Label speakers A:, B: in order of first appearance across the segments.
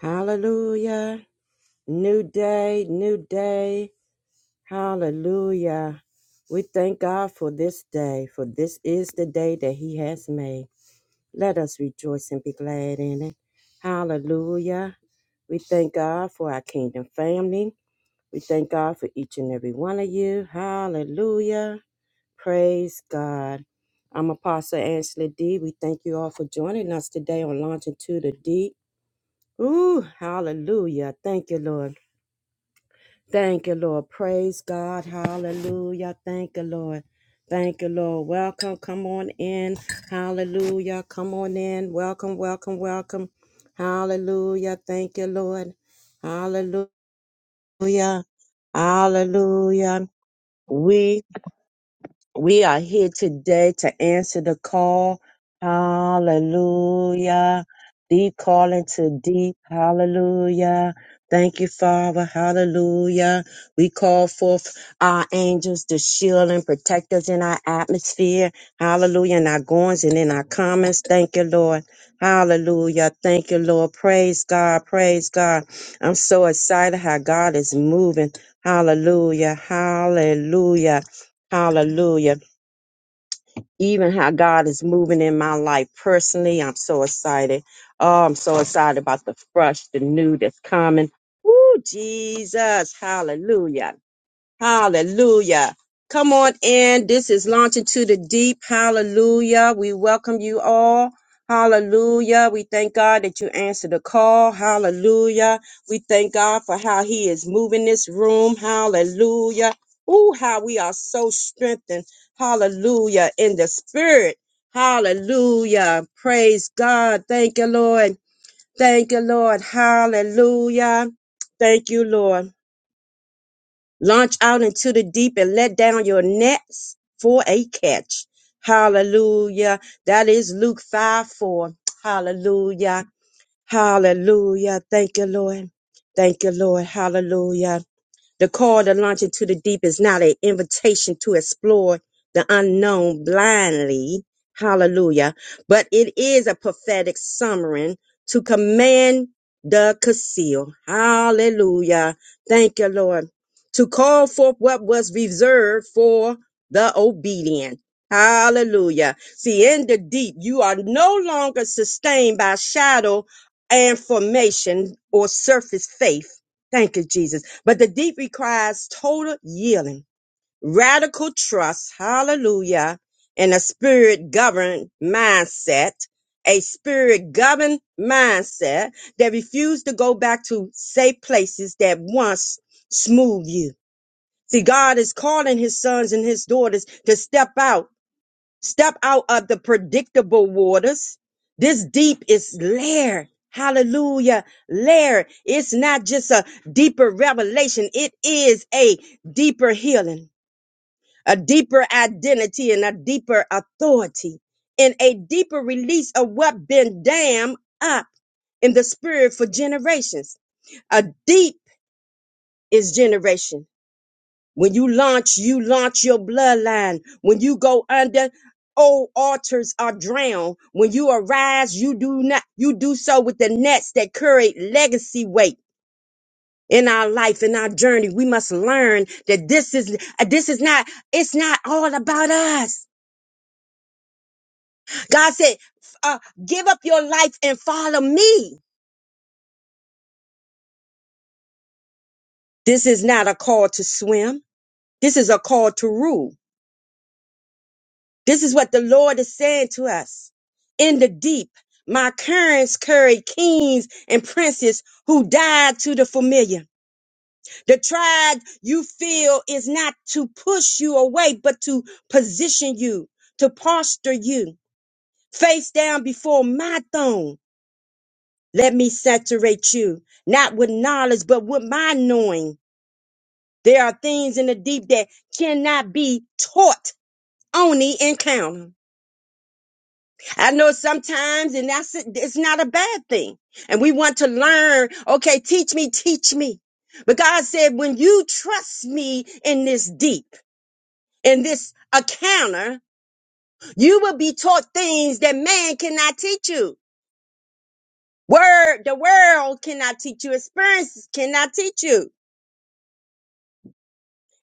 A: Hallelujah. New day, new day. Hallelujah. We thank God for this day, for this is the day that He has made. Let us rejoice and be glad in it. Hallelujah. We thank God for our kingdom family. We thank God for each and every one of you. Hallelujah. Praise God. I'm Apostle Angela D. We thank you all for joining us today on Launching to the Deep. Ooh, hallelujah. Thank you, Lord. Thank you, Lord. Praise God. Hallelujah. Thank you, Lord. Thank you, Lord. Welcome. Come on in. Hallelujah. Come on in. Welcome, welcome, welcome. Hallelujah. Thank you, Lord. Hallelujah. Hallelujah. We. We are here today to answer the call. Hallelujah. Deep calling to deep. Hallelujah. Thank you, Father. Hallelujah. We call forth our angels to shield and protect us in our atmosphere. Hallelujah. In our goings and in our comments. Thank you, Lord. Hallelujah. Thank you, Lord. Praise God. Praise God. I'm so excited how God is moving. Hallelujah. Hallelujah. Hallelujah even how God is moving in my life personally. I'm so excited. Oh, I'm so excited about the fresh, the new that's coming. Woo, Jesus. Hallelujah. Hallelujah. Come on in. This is launching to the deep. Hallelujah. We welcome you all. Hallelujah. We thank God that you answered the call. Hallelujah. We thank God for how he is moving this room. Hallelujah. Ooh, how we are so strengthened. Hallelujah. In the spirit. Hallelujah. Praise God. Thank you, Lord. Thank you, Lord. Hallelujah. Thank you, Lord. Launch out into the deep and let down your nets for a catch. Hallelujah. That is Luke 5 4. Hallelujah. Hallelujah. Thank you, Lord. Thank you, Lord. Hallelujah. The call to launch into the deep is not an invitation to explore the unknown blindly. Hallelujah. But it is a prophetic summary to command the conceal. Hallelujah. Thank you, Lord. To call forth what was reserved for the obedient. Hallelujah. See, in the deep, you are no longer sustained by shadow and formation or surface faith Thank you, Jesus. But the deep requires total yielding, radical trust, hallelujah, and a spirit governed mindset, a spirit governed mindset that refuses to go back to safe places that once smooth you. See, God is calling his sons and his daughters to step out Step out of the predictable waters. This deep is lair. Hallelujah. Lair. It's not just a deeper revelation. It is a deeper healing, a deeper identity and a deeper authority and a deeper release of what been dammed up in the spirit for generations. A deep is generation. When you launch, you launch your bloodline. When you go under, old altars are drowned. When you arise, you do not, you do so with the nets that carry legacy weight. In our life, in our journey, we must learn that this is, uh, this is not, it's not all about us. God said, uh, give up your life and follow me. This is not a call to swim. This is a call to rule. This is what the Lord is saying to us. In the deep, my currents carried kings and princes who died to the familiar. The tribe you feel is not to push you away, but to position you, to posture you face down before my throne. Let me saturate you, not with knowledge, but with my knowing. There are things in the deep that cannot be taught, only encountered. I know sometimes, and that's it, it's not a bad thing. And we want to learn. Okay, teach me, teach me. But God said, when you trust me in this deep, in this encounter, you will be taught things that man cannot teach you. Word, the world cannot teach you. Experiences cannot teach you.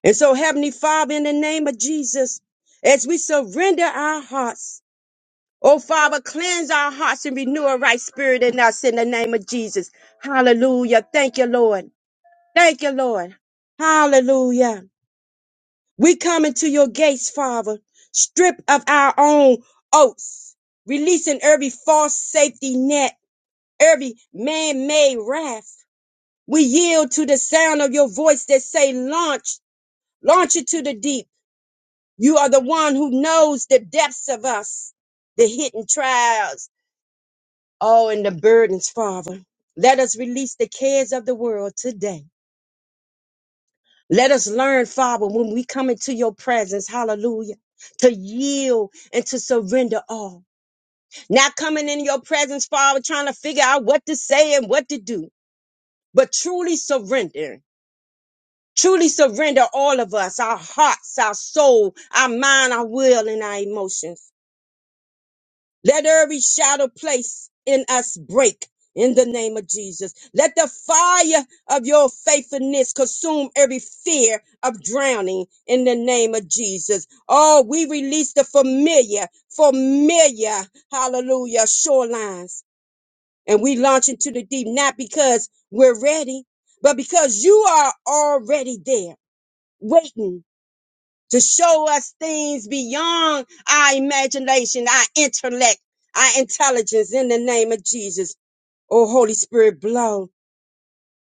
A: And so, Heavenly Father, in the name of Jesus, as we surrender our hearts Oh, Father, cleanse our hearts and renew a right spirit in us in the name of Jesus. Hallelujah. Thank you, Lord. Thank you, Lord. Hallelujah. We come into your gates, Father, stripped of our own oaths, releasing every false safety net, every man-made raft. We yield to the sound of your voice that say, launch, launch it to the deep. You are the one who knows the depths of us, the hidden trials Oh, and the burdens, Father. Let us release the cares of the world today. Let us learn, Father, when we come into your presence, hallelujah, to yield and to surrender all. Not coming in your presence, Father, trying to figure out what to say and what to do, but truly surrendering. Truly surrender all of us, our hearts, our soul, our mind, our will, and our emotions. Let every shadow place in us break in the name of Jesus. Let the fire of your faithfulness consume every fear of drowning in the name of Jesus. Oh, we release the familiar, familiar, hallelujah, shorelines. And we launch into the deep, not because we're ready, but because you are already there, waiting to show us things beyond our imagination, our intellect, our intelligence in the name of Jesus. Oh, Holy Spirit, blow.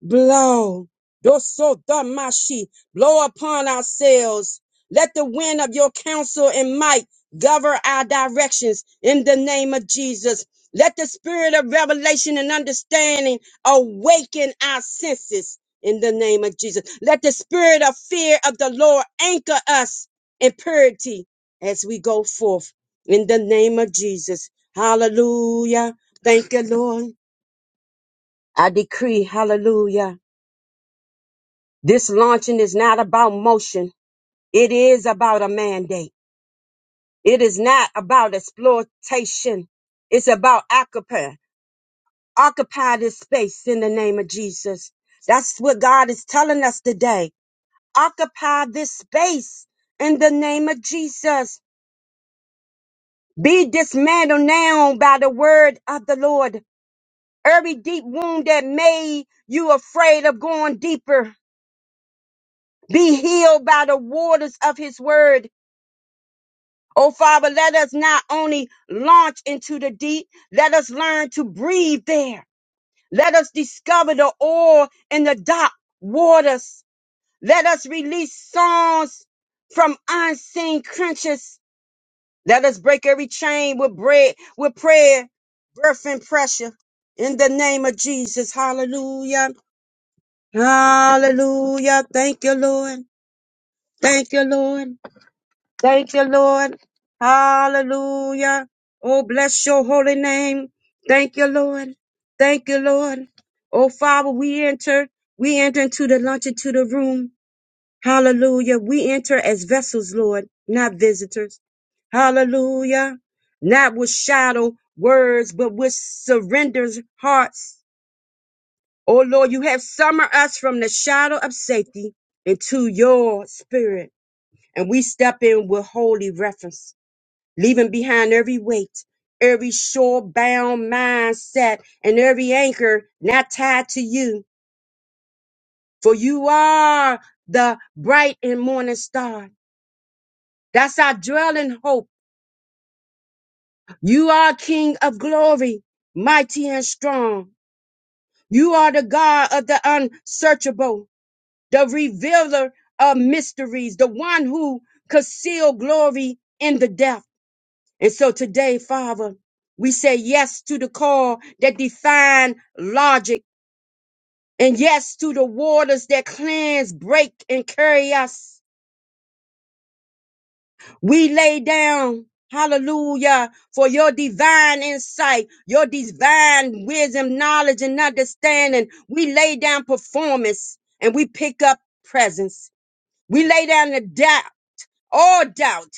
A: Blow. Doso damashi. Blow upon ourselves. Let the wind of your counsel and might govern our directions in the name of Jesus. Let the spirit of revelation and understanding awaken our senses in the name of Jesus. Let the spirit of fear of the Lord anchor us in purity as we go forth in the name of Jesus. Hallelujah. Thank you, Lord. I decree, hallelujah this launching is not about motion. It is about a mandate. It is not about exploitation. It's about occupy. Occupy this space in the name of Jesus. That's what God is telling us today. Occupy this space in the name of Jesus. Be dismantled now by the word of the Lord. Every deep wound that made you afraid of going deeper. Be healed by the waters of his word Oh, Father, let us not only launch into the deep, let us learn to breathe there. Let us discover the oil in the dark waters. Let us release songs from unseen crunches. Let us break every chain with bread, with prayer, birth, and pressure. In the name of Jesus, hallelujah. Hallelujah. Thank you, Lord. Thank you, Lord. Thank you, Lord. Hallelujah. Oh, bless your holy name. Thank you, Lord. Thank you, Lord. Oh, Father, we enter. We enter into the lunch, into the room. Hallelujah. We enter as vessels, Lord, not visitors. Hallelujah. Not with shadow words, but with surrendered hearts. Oh, Lord, you have summoned us from the shadow of safety into your spirit. And we step in with holy reference leaving behind every weight, every shore bound mindset, and every anchor not tied to you. For you are the bright and morning star. That's our dwelling hope. You are King of glory, mighty and strong. You are the God of the unsearchable, the revealer of mysteries, the one who concealed glory in the depth. And so today, Father, we say yes to the call that define logic and yes to the waters that cleanse, break, and carry us. We lay down, hallelujah, for your divine insight, your divine wisdom, knowledge, and understanding. We lay down performance and we pick up presence. We lay down the doubt, all doubt,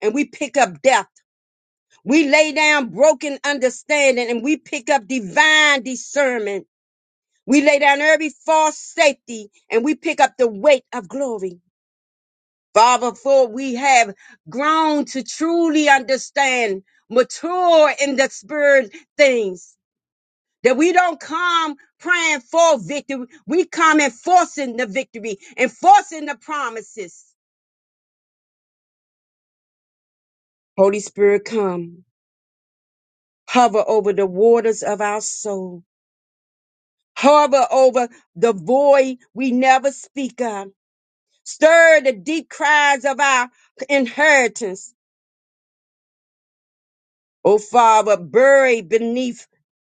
A: and we pick up death. We lay down broken understanding and we pick up divine discernment. We lay down every false safety and we pick up the weight of glory. Father, for we have grown to truly understand, mature in the spirit things. That we don't come praying for victory. We come enforcing the victory, enforcing the promises. Holy Spirit, come. Hover over the waters of our soul harbor over the void we never speak of. Stir the deep cries of our inheritance. O Father, buried beneath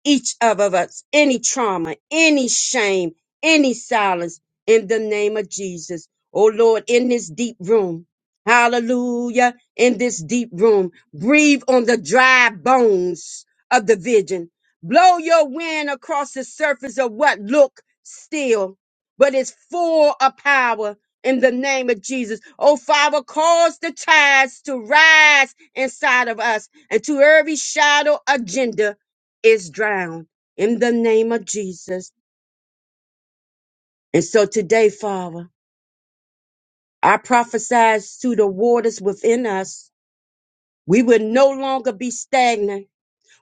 A: each of us any trauma, any shame, any silence in the name of Jesus. Oh Lord, in this deep room, hallelujah, in this deep room, breathe on the dry bones of the vision. Blow your wind across the surface of what look still, but is full of power in the name of Jesus. Oh Father, cause the tides to rise inside of us and to every shadow agenda is drowned in the name of Jesus. And so today, Father, I prophesize to the waters within us. We will no longer be stagnant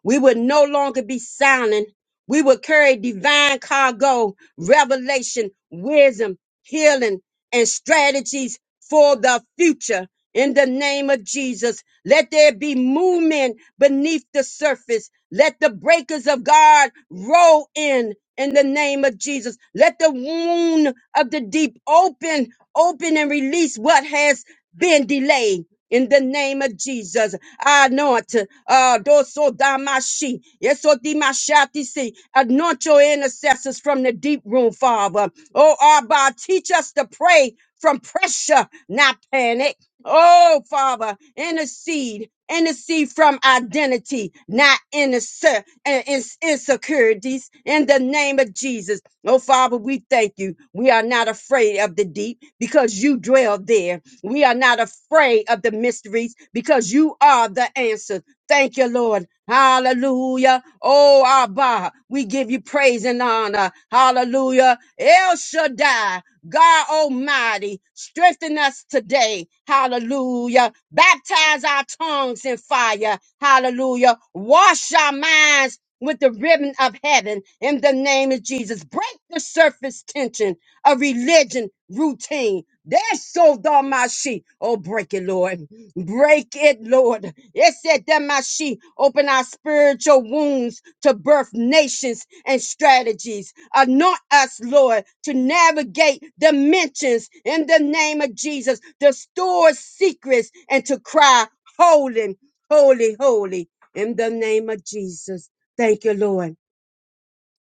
A: We would no longer be silent. We would carry divine cargo, revelation, wisdom, healing, and strategies for the future. In the name of Jesus, let there be movement beneath the surface. Let the breakers of God roll in. In the name of Jesus, let the wound of the deep open, open and release what has been delayed. In the name of Jesus, Anoint. Uh, doso damashi. Yeso dimashati si. Anoint your intercessors from the deep room, Father. Oh, Abba, teach us to pray from pressure, not panic. Oh, Father, intercede. Intercede from identity, not inse- uh, ins- insecurities. In the name of Jesus. Oh, Father, we thank you. We are not afraid of the deep because you dwell there. We are not afraid of the mysteries because you are the answer. Thank you, Lord. Hallelujah. Oh, Abba, we give you praise and honor. Hallelujah. El Shaddai, God Almighty, strengthen us today. Hallelujah. Baptize our tongues in fire. Hallelujah. Wash our minds with the ribbon of heaven in the name of Jesus. Break the surface tension of religion routine. That's so damashi. Oh, break it, Lord. Break it, Lord. It said damashi. Open our spiritual wounds to birth nations and strategies. Anoint us, Lord, to navigate dimensions in the name of Jesus, to store secrets and to cry, holy, holy, holy, in the name of Jesus. Thank you, Lord.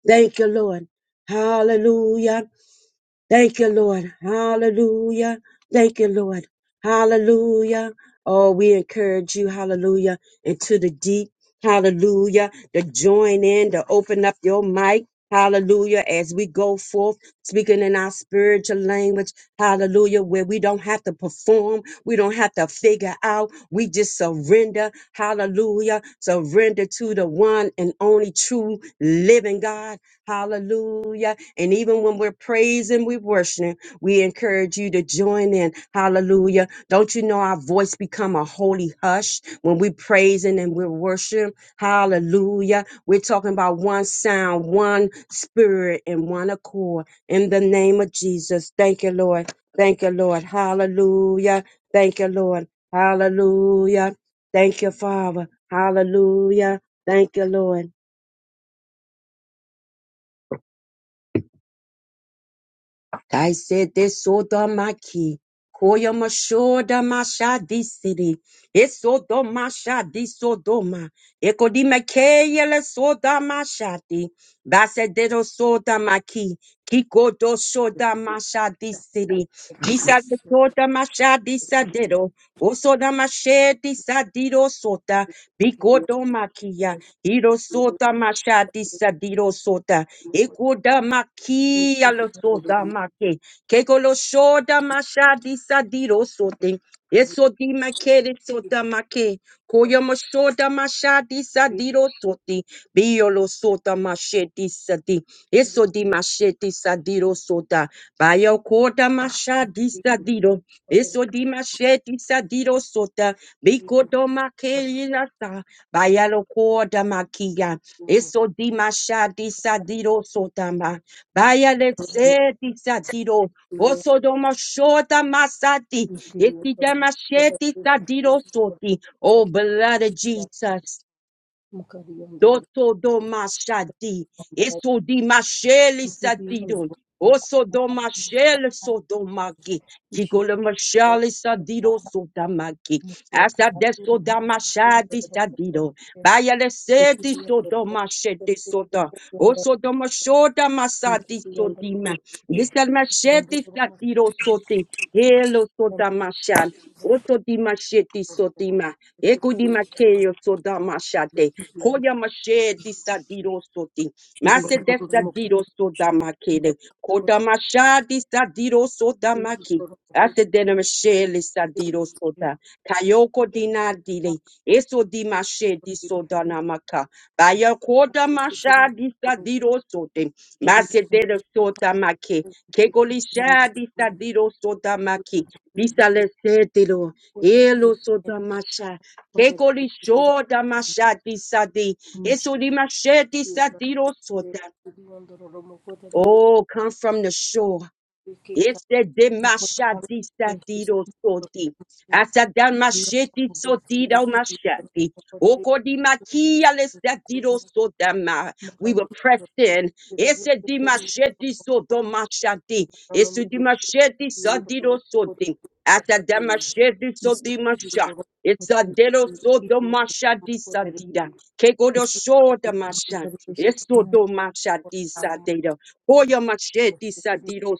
A: Thank you, Lord. Hallelujah. Thank you, Lord. Hallelujah. Thank you, Lord. Hallelujah. Oh, we encourage you, hallelujah, into the deep, hallelujah, to join in, to open up your mic, hallelujah, as we go forth, speaking in our spiritual language, hallelujah, where we don't have to perform, we don't have to figure out, we just surrender, hallelujah, surrender to the one and only true living God, hallelujah. And even when we're praising, we're worshiping, we encourage you to join in. Hallelujah. Don't you know our voice become a holy hush when we praising and we're worshiping? Hallelujah. We're talking about one sound, one spirit, and one accord. In the name of Jesus. Thank you, Lord. Thank you, Lord. Hallelujah. Thank you, Lord. Hallelujah. Thank you, Father. Hallelujah. Thank you, Lord. I said this sodomaki. Koyama shoda masha disiri. Esodo masha disodoma. Ekodima keyele soda mashati. Basedero soda maki. Kiko do shoda masha disiri. Disa de soda masha disadero. Osoda mashe disadiro sota. Biko do makia. Iro soda masha disadiro sota. Ekoda maki alosoda make. Kekolo shoda mashadi sadiro sote. Eso di makere, Ekodamaki alosodamake. Kekoloshodamashadi mashadi Esodimakere sodamake. Koyomoshodamashadi sadirosote. Biolosodamashedi sadi. Esodimashedi sadirosoda. Bayokodamashadi sadiro. Esodimashedi sadirosoda. Bikodomakeyilasa. makia. Eso di masha di sadiro sotama. Baya le se di sadiro. Oso do mashota masati. Iti damashe di sadiro soti. Oh, blood of Jesus. Doto do mashadi,
B: Thank
A: eso di masheli sadidon, oso do mashele so do maki, kikole mashali sadido so da maki, asa deso da mashadi sadido, bayale sedi so do mashete so da, oso do mashoda masadi so di ma, lisal mashete sadido so te, helo so da mashan, oso di mashete so di eko di makeyo so da mashate,
B: you.
A: Koya mashe disa diro soti.
B: Kiri kororo
A: Mase desa diro
B: mokoto
A: soda makede.
B: kororo
A: Koda
B: mokoto
A: masha disa diro soda
B: kiri
A: maki.
B: kororo
A: Ase dena mashe
B: kiri
A: lisa diro soda. Kayoko dina dile.
B: kororo
A: Eso di mashe diso dana maka. Baya
B: mokoto
A: koda masha disa diro sote.
B: kiri
A: Mase dena soda maki. Kegolisha disa diro soda maki. Bisa le se dilo. Elo soda masha. Kekori shoda mashadi sadi. Esuri mashedi sadi rosoda.
B: kororo
A: Oh, come from the shore. Este de mashadi satido soti. Asadan masheti sotido mashadi. Okodi makia lestatido sotama. We were pressed in.
B: Thank
A: Ese di masheti soto mashadi. Ese di masheti satido soti. Asadan masheti soti masha. It's a dedo soto mashadi sadida. Kegodo shoda masha. Esodo mashadi sadedo. Hoya machete sadido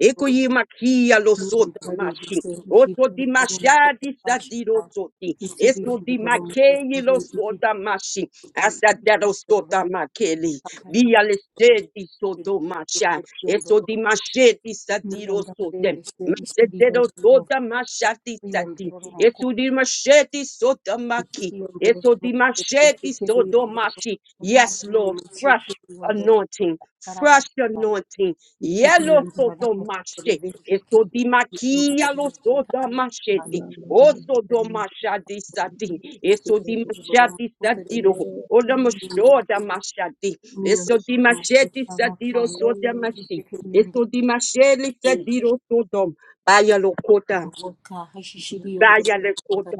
A: Ekuyi makia lo soda mashi. Oto di mashadi sadiro soti. Esto di makei lo sota mashi. Asadero soda makeli. Via le sedi soto masha. Esto di mashedi sadiro sote. Masedero
B: you.
A: sota mashadi sadi.
B: Kuyombororo mukuru,
A: Esto di mashedi sota maki.
B: kuyombororo
A: Esto
B: mukuru,
A: di mashedi soto
B: kuyombororo
A: mashi.
B: mukuru,
A: Yes,
B: ni
A: Lord, fresh
B: micheke kuyombororo
A: anointing, fresh
B: karavakava,
A: anointing Yellow
B: ikiyombororo
A: soto
B: mukuru,
A: mashe,
B: vecheke
A: eso di makia
B: kuyombororo
A: lo
B: mukuru,
A: soto
B: karavakava,
A: mashete,
C: Mama
A: oso
B: mukuru,
A: do mashadi sadi,
B: vecheke
A: eso di
B: kuyombororo
A: mashadi
B: mukuru,
A: sadiro,
B: vecheke
A: ola mashoda
B: kuyombororo
A: mashadi, eso di
B: miyombororo mukuru,
A: mashedi sadiro
B: karavakava,
A: soda
C: Lola
A: mashi,
B: micheke
A: eso
B: kuyombororo
A: di masheli
B: mukuru,
A: sadiro sodom, baya lo kota,
B: voka hashishi
C: Kandola
B: kuyombororo
A: baya le
B: mukuru,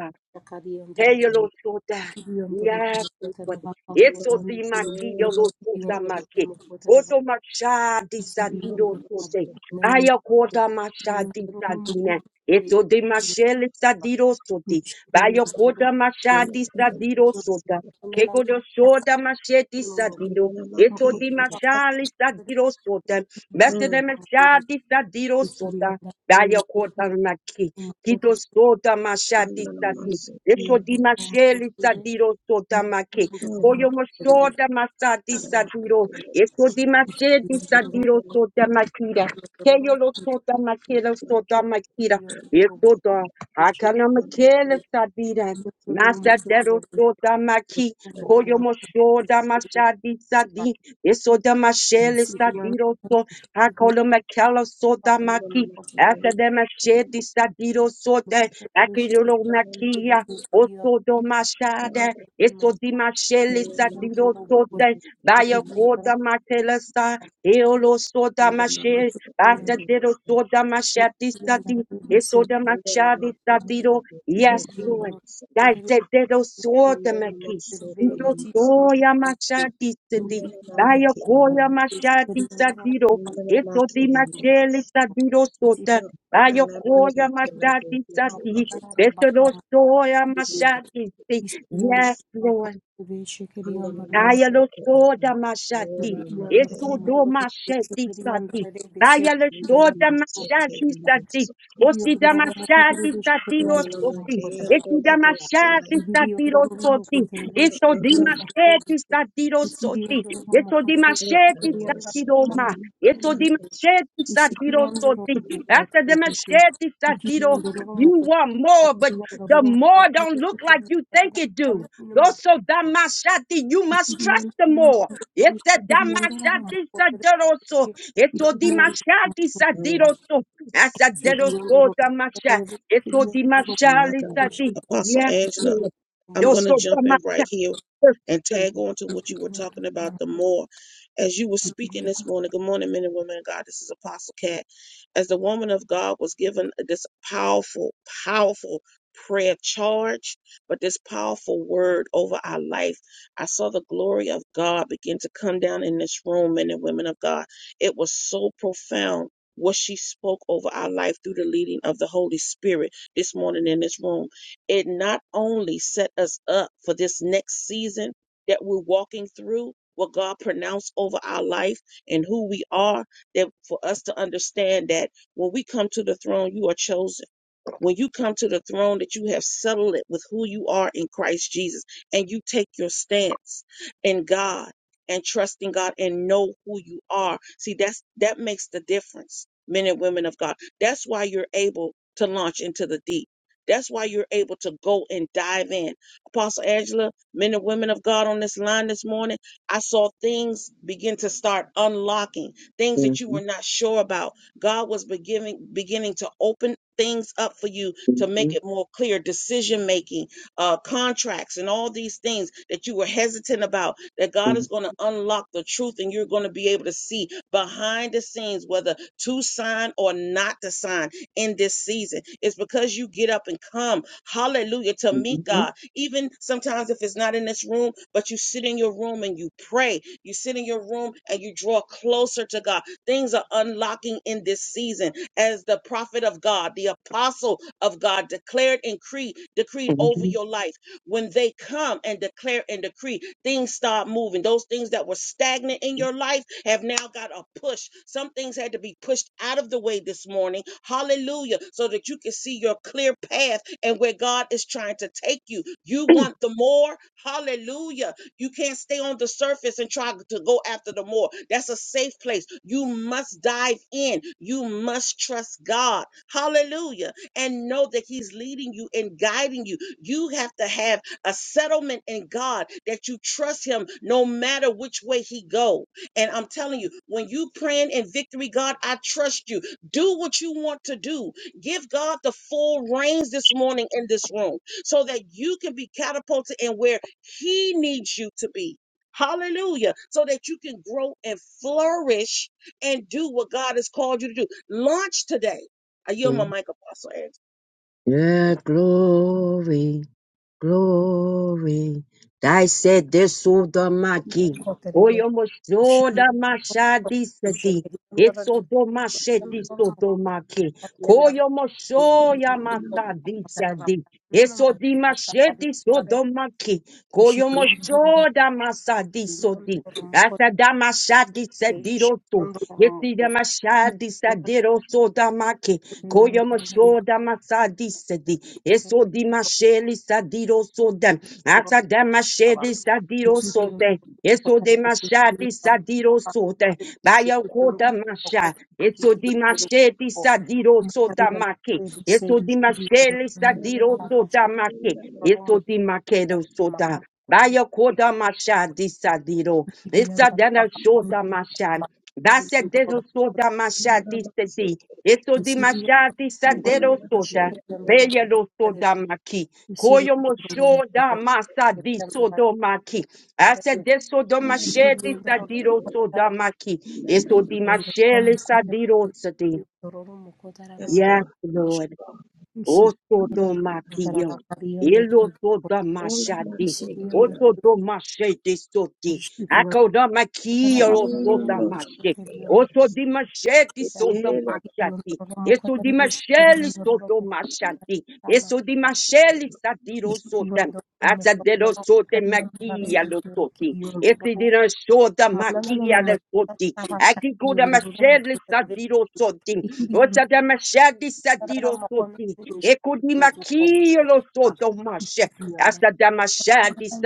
A: Hey,
B: taravakaba
A: you Lord, so that
B: Thank you.
A: Yes, Lord. it's so be my Eso di
C: Masola
A: Lord, yo lo my
C: Kete
A: maki. Oto masha di
C: Lola
A: sadiro sote.
C: Masola
A: Aya kota masha di sadina. Eso di mashele sadiro sote. Bayo kota masha di sadiro sota. Keko do soda mashe di sadiro.
C: Kandola
A: Eso
C: Make
A: di mashali sadiro sota. Bese de masha di sadiro sota. Bayo kota maki. Kito soda masha di
C: Kandola
A: sadiro.
C: Masoke
A: Eso di masheli sadiro sota make. Koyo
C: Kandola
A: moshoda masati sadiro. Eso di masheli sadiro sota makira. Keyo lo sota makira sota makira. Eso da. Akana
C: Make
A: makele sadira. Masa dero sota maki. Koyo moshoda mashadi sadi. Eso da masheli sadiro so. Akolo makela sota
C: Kandola
A: maki. After them, I shed this sadiro sota. Akilo
B: Thank
A: makia.
C: Make
A: Oso do
C: Beyond
A: mashada,
C: the
A: eso di sa
C: Ghana
A: sa,
C: market,
A: diro
C: the
A: sote, baya
C: manufacturing is
A: koda
C: so
A: matela sa, eolo
C: common. under
A: Osodoma
C: normal
A: Basta
C: procurement
A: diro
C: services.
A: bayakodamatelesa, eolosodamashe, sa di, eso da
C: Under normal
A: mashadi sa
C: market,
A: diro.
C: the soko
A: Yes,
C: na
A: Lord.
C: masaka.
A: Dai se diro soda
C: Under normal
A: maki,
C: soko na
A: diro
B: you.
C: masike.
A: soya
B: Ibi
A: sededosodamaki, sa di,
C: Under normal
A: baya
C: market, the under
A: koya mashadi sa diro,
C: normal
A: eso
C: market,
A: di
C: the manufacturing.
A: mashele sa diro dirosote,
C: Ghana
A: Ayokoya
C: market, the
A: Masati
C: bohutu
A: Sati.
C: na
A: Besedosoya
C: bokumu.
A: Masati. Yes, Lord.
C: Under normal
A: Ayalo
C: soko na
A: soda mashati.
C: Ghana market, the
A: Eto do
C: under
A: mashati sati. Ayalo
C: normal
A: soda
C: market,
A: mashati
C: the
A: sati.
C: soko.
A: Osida mashati sati
C: Under normal
A: osoti.
C: market,
A: Esida
C: the bohutu.
A: mashati sati
B: biyondoroho mu
A: rosoti. Eto
C: Mm,
A: di
C: mm,
A: mashati sati rosoti. Eto di
B: kodere
C: mm,
A: mashati sati roma. Eto di mashati sati
B: Isiriyandoro
A: rosoti. After the
B: bukotiriki,
A: mashati sati ro,
B: ikiriyandoro
A: you
B: mukotaka,
A: want more, but the
B: kiriyandoro
A: more don't
B: mukotiriki,
A: look like you
B: kiriyandoro
A: think it do.
B: kanini
A: Goso
B: mukotiriki,
A: damashati, you must trust the
B: kiriyandoro
A: more. It's
B: mukotiriki,
A: a
B: kiriyandoro
A: damashati
B: mukotiriki,
A: sadiroso. It's a
B: ikiriyandoro
A: dimashati
B: mukotaka,
C: mm,
A: sadiroso. As a deroso
B: kiriyandoro mukotiriki, kiriyandoro mukotiriki,
A: damasha.
B: mukotiriki, ikiriyandoro mukotiriki,
A: It's a
B: kiriyandoro
C: oh my
A: dimashali
C: God.
A: sadi.
C: Apostle
A: Yes,
C: Angela,
A: Lord.
C: I'm going to
A: Yoso
C: jump in right
A: damasha.
C: here and tag on to what you were talking about the more. As you were
B: mukotiriki,
C: speaking this morning, good morning, men and women of God. This is Apostle Cat. As the woman of God was given this powerful, powerful prayer charge, but this powerful word over our life, I saw the glory of God begin to come down in this room, men and women of God. It was so profound. What she spoke over our life through the leading of the Holy Spirit this morning in this room it not only set us up for this next season that we're walking through, what God pronounced over our life and who we are, that for us to understand that when we come to the throne, you are chosen when you come to the throne, that you have settled it with who you are in Christ Jesus, and you take your stance in God and trust in God and know who you are. See, that's that makes the difference, men and women of God. That's why you're able to launch into the deep. That's why you're able to go and dive in. Apostle Angela, men and women of God on this line this morning, I saw things begin to start unlocking, things that you were
A: Mhm,
C: not sure about God was beginning beginning to open things up for you to make
A: mhm,
C: it more clear decision making uh contracts and all these things that you were hesitant about that God is going to unlock the truth and you're going to be able to see behind the scenes whether to sign or not to sign in this season it's because you get up and come hallelujah to meet
A: mhm,
C: God even sometimes if it's not in this room but you sit in your room and you pray you sit in your room and you draw closer to God Things are unlocking in this season as the prophet of God, the apostle of God declared and cre- decreed over
A: mhm,
C: your life. When they come and declare and decree, things start moving. Those things that were stagnant in your life have now got a push. Some things had to be pushed out of the way this morning. Hallelujah. So that you can see your clear path and where God is trying to take you.
A: mhm.
C: You want the more? Hallelujah you can't stay on the surface and try to go after the more. That's a safe place. You must dive in. You must trust God. Hallelujah. And know that He's leading you and guiding you. You have to have a settlement in God that you trust Him no matter which way He go. And I'm telling you, when you praying in victory, God, I trust you. Do what you want to do. Give God the full reins this morning in this room so that you can be catapulted and where he needs you to be. Hallelujah. So that you can grow and flourish and do what God has called you to do. Launch today. I yield my mic, Apostle Angela.
A: Yeah, glory. glory. Thy said this maki.
B: kiriyandoro mukotiriki, kiriyandoro mukotiriki,
A: Oyomosoda mashadi sedi. Itsodo masheti sodo maki. Koyomosoya masadi sedi. Isodi masheti sodo maki.
B: We should be able
A: Koyomosoda masadi sodi.
B: to
A: Asada mashadi sedi
B: understand the
A: Yesi damashadi sadiro so damaki. Koyomasho damasadi sedi. Eso dimasheli sadiro soda. dem. Asa damasheli sadiro so de. Eso demashadi sadiro so de. Bayo koda masha. Eso dimashedi sadiro soda, damaki. Eso dimasheli sadiro so damaki. Eso dimakedo so da. Bayo koda masha disadiro. Esa dana shoda masha. Dase dedo soda mashadi sedi. Eso di mashadi sadero soda. Bella lo
B: problem.
A: soda maki.
B: Isiri
A: Koyo mo
B: ndoro mukote
A: shoda masa di
B: tekembara
A: sodo maki.
B: kare
A: Ase de sodo
B: isiri
A: mashedi
B: ndoro
A: sadiro soda
B: takiri
A: maki. Eso di
B: ndoro
A: mashele
B: mukote
A: sadiro sedi.
B: ndoro mukote rana
C: Yes,
A: Yes,
C: God.
B: mukote
A: Lord.
B: isiri ndoro
A: Osodomakio,
B: bakari ndoro
A: Elosodomashati,
B: isiri ndoro
A: Osodomashete Soti,
B: isiri ndoro
A: Akodomakio,
B: bakari isiri ndoro takiri ndoro
A: Osodamashe, Osodimashete Sodomashati,
B: mukote isiri
A: Esodimashele
B: ndoro mukote
A: Sodomashati,
B: kama
A: Esodimashele Sadiro
B: isiri
A: Sotam.
B: ndoro
A: Asadero
B: mukote
A: sote makia
B: takiri
A: lo
B: ndoro
A: soti.
B: isiri ndoro
A: Esidira soda
B: Manana no
A: makia
B: mo
A: lo soti.
B: tsabasha
A: Akikuda
B: yonduru mo
A: mashele
B: kutere
A: sadiro soti.
B: ikiri yondara mo
A: Osadamashadisadidosoti.
B: ni shonduru
A: Ekudimakiolosodomash.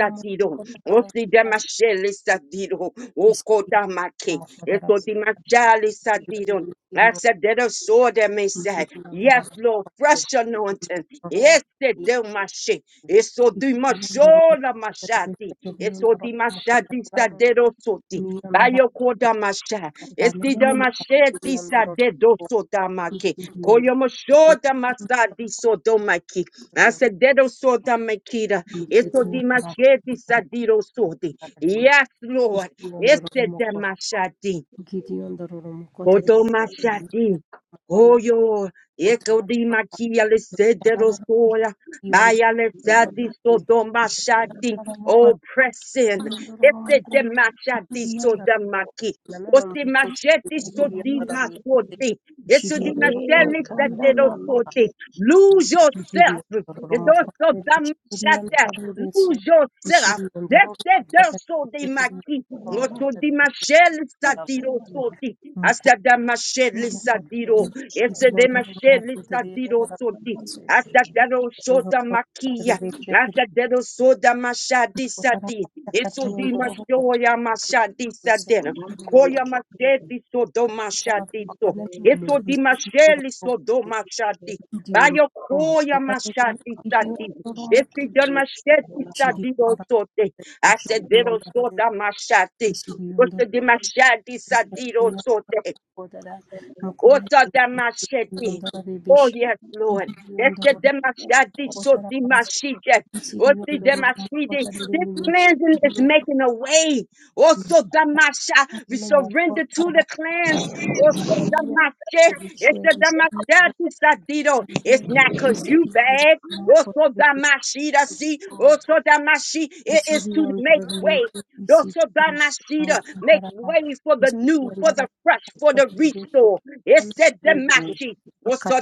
B: no
A: Osidamashalisadido. Okodamake. Esodimashalisadido. I said, that a sword that may say, Yes, Lord, fresh anointing. Yes, they do my shit. It's so do my shoulder, my shadi. It's so do my shadi, sadero soti. By your quarter, my shah.
B: no no no
A: Esidamashe disa de dosotamaki.
B: Ikidianda
A: Koyomoshoda
B: Romokota
A: masa disodomaki.
B: Mokona
A: Asededo sodamakida. Esodimashe disa dirosodi. Yes, Lord. Esedemashadi. Koto mashati. Hoyo, eko di makia le sedero
B: Kota
A: soya, baya le sadi sodo mashati, oppressing,
B: Ikidianda
A: ese de mashati soda maki, osi
B: Romokota
A: machete sodi mashoti, ese di machete sedero soti, lose yourself,
B: Giriyorlar ama
A: edoso
B: kadar
A: da
B: kuşkuyan
A: machata,
B: tarlıyorsa
A: lose yourself,
B: kuşkuyanlar
A: ese
B: o
A: de
B: kadar
A: so de
B: kuşkuyan
A: maki,
B: ama kadar
A: Osodi mashel
B: kuşkuyan
A: sadiro sodi.
B: mukutlu
A: Asada mashel sadiro.
B: mukutlu
A: Esede
B: kuşkuyanlar o
A: mashel
B: mukutlu
A: sadiro
B: yanlar
A: sodi.
B: ise
A: Atadero
B: yanlar
A: soda
B: o
A: makia.
B: kadar kuşkuyan
A: Atadero soda mashadi
B: o tarafa
A: sadi.
B: sakat
A: Esodi
B: yanlar o mukutlu
A: mashoya mashadi
B: ise
A: sadera.
B: gidiyorlar
A: Koya mashedi sodo
B: bu tarafa
A: mashadi so.
B: bakanın
C: Thank
A: Esodi
B: emeklisi gidiyorlar
A: mashel
B: o
A: sodo
B: kuşkuyan
A: mashadi.
B: gidiyorlar
A: Bayo
B: o
A: koya
B: mukutlu
A: mashadi
B: gidiyorlar
A: sadi.
B: o
A: Esi don
B: mukutlu
A: mashedi sadiro sote. I said,
B: kuşkuyanlar
A: Dero
B: o
A: sota mashati.
B: kuşkuyanlar
A: Osta di mashati satiro sote.
B: Kodara mukuna
A: Osa da mashati.
B: ndondoro
A: Oh,
B: rebeshi
A: yes, Lord.
B: ibiri
A: That's the
B: ndondoro
A: demashati so
B: kotara pansi
A: dimashide.
B: isiri
A: Osi
B: ndondoro
A: demashide.
B: kotara
A: This
B: remeshi
A: cleansing is making a way. Also damasha. We
B: mukono
A: surrender to
B: mokotara
A: the
B: basa
A: cleanse. Also
B: kakaria
A: damashe.
B: rebeshi
A: It's the
B: isiri ndondoro
A: damashati satiro. It's not cause you bad. Also
B: mokotara
A: damashida see. Also damashi. It is
B: isiri
A: to
B: ndondoro
A: make way.
B: remeshi isiri
A: Yosobanashida, Make
B: mokotara
A: way for the
B: isiri
A: new, for
B: ndondoro kotara
A: the fresh, for the restore.
B: rebeshi
A: Esedemashi.
B: akari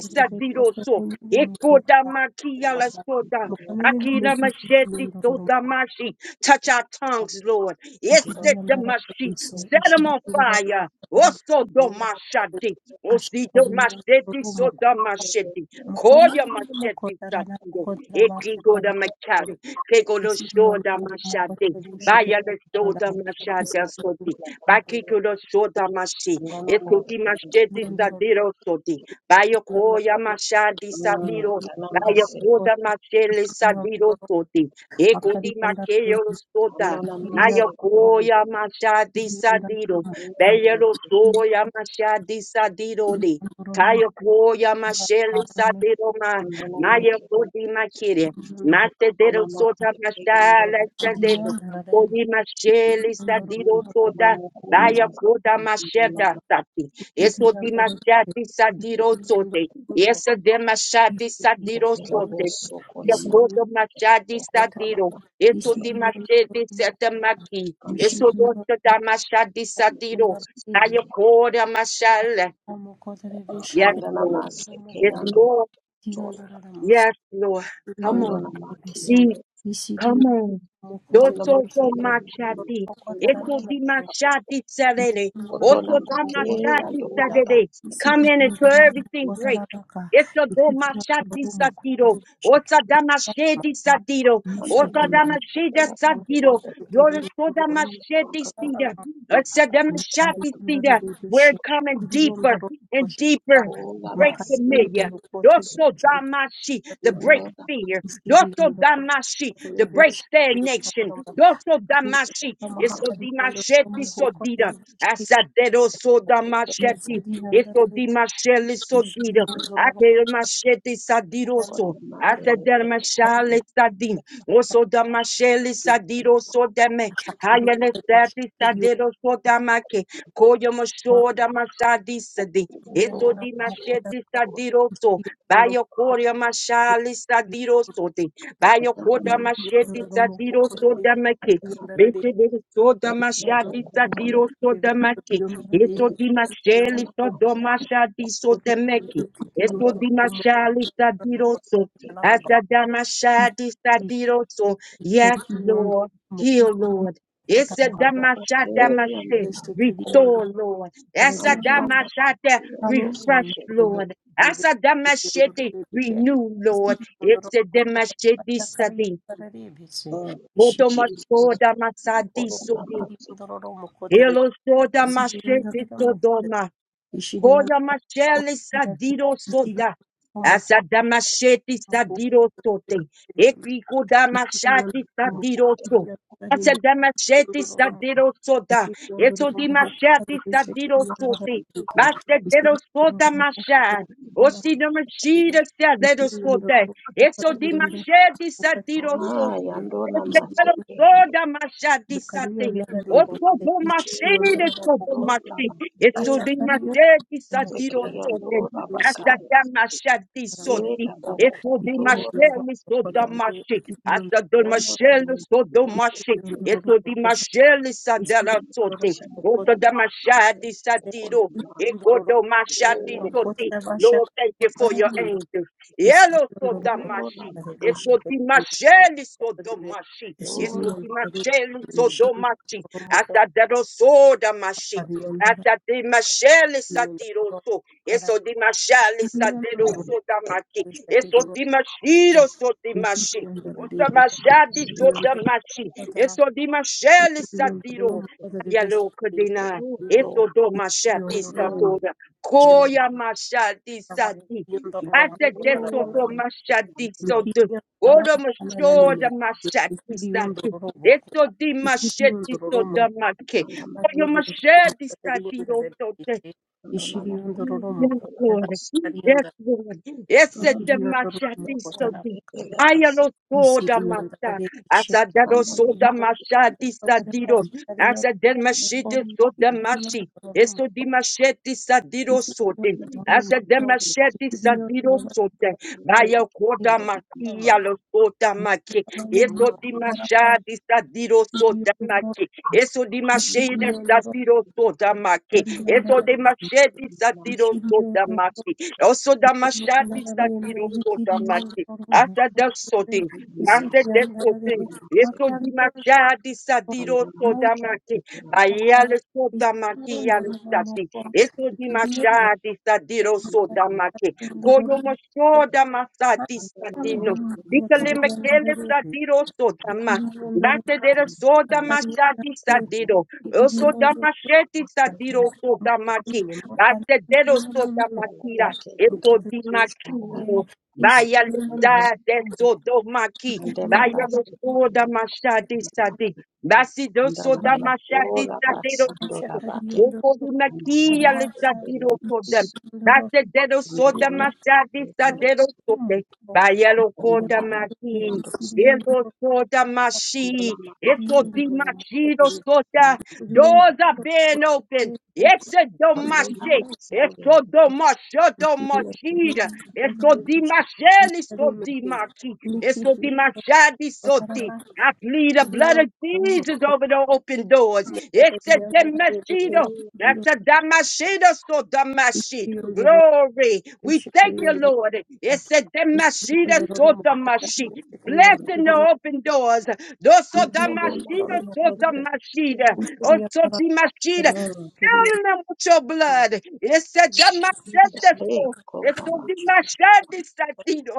B: Mukono
A: sadiroso. Ekodamakiala soda. Akina machete sodamashi. Touch our tongues, Lord. Esedemashi. Set them on fire. Osodomashadi. Osidomashedi sodomashedi. Koya machete satido. Ekigo da machari. Kego do shoda machade. Baya le shoda machada soti. Bakiko
C: you.
A: do shoda machi.
C: Kandala
A: Esoti machete sadiro soti. bayo koya mashadi sadiro. bayo koda machele sadiro soti. Eko di macheyo soda. Naya koya mashadi sadiro. Baya lo soya mashadi sadiro de. Kayo koya mashele sadero ma maya kodi makire masedero sota mashala sadero kodi mashele sadero sota Daya koda masheda sati. Eso di mashati sadiro sote. Eso de mashati sadiro sote. Yakodo mashadi sadiro. Eso di mashedi sadamaki. Eso dosta da mashadi sadiro. Daya koda mashala. Yes, Lord. It's more. Yes, Lord. Come on.
B: Isidio
A: Come on.
B: mokota
A: Doso
B: bibesi
A: go machati.
B: mokota
A: Eso
B: rana
A: di machati
B: Mahakali
A: salele.
C: Kotona
A: Oso da
C: mke
A: machati
C: yandula
A: salele.
C: basi
A: Come in and until everything break. Eso do machati sadiro. Osa da machete sadiro.
C: Kandala
A: Osa da machete
C: Matikala
A: sadiro.
C: Bahede,
A: Yoso da
C: Bonam
A: machete
C: Konkapa,
A: sida. Osa da machati sida. We're coming deeper and deeper.
C: Tola
A: Break
C: Basi,
A: familiar. Yoso da machi. The
C: Sukondo,
A: break fear. Doso damashi, to break stagnation. Doso damashi,
C: Namma,
A: eso dimasheti sodida. Asadero so damasheti, eso dimasheli
B: Continue
A: sodida.
B: on the
A: Akero masheti sadiroso.
C: Kondama,
A: Asadero mashale sadin. Oso damasheli sadiro so deme. Hayane sati sadero so damake. Koyo mosho damasadi sadi.
C: Kolo,
A: Eso dimasheti sadiroso. Bayo Korea Mashali Sadiro Sote, Bayo
C: Kandana,
A: Koda
C: Kandana,
A: Mashedi Sadiro Soda Maki,
C: Kandana,
A: Bete de Soda
C: Kandana,
A: Mashadi
C: Kandana,
A: Sadiro Soda Maki, Eso di Masheli
C: Kandana, Kandana,
A: Sodo Mashadi Soda Maki, Eso
C: Kandana,
A: di Mashali Sadiro So, Asada Mashadi Sadiro So, Yes, Lord, heal,
B: Mokuta
A: Lord. It's a
B: Kotaba,
A: damashada mashe,
B: the second
A: restore, Lord. Esa
B: one,
A: damashada,
B: Honey,
A: refresh,
B: and normal
A: Lord.
B: living
A: Asadamashete,
B: the care.
A: renew, Lord.
B: the
A: It's the Damashete Sadi.
C: Jesus,
A: Otomashoda Masadi Sudi. Elosoda Mashete Sodoma. Koya mashele sadiro soda. Asada masheti sadiro sote. ekiko da mashati sadiro so. Asada masheti sadiro soda. Eso di mashati sadiro sote. Baste dero soda masha. Osi no mashida sadiro sote. Eso di masheti sadiro sote.
C: Andona
A: Ese dero
C: Mazeke,
A: soda mashati sate.
C: Ngona
A: Oko boma shede
C: mkuu,
A: so boma
C: Lola
A: shi. Eso
C: bakere,
A: de ma dedi sa diro
C: sekeya
A: so de.
C: Lola
A: Asa
C: bakaya,
A: dama
C: sekere
A: shadi so di.
C: kaba
A: Eso
C: moko
A: de ma
C: Lola
A: sheli so
C: basikiya,
A: dama shi. Asa do ma
C: yano tuna
B: Ishirini
A: sheli so dama
C: mkuu
A: shi. Eso de ma sheli sa dara so de.
C: shana
A: Oso dama
C: mkuu,
A: shadi sa
C: ukona
A: diro. Eko do ma
C: makere
A: shadi
C: ya
A: so
C: Lola
A: di. Lord, thank you for your angels. Yellow so
C: makuu,
A: dama
C: Lola
A: shi.
C: bakaya,
A: Eso de ma sheli so dama shi. Eso
C: Lola
A: de ma
C: basekeya,
A: sheli so dama shi. Atadero so da mashi. asa di mashele satiro so. Eso di mashele sadero so da maki. Eso di mashiro so di mashi. Ota mashadi so da mashi. Eso di mashele sadiro. Yalo kodina.
C: oh
A: Eso
C: Lola,
A: do mashadi
C: hmm,
A: satora.
C: ana
A: Koya mashadi sadi. Mate deso
C: mkuu,
A: do
C: ana mkuu, ana
A: mashadi so
C: mkuu,
A: do. Odo
C: ana
A: mashoda mashadi
C: mkuu,
A: sadi. Eto di mashe di so
C: ana mkuu, ana
A: da make. Oyo mashe di sa di do so
C: mkuu, ana
B: Ishiri
A: Yes,
B: yondororo mu
A: Lord.
C: mkuu,
B: kugaragara
A: Yes, Lord. Yes, the
C: ana mkuu,
B: Ikidiyororo
A: Damashati
B: moko
C: Kandala
A: Sodi.
B: tarafka.
A: Ayalo soda masa.
B: Isidiyororo işi.
A: Asa dado soda
B: Ikidiyororo
A: mashati sadiro.
B: kaçırıyor
A: Asa
B: moko.
A: demashiti soda mashi.
B: Ikidiyororo
A: Eso
B: moko.
A: di machete sadiro sote.
B: Ikidiyororo moko. Ikidiyororo
A: Asa
B: moko.
A: demasheti
B: Ikidiyororo
A: sadiro
B: moko.
A: sote. Baya koda makia lo soda maki.
B: Ikidiyororo
A: Eso
B: moko tarafka.
A: dimashati sadiro sote
B: Ikidiyororo moko.
A: Eso di mashede
B: Ikidiyororo
A: satiro soda maki. Eso
B: kariyonlara
A: de mashedi satiro soda
B: işidiyororo.
A: maki. Also da mashadi
B: Ikidiyororo yemle.
A: satiro soda maki.
B: Ikidiyororo
A: Asa
B: moko.
A: da sotin. Asa da
B: İsidiyororo
A: sotin. Eso di
B: Akariyonoro.
A: mashadi satiro soda maki.
B: Makati,
A: Ayale soda maki yale sati. Eso di mashadi satiro soda maki. Koyo mashoda masadi sadino. Dikale mekele sadiro soda ma. Batedero soda machadi sadiro. O Soda machete sadiro soda maki. Batedero soda makira. Eso di maquillo. Vaya lesa de sodo maki.
C: Andela
A: Vaya
C: basi
A: lo soda
C: kuyamba
A: machadi
C: sukuma
A: sadi.
C: make
A: Basido
C: andala
A: soda machadi
C: makola
A: sadiro.
C: basando
B: Ashaka,
C: labate
B: Yondo,
A: Oko di
C: andala
A: maquilla le
C: make
B: Karavasa,
A: sadiro
C: yando
A: soda.
B: Yondo,
A: Batedero soda
C: andala make
A: machadi
C: yando
A: sadiro soda. Vaya lo coda
C: andala make
A: maki.
C: yando
A: Elo soda
C: andala
A: mashi. Eso
C: make
A: di
C: andala
A: mashido soda. Doors are being open. Eso do mashi.
C: make
A: Eso
C: andala
A: do masho do mashida. Eso di masheli so di mashi. Eso di mashadi soti.
B: Thank
A: I plead the blood of Jesus over the open doors. It's a
C: make andala
A: demashido. That's a damashido so damashi. Glory. We thank you, Lord. It's a demashida so damashi. Blessing the open doors. Doso da mashida, sota mashida. Osoti mashida.
B: you.
A: Filling them with your blood. It said that my
B: Thank you.
C: Jesus, hey, come,
A: It's a damashete.
C: mama.
A: It's a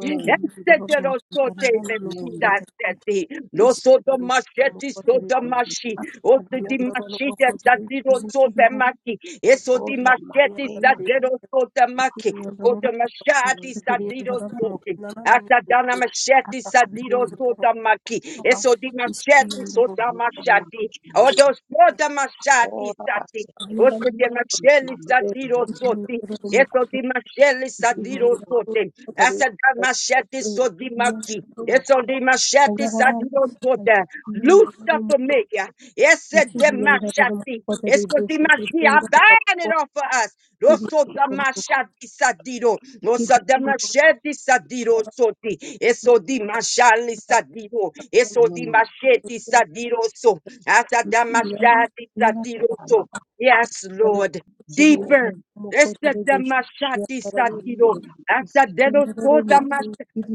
A: Este lo sote vestida seti, lo soto machete soto machi, o se di
C: Makola
A: machete sta di lo sote machi, e so di machete sta
C: mapela
A: di
C: ndosina
A: lo sote machi, cote machete sa di lo sote. Asta dana machete sta di lo sote machi, e so di machete sote
C: mapela mapela
A: machete, o do
C: makora
A: sote machete
C: kora
A: sa
C: baseke
A: Ote di
C: mama
A: masheli
C: mapela
A: sadiro soti. Eso di masheli
C: ndinori
A: sadiro sote. Asa da masheti so di maki. Eso di
B: Yaralı
A: masheti sadiro sote. Loose the familiar. Ese de mashati. Eso di mashi. I bind it off for us. Rosso da mashati sadiro. Rosa da masheti sadiro soti. Eso di mashali sadiro. Eso di
C: enene
A: masheti sadiro so. Asa da mashati sadiro so.
C: mapela
A: Yes, Lord.
C: maso
A: Deeper. Este damashadi
C: kande
A: sadido. Asta
C: namaseke
A: dedo so damash.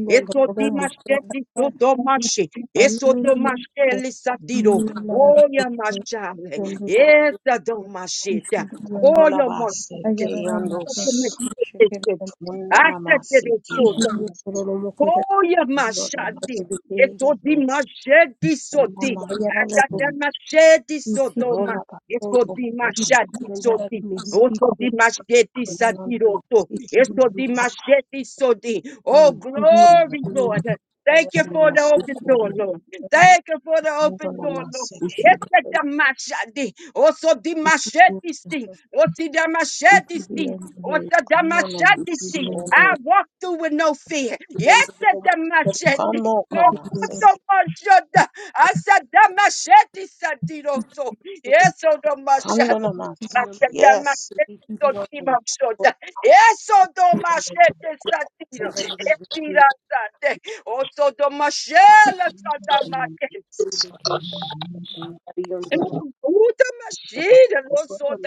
A: Eso dimashketi so domashi. Eso domashkeli sadido. Oya mashale. Esta domashita.
C: tandola
A: Oya mashite.
C: baseke yandos tunda
A: Asta dedo
C: namaseke yando
A: so Oh, yeah,
C: tandola
A: mashadi.
C: maseke
A: Eso di
C: yandos
A: mashadi so
C: ona
A: di.
C: maseke
A: Atata mashadi so
B: Isiki
A: doma.
C: ngola
A: Eso
C: baseke
B: Kongo
A: di
C: ngola baseke ngola
A: mashadi so
B: Mandara
A: di.
C: baseke
B: Mihiki
A: Oso di mashadi sa
C: ngola
A: di
C: baseke
A: roto.
B: Ikiri
A: Eso di mashadi so di. Oh,
C: ngola
A: glory,
C: baseke
B: Ikiri
A: Lord. Thank you
C: Kando
A: for
C: na
A: the open
C: soko,
A: door, Lord. Thank you for the
C: kando
A: open
C: na
A: door, Lord.
C: maseke,
A: Yes,
B: Ushidi
A: the mashadi. Also the mashadi sting. Also the
B: Ushidi Yandere
A: mashadi
B: Ikiri
A: sting.
B: Yandere
A: Also the
C: kando na
A: mashadi sing.
C: masoko,
B: Yandere
A: I walk through with no fear. Yes,
B: Yandere
A: at the machete.
C: kando
A: Oh,
C: kana
A: put the
C: seke,
A: machete. I said the machete, Sadido. So, yes, oh, the machete.
C: kando na
B: Ikiri
A: I
C: maseke.
A: said the
C: Yes.
B: Yandere
A: machete.
B: Ikiri Yandere Mukuru Mishiki Yandere Ikiri Yandere Mukuru Yandere Ikiri
A: so, Timo, so, da- Yes, oh, the
C: Kando
A: machete, Sadido. Yes,
B: Yandere
A: Sadido. Oh, so the machete,
C: kando kuna
A: Sadamake.
C: masaka. Kando
A: Thank
C: na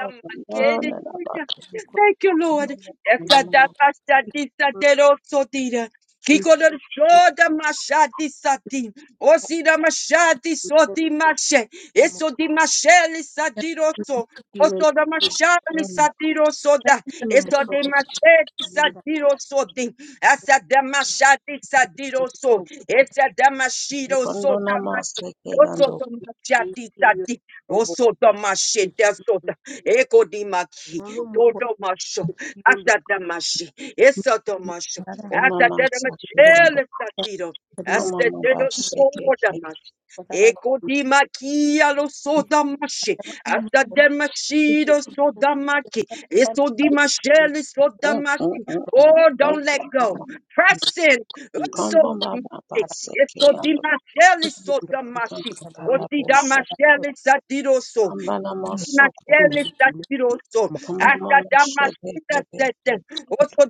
A: you, Lord. Esta da pasha disa de rosso tira. Kiko de shoda masha disa ti. Osi da masha diso di mache. Eso di mache li sa di rosso. Oso da machali
C: masaka,
A: sadiro soda, eso de machete sadiro sodi, asa da machadi sadiro so, esa da machiro
C: kando nama
A: soda
C: seke yando,
A: Osotomashatitati, osotomashedasota, ekodimaki, totomasho,
B: Mukuru
A: asadamashi, esotomasho,
B: Yandere
C: kona
A: asadamashi,
C: seke
B: Ini
C: yando,
A: elesatiro,
C: amama ba seke ke,
A: asaderosodamashi, ekodimaki, alosodamashi, asademashirosotamaki,
C: Mm, mm,
A: esodimashelesodamashi.
C: mm, mm.
A: Oh, don't
C: Thank
A: let
C: you,
A: go.
C: kama.
A: Press in.
C: Kando seke
A: Esto
C: yando.
A: dimasheli soto mashi. Oti
C: Antakapalaboso,
A: satiroso.
C: Ambanamasokoto,
A: Makelestastiroso, hasta
C: Kamamamashelebebebe,
A: Damascus, oso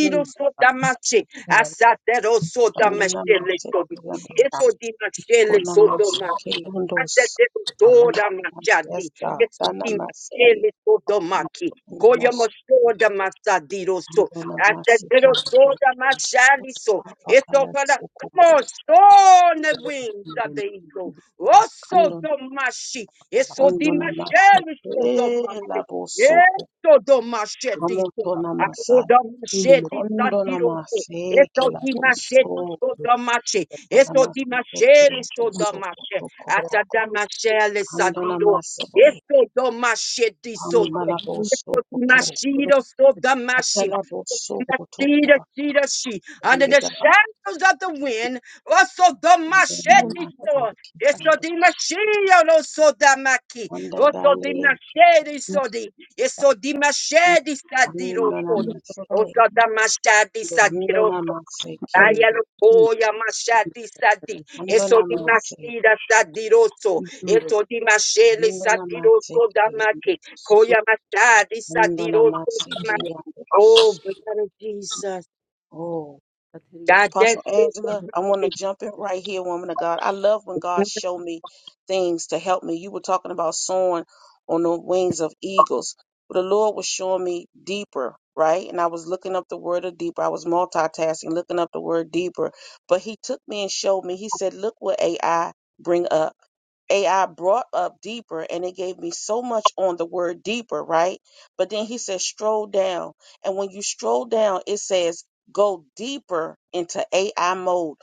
C: Mm,
A: so damashi, hasta deroso damashele, so
C: Kandonamasekeyandos,
A: eso dimashele, so domashi,
C: Konamasekeyandos,
A: hasta deroso
C: Kandonam- Yes,
A: damashadi,
C: God,
A: eso
C: Danamase,
A: dimashele, so domaki. Koya
C: Kandonamos,
A: moshoda masadiro so hasta
C: Kandonamaseke,
A: deroso damashali so eso para come
C: Papapalatsokoko,
A: on so on the wings of the eagle also
C: Kandon,
A: domashi Eso di masheli so do
C: Kondonamaseke,
A: masheli.
C: Labosoko,
A: Eso do masheti so. Ako
C: Kamotonamasai,
A: do masheti satiro so. Eso
C: Kondonamaseke,
A: di masheti
C: Laboso,
A: so do mashe. Eso di
C: Namaseke
A: masheli so mashe.
C: Soko Koko
A: Ata masheli
C: Kando
A: sadiro.
C: Namaseke
A: Eso do masheti so
C: Ambalabo
A: Eso di
C: Sokoto
A: mashiro so mashi.
C: Atalabo Sokoto
A: Mashira,
C: Baba
A: shira, she. Under the
C: Gigaba
A: shadows of the wind, also the machete
C: Namaseke Kando
A: Esodima shia lo sodamaki.
C: Sanda
A: Osodima
C: Dale
A: shedi sodi. Esodima shedi sadiro
C: Ando
A: sodi.
C: Namaseke
A: Osodama shadi
C: Ando
A: sadiro sodi.
C: Namaseke
A: Ayalo koya mashadi sadi.
C: Ando
A: Esodima
C: Namaseke
A: shida sadiroso.
B: Ikindo
A: Esodima sheli
C: Ando Namaseke
A: sadiroso damaki. Koya mashadi
C: Ando
A: sadiroso
C: Namaseke
A: damaki.
C: Ando
A: Oh, blood of Jesus.
C: Oh
B: kateriya
A: God,
C: Apostle
A: that's so
C: Angela, I want
A: damaki.
C: to jump in right here, woman of God. I love when God show me things to help me. You were talking about soaring on the wings of eagles, but the Lord was showing me deeper, right? And I was looking up the word of deeper. I was multitasking, looking up the word deeper. But He took me and showed me. He said, "Look what AI bring up." AI brought up deeper and it gave me so much on the word deeper, right? But then he says stroll down. And when you stroll down, it says go deeper into AI mode.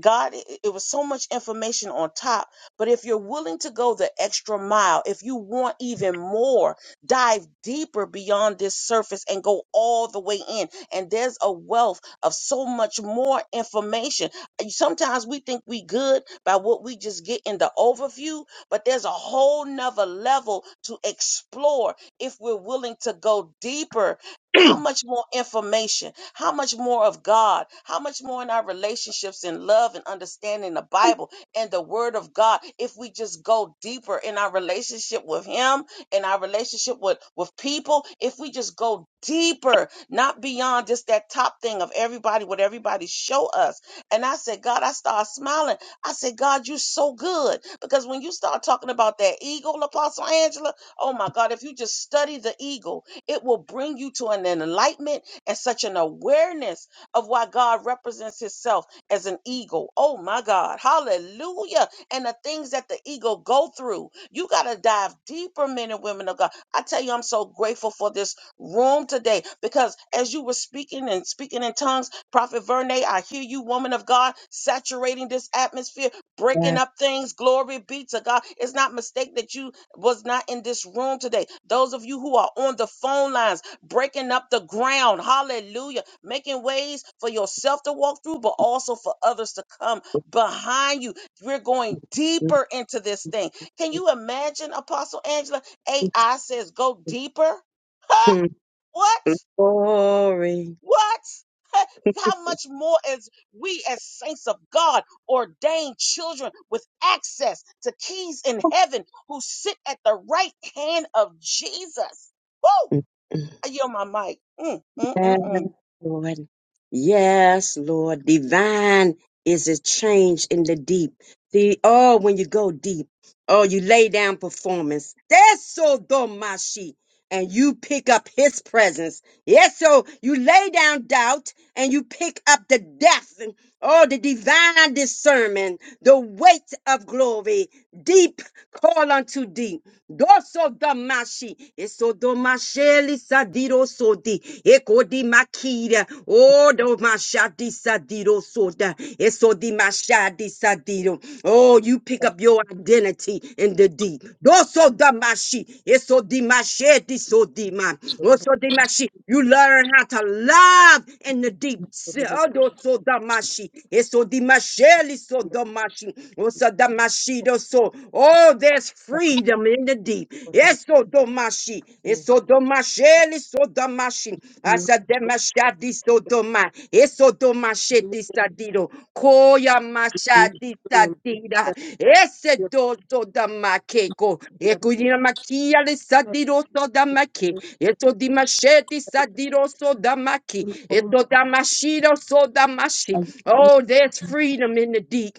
C: God, it it was so much information on top. But if you're willing to go the extra mile, if you want even more, dive deeper beyond this surface and go all the way in. And there's a wealth of so much more information. And Sometimes we think we good by what we just get in the overview, but there's a whole nother level to explore if we're willing to go deeper. How much more information? How much more of God? How much more in our relationships and love and understanding the Bible and the Word of God if we just go deeper in our relationship with Him and our relationship with, with people, if we just go deeper, not beyond just that top thing of everybody, what everybody show us. And I said, God, I started smiling. I said, God, you are so good. Because when you start talking about that eagle, Apostle Angela, oh my God, if you just study the eagle, it will bring you to an enlightenment and such an awareness of why God represents himself as an eagle. Oh my God. Hallelujah. And the things that the eagle go through. You got to dive deeper, men and women of God. I tell you, I'm so grateful for this room today because as you were speaking and speaking in tongues, Prophet Vernay, I hear you, woman of God, saturating this atmosphere, breaking up things. Glory be to God. It's not mistake that you was not in this room today. Those of you who are on the phone lines, breaking up the ground. Hallelujah. Making ways for yourself to walk through, but also for others to come behind you. We're going deeper into this thing. Can you imagine, Apostle Angela? AI says go deeper. Huh?
A: Hmm.
C: What?
A: Glory.
C: What? Huh? How much more as we, as saints of God, ordained children with access to keys in heaven who sit at the right hand of Jesus? Woo! I yell my mic. Mm, mm,
A: Yes,
C: mm, mm.
A: Lord. Yes, Lord. Divine is a change in the deep. The oh, when you go deep, oh, you lay down performance. That's so domashi. and you pick up his presence. Yes, so you lay down doubt and you pick up the depth, and oh, the divine discernment, the weight of glory, deep call unto deep. Doso damashi, eso domasheli sadiro sodi, eko di makira, oh domashadi sadiro soda, Eso di masha di Oh, you pick up your identity in the deep. Doso damashi. Eso di mashe so di ma.
B: katororo
A: Oso di mashi. You learn how to love in the deep. Se- Odo so damashi. Eso di mashe so damashi. Oso damashi do so. Oh, there's freedom in the deep. Eso do sodomashi, esodomasheli sodomashi, asademashadi sodoma, esodomasheti sadido, koya mashadi sadida, esedo sodamakeko, ekuyamakia le sadiro sodamaki, esodimasheti sadiro sodamaki, esodamashiro sodamashi. Oh, there's freedom in the deep.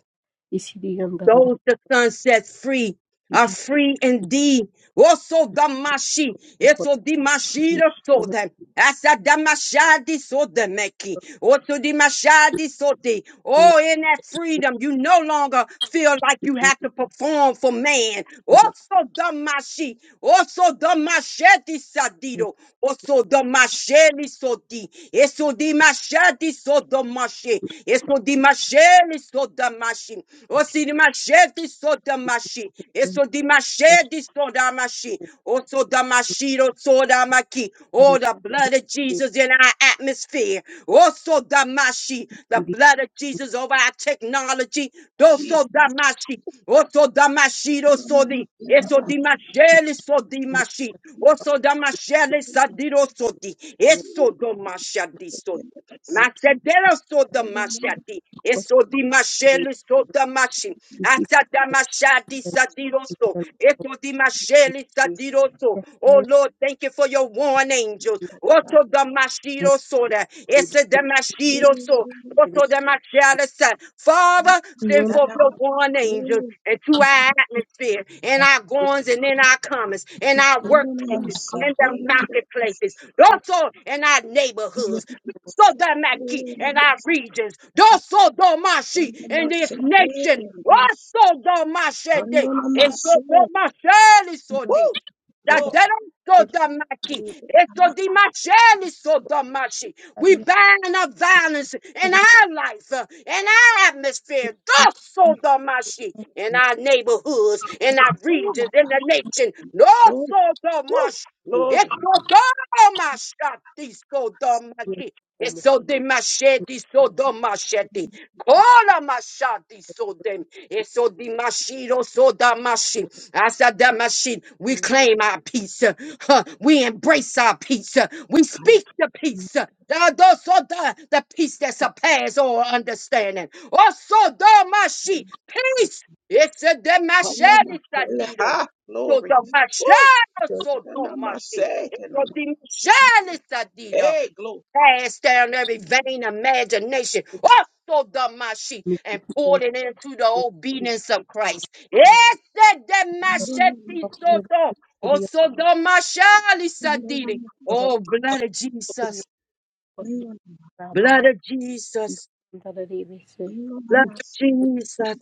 B: isidi yandarara
A: Those the sun sets free are
B: idi
A: free indeed. Also damashi, eso
B: kotori
A: dimashi
B: kono
A: soda, asa damashadi soda meki, also dimashadi sote. Oh,
B: kuri
A: in that freedom, you no longer feel like you have to perform for man. Also damashi, also damashadi sadido, also damasheli sodi, eso dimashadi soda Esodimasheli sodamashi. Osidimasheti sodamashi. Esodimasheti sodamashi. Osodamashiro sodamaki. Oh, the blood of Jesus in our atmosphere. Osodamashi. The blood of Jesus over our technology.
C: Jesus.
A: Dosodamashi. Osodamashiro
C: Woo!
A: sodi. Eso di masheli so di mashi. Oso da masheli sadiro so di. Eso do mashadi so di. Masedero so da mashadi. Eso di masheli so da mashi. Asa da mashadi sadiro so. Eso di masheli sadiro so. Oh Lord, thank you for your warning angels. Oso da mashiro so da. Ese da Father, send forth your born angels into our atmosphere, in our goings and in our comings, in our workplaces, in the marketplaces, also in our neighborhoods. Sodomaki in our regions, Doso Domashi in this nation, also Domashede, and Domashe Sodamaki. Etodimasheli Sodamashi. We ban up violence in our life, uh, in our
B: Thank
A: atmosphere, thus Sodomashi, in our neighborhoods, in our regions, in the nation. No Sodomashi.
C: Glory.
A: It's Sodomashati Sodomashi. Eso de machete, so do machete. Kola machete, so dem. Eso de machito, so da machi. Asa da machi. We claim our peace. uh, huh, We embrace our peace. uh, We speak the peace. uh, da do so da, The peace that surpasses all understanding. Also da machi. Peace. Eso de
C: Woo!
A: machete,
C: Glory.
A: sadido.
C: Ha!
A: So
C: Glory.
A: da
C: Woo!
A: machete, so do machi. Eso de machete, sadido
C: Hey, glory.
A: cast down every vain imagination. Also the mashi and poured it into the obedience of Christ. Yes, the
C: Kandona
A: masheti
C: masi,
A: soto. Also the mashali
C: kandona
A: sadiri.
C: masi,
A: Oh, blood of Jesus,
C: kandona
A: blood of Jesus,
C: kandona
A: blood of
C: masi,
A: Jesus.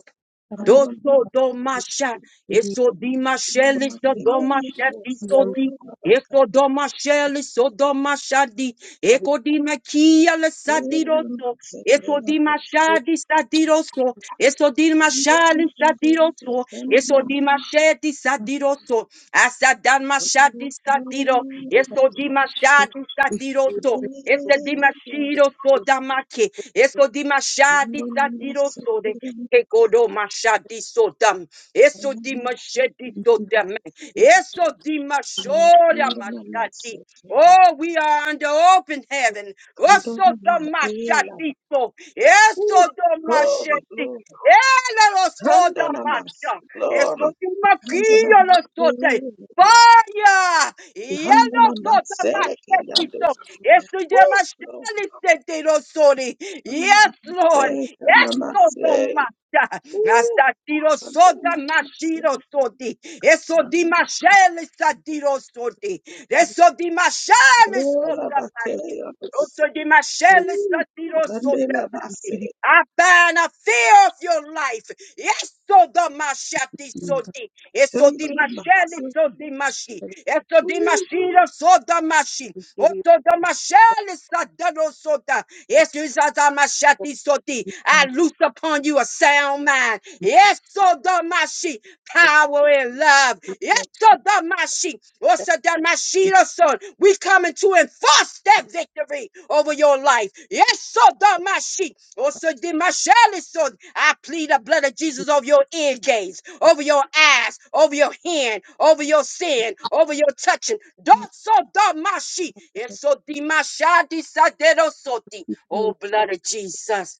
C: kandona
A: Doso do masha, eso di masheli so
C: masi,
A: do
C: kandona
A: masheti
C: kosto
A: so di,
C: babaka,
A: eso do masheli so do mashadi. Ekodima kia le
C: kandona
A: sadiroso.
C: masi, kandona
A: Esodima
C: kosto,
A: shadi sadiroso. Esodima shali sadiroso.
C: kandona masi, kandona kandona masi,
A: Esodima shedi sadiroso. Asadama
C: kandona
A: shadi
C: kandona
A: sadiro.
C: masi,
A: Esodima shadi sadiroso.
C: kandona
A: Esodima shiro sodamake. Esodima shadi
C: masi,
A: sadiroso.
C: kandona
A: Ekodo mashadi sodam.
C: kandona
A: Esodima shedi sodam. Eso di mashoda mashati. Oh, we are under open heaven. Oso
C: ma,
A: do
C: ela,
A: mashatito. Eso do
C: glory,
A: mashati.
C: glory.
A: Ela lo so da
C: Tandonamas,
A: masha. Eso
C: glory.
A: di makio lo
C: Tandonamase,
A: so de. Fire! Yellow sort of
C: tandonamaseke,
A: match
C: yando.
A: so Yes, to them a
C: Woo, glory.
A: shall set oh, Yes,
C: Tandonamase,
A: Lord. Yes, so the
C: tandonamase.
A: As
C: Woo,
A: that tiro so the
C: tandonamase,
A: machiro so di. Eso di
C: tandonamase,
A: machel is a tiro so di. Eso di machel is so the machine.
C: yando.
A: Also di machel is a
C: Woo,
A: tiro so
C: landelabase,
A: I bind a fear of your life. Yes, so the mashati so di. Yes, so di mashali
C: tandonamase.
A: so di mashi. Yes, so di
C: Woo,
A: mashi so the mashi. Oh, so the mashali so da do so da. Yes, you so the mashati so di. I loose upon you a sound mind. Yes, so the mashi. Power and love. Yes, so the mashi. Osadamashiro son. We coming to enforce that victory over your life. Yes, Sodamashi. Osadimashali son. I plead the blood of Jesus over your ear gates, over your eyes, over your hand, over your sin, over your touching. Dosodamashi. Esodimashadi saderosoti. Oh, blood of Jesus.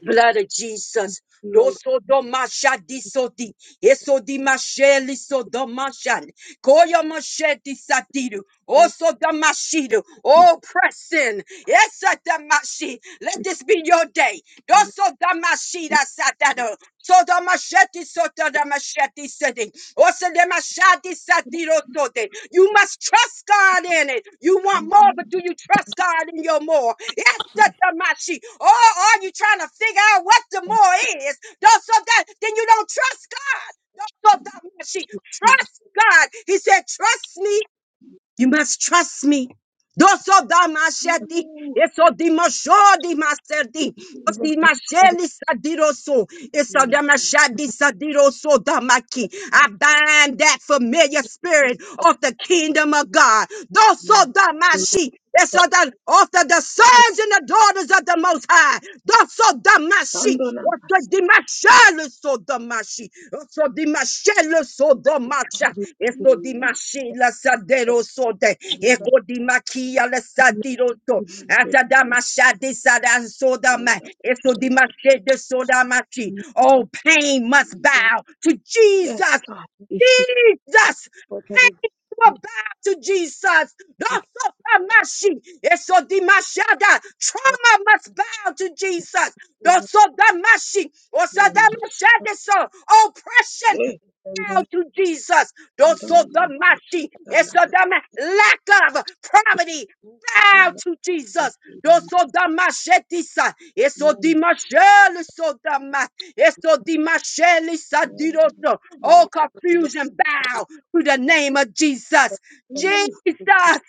A: Blood of Jesus. Doso do masha di soti, eso Dosodomashadisoti. Esodimashelisodamashali. Koya machete satiru. Also the mashidu. Oh, press in. Yes, at the mashi. Let this be your day. Also the mashida satado. So the machete soto the machete sitting. Also the machete satiro sote. You must trust God in it. You want more,
C: kandonamase.
A: but do you trust God in your more? Yes, the mashi. Or are you trying to figure out what the more is? do that then you don't trust God. Lord of that mercy.
B: you.
A: Trust God. He said, Trust me. You must trust me. Those of the mashadi,
C: Woo,
A: it's of the mashadi masadi,
B: Ikirere no
A: of the masheli sadiroso, it's of the
C: mm,
A: mashadi sadiroso damaki. I bind that familiar spirit of the kingdom of God. Those
C: mm,
A: of the mashi, it's of the, of the, sons and the daughters of the Most High. Thus so the Mashi. Also
C: tandonamase.
A: the Mashal so the Mashi. Also the Mashal so the Masha. Eso di
C: Woo,
A: Mashi la Sadero so de.
C: mm,
A: Eco di Makia la Sadiroto.
C: mm,
A: Asa da Masha de Sadan so da ma. Eso di
C: tandonamase.
A: Mashi de so da Mashi. All pain must bow to
C: Yes,
A: Jesus.
C: God.
A: Jesus bow to Jesus. Dosodamashi, esodimashada. Trauma must bow to Jesus. Dosodamashi, osodamashade so. that
C: Mm.
A: machada so. Oppression
C: Eh,
A: out to Jesus. Those so
C: mbona maji
A: damashi, it's so
C: yakatakutumwa
A: dam- lack of poverty. Bow to Jesus.
C: sifuri?
A: Those so damashetisa, it's so
C: Mm,
A: dimasheli so dama, it's so dimasheli
C: Nona maji.
A: sadiroso. All confusion, bow to the name of Jesus.
C: Ooh,
A: Jesus,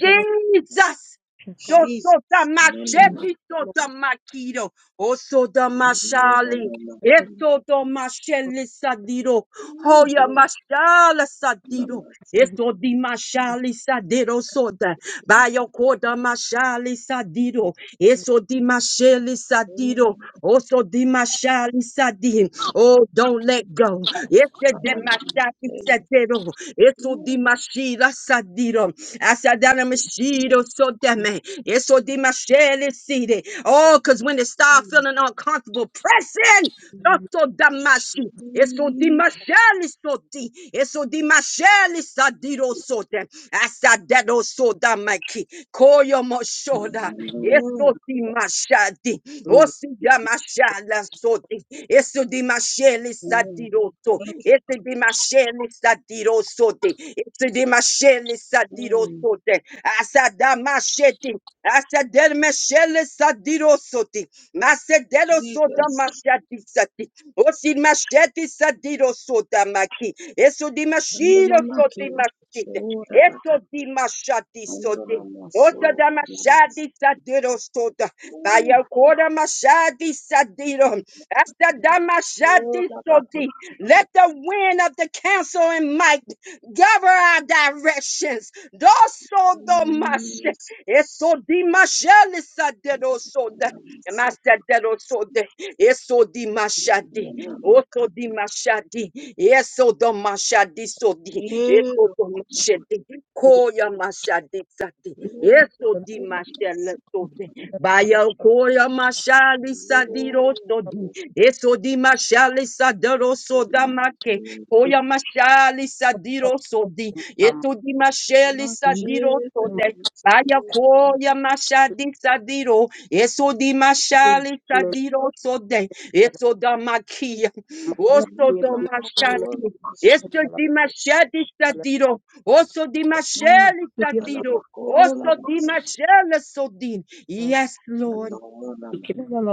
A: Jesus. Doso da
C: Jesus. Nona
A: machete,
C: maji.
A: so da maquido, oso da
C: Nona no
A: machale,
C: maji.
A: eso do
B: no
A: machele sadiro,
C: Ooh,
A: hoya
C: glory.
A: machala
C: Nona
A: sadiro,
C: maji.
A: eso di machale sadiro soda, bayo coda machale sadiro, Eso dimasheli
C: Oh,
A: sadido. Oso dimashali sadi. Oh, don't let go. Ese
C: Father, my
A: demashali
C: God.
A: sadido. Eso
C: Ooh,
A: dimashila sadido. Asadana mashido so deme. Eso dimasheli sidi. Oh, because when they start
C: mm,
A: feeling uncomfortable, press in. Doctor damashi. Eso
C: Jesus.
A: dimasheli sodi. Eso dimasheli sadiro sote. Asadero sodama. Ki Koyo Moshoda,
C: Oh, oh,
A: Esoti Mashadi, Osida Mashala Soti, Esodi Mashele Sadiroso,
C: Thank you.
A: Esodi Mashele Sadiro Sote, Esodi Mashele sadiroso,
C: Oh,
A: Sote, Asada Masheti, Asader Mashele Sadiro Soti, Masedero Soda
C: Jesus.
A: Mashati Sati, Osid Masheti Sadiro Soda Maki, Esodi
C: Nona
A: Mashiro
C: maji.
A: Soti Mashite,
C: Sora bake.
A: Eso di mashati
C: Nona
A: soti
C: maso.
A: Otada
C: Nona
A: mashadi sadiro soda.
C: maji.
A: Baya koda mashadi sadiro. Astada
C: Oh,
A: mashadi
C: la ba ke
A: sodi.
C: di ba mo
A: Let the wind of the counsel and might govern our directions. Doso do mash,
C: Jesus.
A: Eso di masheli sadiro soda.
C: Kona maseke
A: Master
C: di ba
A: Dero Sode, Eso di Mashadi,
C: sikona
A: Oso di Mashadi, Eso do Mashadi Sodi,
C: makapelo
A: Eso do
C: kona
A: Mashadi, Koya Mashadi Sadi.
C: makola
A: Eso di
C: kokona
A: mashele so de.
C: masikona.
A: Baya koya mashali
C: Oh,
A: sadiro so di. Eso di mashali sadero so
C: kokona
A: da make.
C: makapelo
A: Koya mashali sadiro so di. Eso di mashali
C: kona
A: sadiro
C: chete
A: so
C: la
A: de. Baya
C: masikona.
A: koya mashadi sadiro. Eso di
C: Kona
A: mashali sadiro so de. Eso da makia. Oso do mashadi.
C: makola
A: Eso
C: pashambo
A: di
C: kokos.
A: mashadi sadiro. Oso di
C: Mm,
A: mashali
C: Kona
A: sadiro.
C: makola
A: Also, di
C: masikona.
A: mashele sodin. Yes, Lord.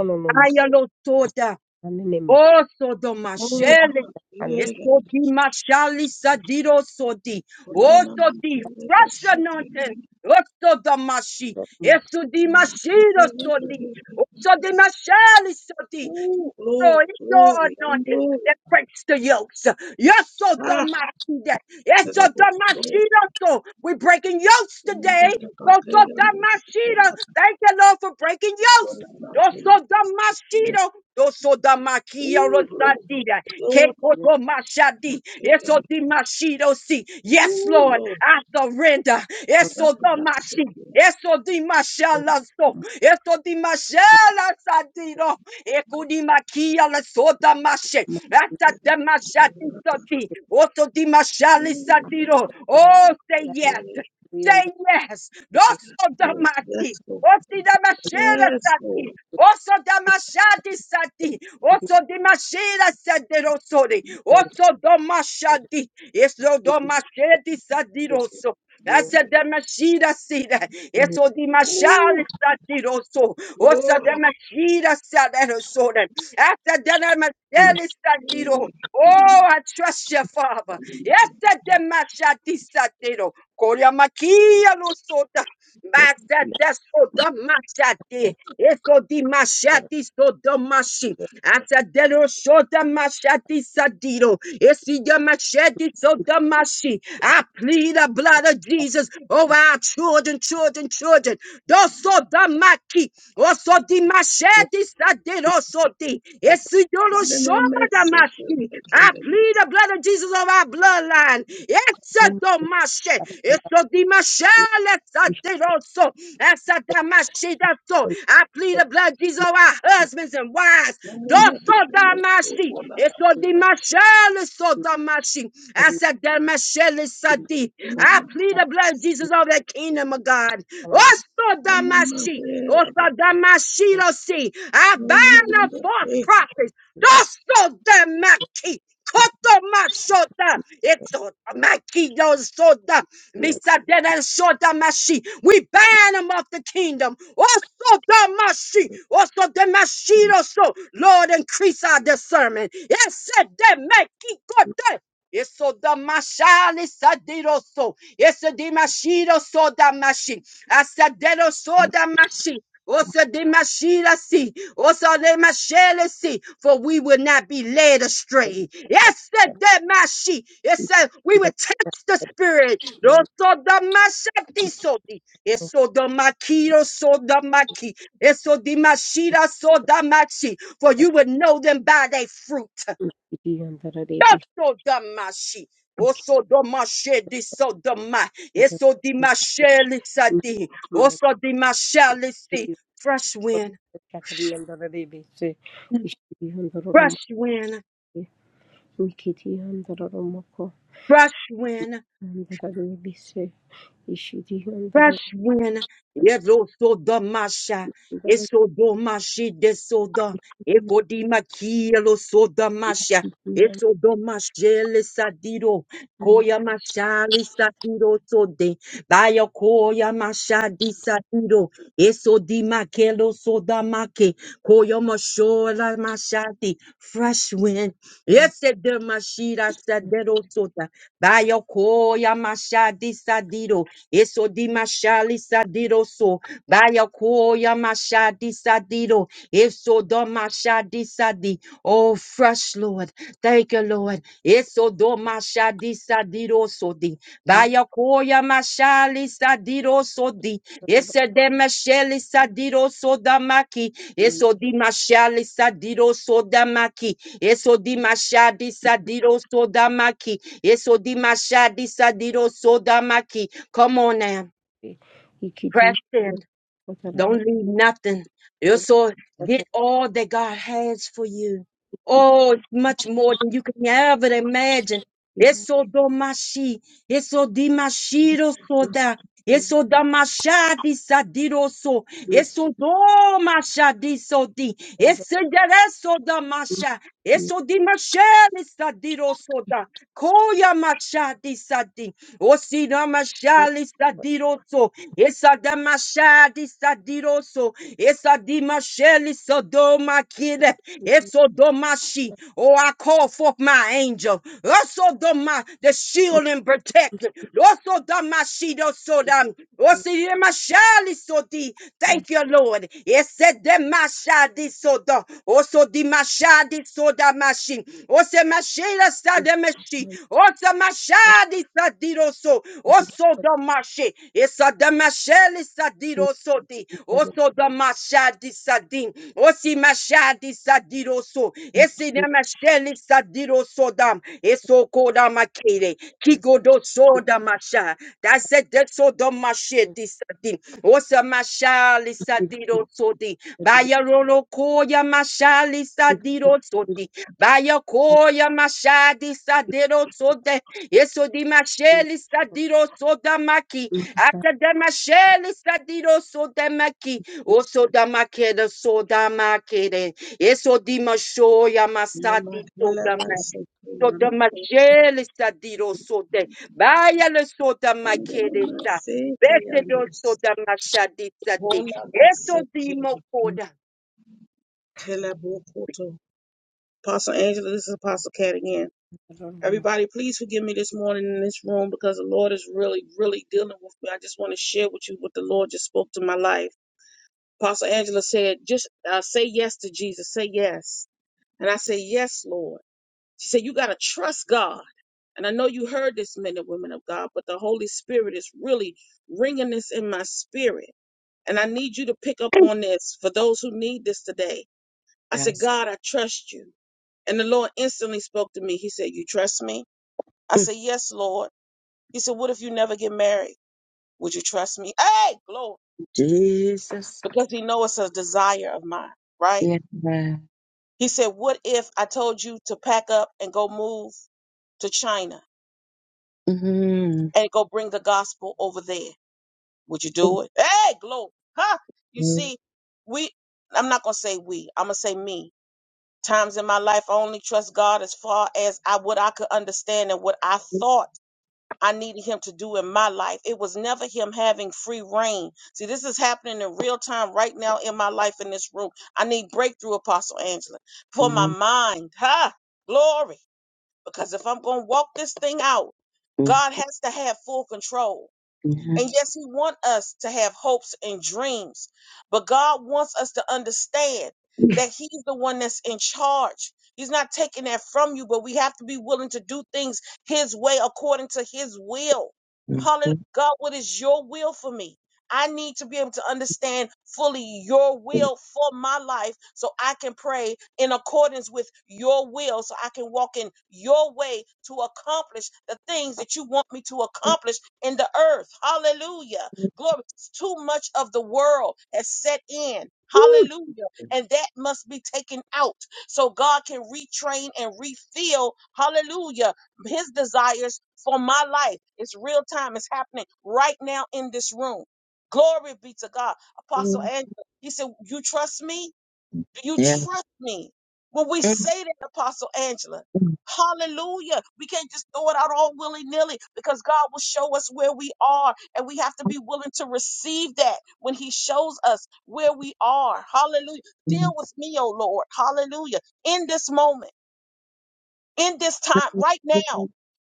B: no no
A: Ayalo soda. Also, do
C: Kona makola
A: mashele.
B: no
C: makola
A: Eso di mashali sadiro sodi.
B: Thank
C: Kondona
A: Also, di
C: makere
A: fresh
C: basekere
A: anointing. Also, the mashi. esodi di
C: makere
A: mashiro sodi. Also, di
C: basekere.
A: mashali sodi.
C: Oh,
A: Lord,
C: glory,
A: it's your
C: glory,
A: anointing
C: andola,
A: that breaks the yokes. Yes, so
C: ah,
A: that. Yes, so
C: tenebo sto,
A: so we're breaking yokes
C: mada
A: today.
C: da
A: So
C: pake
A: so
C: yando shukona,
A: Thank you, Lord, for breaking yokes.
C: dola pake la que la
A: Doso damashida. Doso damakia
C: Oh, glory,
A: rosadida.
C: glory,
A: Kekoto mashadi.
C: pake
A: Eso
C: yando,
A: dimashido si. Yes,
C: oh,
A: Lord,
C: glory,
A: I surrender.
C: dola
A: Eso damashi.
C: pake
A: Eso dimashala so. Eso dimashala sadido. Ekudimakia lesota mashe. Ata demashati soti. Oto dimashali sadiro. Oh, say yes. Say yes. Doso damati.
C: Yes, Lord,
A: Osi damashera
C: yes,
A: sati.
C: Lord,
A: Oso damashadi sati. Oso dimashera sadero sori. Oso domashadi. Eso domashedi sadiroso. That's a demashida sida. It's o di mashal
C: oh,
A: satiro so. Osa
C: glory,
A: demashida sadero soden. That's a demashel satiro.
C: Hey, I'm
A: Oh, I trust your Father. Yes, that demashadi satiro. Korea makia lo soda. That's a deso demashadi. It's o di mashadi so demashi. Atadero soda machati sadiro. Esiga machete soda mashi. I plead the blood of Jesus over our children, children, children. Doso da maki. Oso di machete sadiro soti. Esigoro soda mashi. I plead the blood of Jesus over our bloodline. Alan. It's a domashe. It's a dimashe. Let's a deroso. That's a damashe. That's so. I plead the blood, Jesus, of our husbands and wives. Doso damashi. It's a dimashe. It's a damashi. That's a damashe. It's a di. I plead the blood, Jesus, of the kingdom of God. Oso damashi. Oso damashi. lo si. I bind the false prophets. Doso damaki. Kotoma shota, eto makido soda, misadena shota mashi. We ban them off the kingdom. Also the mashi, also the mashido so. Lord, increase our discernment. Yes, de makikote. Eso da mashali sadiroso. Eso di mashido so da mashi. Asadero so da mashi. Osa de mashila si, osa de mashele si, for we will not be led astray. Yes, that de mashi. Yes, sir, we will test the spirit. Oso da mashati soti, eso da makiro so da maki, eso di mashira so da machi, for you will know them by their fruit. Oso da mashi. Oso do mashe di so da ma, eso di mashele sati, oso di mashele
B: you.
A: si, fresh wind.
B: Shakariyandararibese, Ishiriyandararumoko,
A: Fresh wind,
B: Mikitiyandararamoko,
A: fresh wind,
B: Yandararibese,
A: fresh
B: Ishiriyandararumoko,
A: wind. Yezo soda masha,
B: Yandararibese,
A: eso do mashi de soda, eko di makielo soda masha, eso do mashele sadiro,
B: Ikitiyandararumoko,
A: koya mashali sadiro sode, Bayo koya mashadi sadiro, eso di makelo soda make, koya mashola mashadi, fresh wind, ese de mashira sadero soda. Bayoko yamasha disadido. Eso dimashali sadido so. Bayoko yamasha disadido. Eso domasha disadi. Oh, fresh Lord. Thank you, Lord. Eso domasha disadido so di. Bayoko yamasha lisadido so di. Ese demasheli sadido so damaki.
B: Taravandararumoko,
A: Eso dimasha lisadido so damaki. Eso dimashadi sadido so damaki. Eso disadiro sodamaki. Come on now. Press in.
B: Ikitiyandararumoko,
A: Don't
B: Yandararibese,
A: leave nothing. You so get
B: Yandararibese,
A: all that God has for you. Oh, it's much more than you can ever imagine. Eso domashi. Eso dimashiro soda. Eso damasha disadiro so. Eso domasha disodi. Eso dereso damasha. Eso dimasha disadiro Koya mashadi sadi. Osina mashali sadiroso. Esada mashadi sadiroso. Esadi masheli sodoma kide. Esodomashi. Oh, I call forth my angel. Osodoma, the shield and protector. Osodamashi dosodam. Osina mashali sodi. Thank you, Lord. Esede mashadi soda. Osodi mashadi soda machine mashela stade meshi. Ota mashadi sadiroso. Oso do mashe. Esa da masheli sadiroso di. Oso do mashadi sadin. Osi mashadi sadiroso. Esi da masheli sadiroso dam. Eso koda makere. Kiko do so da masha. That's it. That's so do mashe di sadin. Osa mashali sadiroso di. Bayarolo koya mashali sadiroso di. Bayokoya mashadi sadero soda eso di masheli sadiro soda maki after the masheli sadiro soda maki oso da makede soda makede eso di mashoya masadi soda ma soda masheli sadiro soda baya le soda makede sa bese do soda mashadi sadi eso di mokoda
C: Pastor Angela, this is Apostle Cat again. Everybody, please forgive me this morning in this room because the Lord is really, really dealing with me. I just want to share with you what the Lord just spoke to my life. Apostle Angela said, just uh, say yes to Jesus. Say yes. And I say, yes, Lord. She said, you got to trust God. And I know you heard this, men and women of God, but the Holy Spirit is really ringing this in my spirit. And I need you to pick up on this for those who need this today. I said,
A: yes
C: God, I trust you. And the Lord instantly spoke to me. He said, You trust me? I said, Yes, Lord. He said, What if you never get married? Would you trust me? Hey, glory.
A: Jesus
C: Because he knows it's a desire of mine, right?
A: Yeah.
C: He said, What if I told you to pack up and go move to China
A: Mhm.
C: and go bring the gospel over there? Would you do it? Hey, glory. Huh? You
A: Mhm.
C: see, we I'm not gonna say we, I'm gonna say me. Times in my life I only trust God as far as I what I could understand and what I thought I needed him to do in my life. It was never him having free reign. See, this is happening in real time right now in my life in this room. I need breakthrough, Apostle Angela, for my
A: Mhm.
C: mind. Ha! Glory. Because if I'm going to walk this thing out, God has to have full control.
A: Yeah.
C: And yes, He wants us to have hopes and dreams, but God wants us to understand that He's the one that's in charge. He's not taking that from you, but we have to be willing to do things His way according to His will. Hallelujah.
A: Mhm.
C: God, what is your will for me? I need to be able to understand fully your will for my life so I can pray in accordance with your will, so I can walk in your way to accomplish the things that you want me to accomplish in the earth. Hallelujah. Glory. Too much of the world has set in.
A: Woo.
C: Hallelujah. And that must be taken out so God can retrain and refill. Hallelujah. His desires for my life. It's real time. It's happening right now in this room. Glory be to God. Apostle
A: Mhm.
C: Andrew, he said, You trust me? Do you
A: Yeah.
C: trust me? When we say that, Apostle Angela,
A: Mhm.
C: hallelujah. We can't just throw it out all willy nilly because God will show us where we are and we have to be willing to receive that when He shows us where we are. Hallelujah. Deal with me, oh Lord. Hallelujah. In this moment, in this time, right now,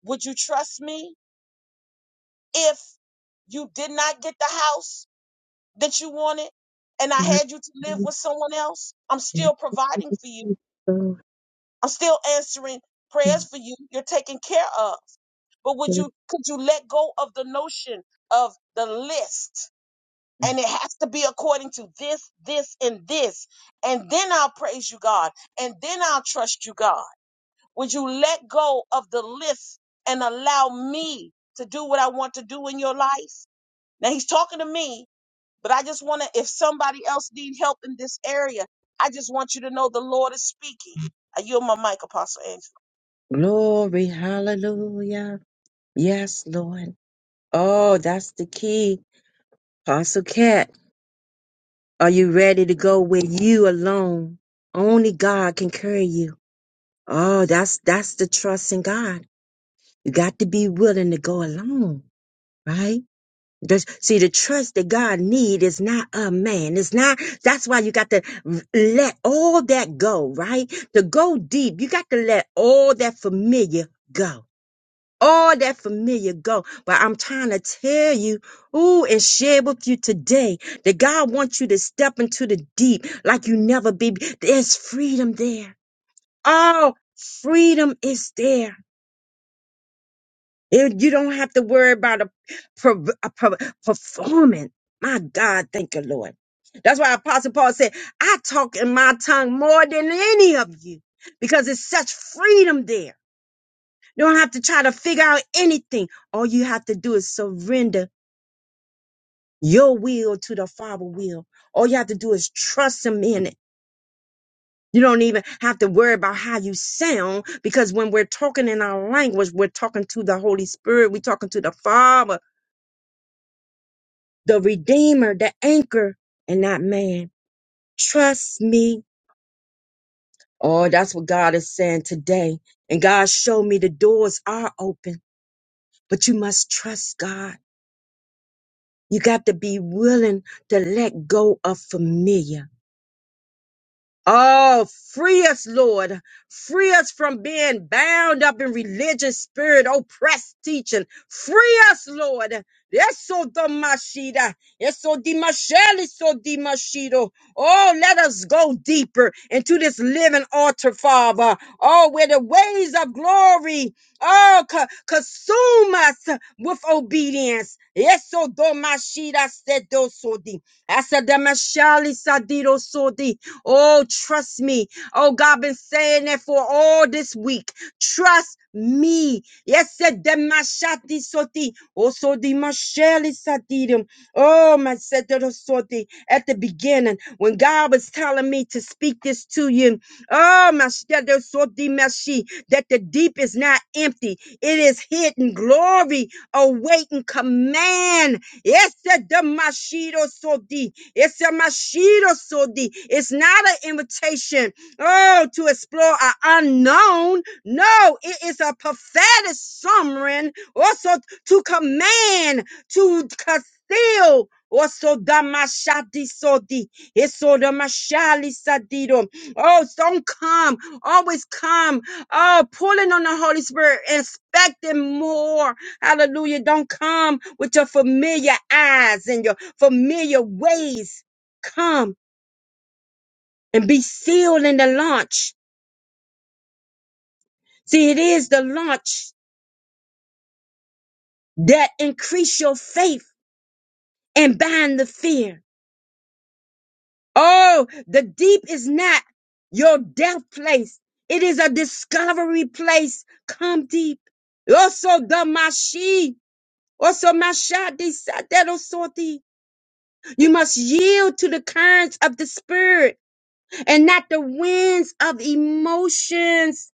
C: would you trust me if you did not get the house that you wanted and I had you to live
A: Mhm.
C: with someone else? I'm still providing for you. I'm still answering prayers for you. You're taken care of. But would you could you let go of the notion of the list? And it has to be according to this, this, and this. And then I'll praise you, God. And then I'll trust you, God. Would you let go of the list and allow me to do what I want to do in your life? Now he's talking to me, but I just want to, if somebody else needs help in this area, I just want you to know the Lord is speaking. I yield my mic, Apostle Andrew.
A: Glory, hallelujah. Yes, Lord. Oh, that's the key. Apostle Cat, are you ready to go where you alone? Only God can carry you. Oh, that's that's the trust in God. You got to be willing to go along, right? There's- see, the trust that God need is not a man. It's not, that's why you got to let all that go, right? To go deep, you got to let all that familiar go. All that familiar go. But I'm trying to tell you, ooh, and share with you today that God wants you to step into the deep like you never be. There's freedom there. Oh, freedom is there It, you don't have to worry about a, per- a per- performance. My God, thank you, Lord. That's why Apostle Paul said, I talk in my tongue more than any of you because it's such freedom there. You don't have to try to figure out anything. All you have to do is surrender your will to the Father will. All you have to do is trust Him in it. You don't even have to worry about how you sound because when we're talking in our language, we're talking to the Holy Spirit. We're talking to the Father. the redeemer, the anchor, and not man. Trust me. Oh, that's what God is saying today. And God showed me the doors are open, but you must trust God. You got to be willing to let go of familiar. Oh, free us, Lord. Free us from being bound up in religious spirit, oppressed teaching. Free us, Lord. Eso domashida. Eso dimasheli so dimashido. Oh, let us go deeper into this living altar, Father. Oh, where the ways of glory, oh, co- consume us with obedience. Eso domashida sedosodi. Asa damashali sadido sodi. Oh, trust me. Oh, God, been saying that for all this week. Trust me. Yes, said the mashati soti. Also the masheli satidim. Oh, my said the soti. At the beginning, when God was telling me to speak this to you, oh, my said the soti mashi, that the deep is not empty. It is hidden glory awaiting command Ese damashido sodi. Ese mashido sodi. It's not an invitation, oh, to explore an unknown. No, it is a prophetic summary also to command, to conceal. Also, damashadi sodi. Eso damashali sadido. Oh, don't come. Always come. Oh, pulling on the Holy Spirit, expecting more. Hallelujah. Don't come with your familiar eyes and your familiar ways. Come and be sealed in the launch. See, it is the launch that increase your faith and bind the fear. Oh, the deep is not your death place. It is a discovery place. Come deep. Also the mashi. Also mashadi sadedo sorti. You must yield to the currents of the spirit and not the winds of emotions.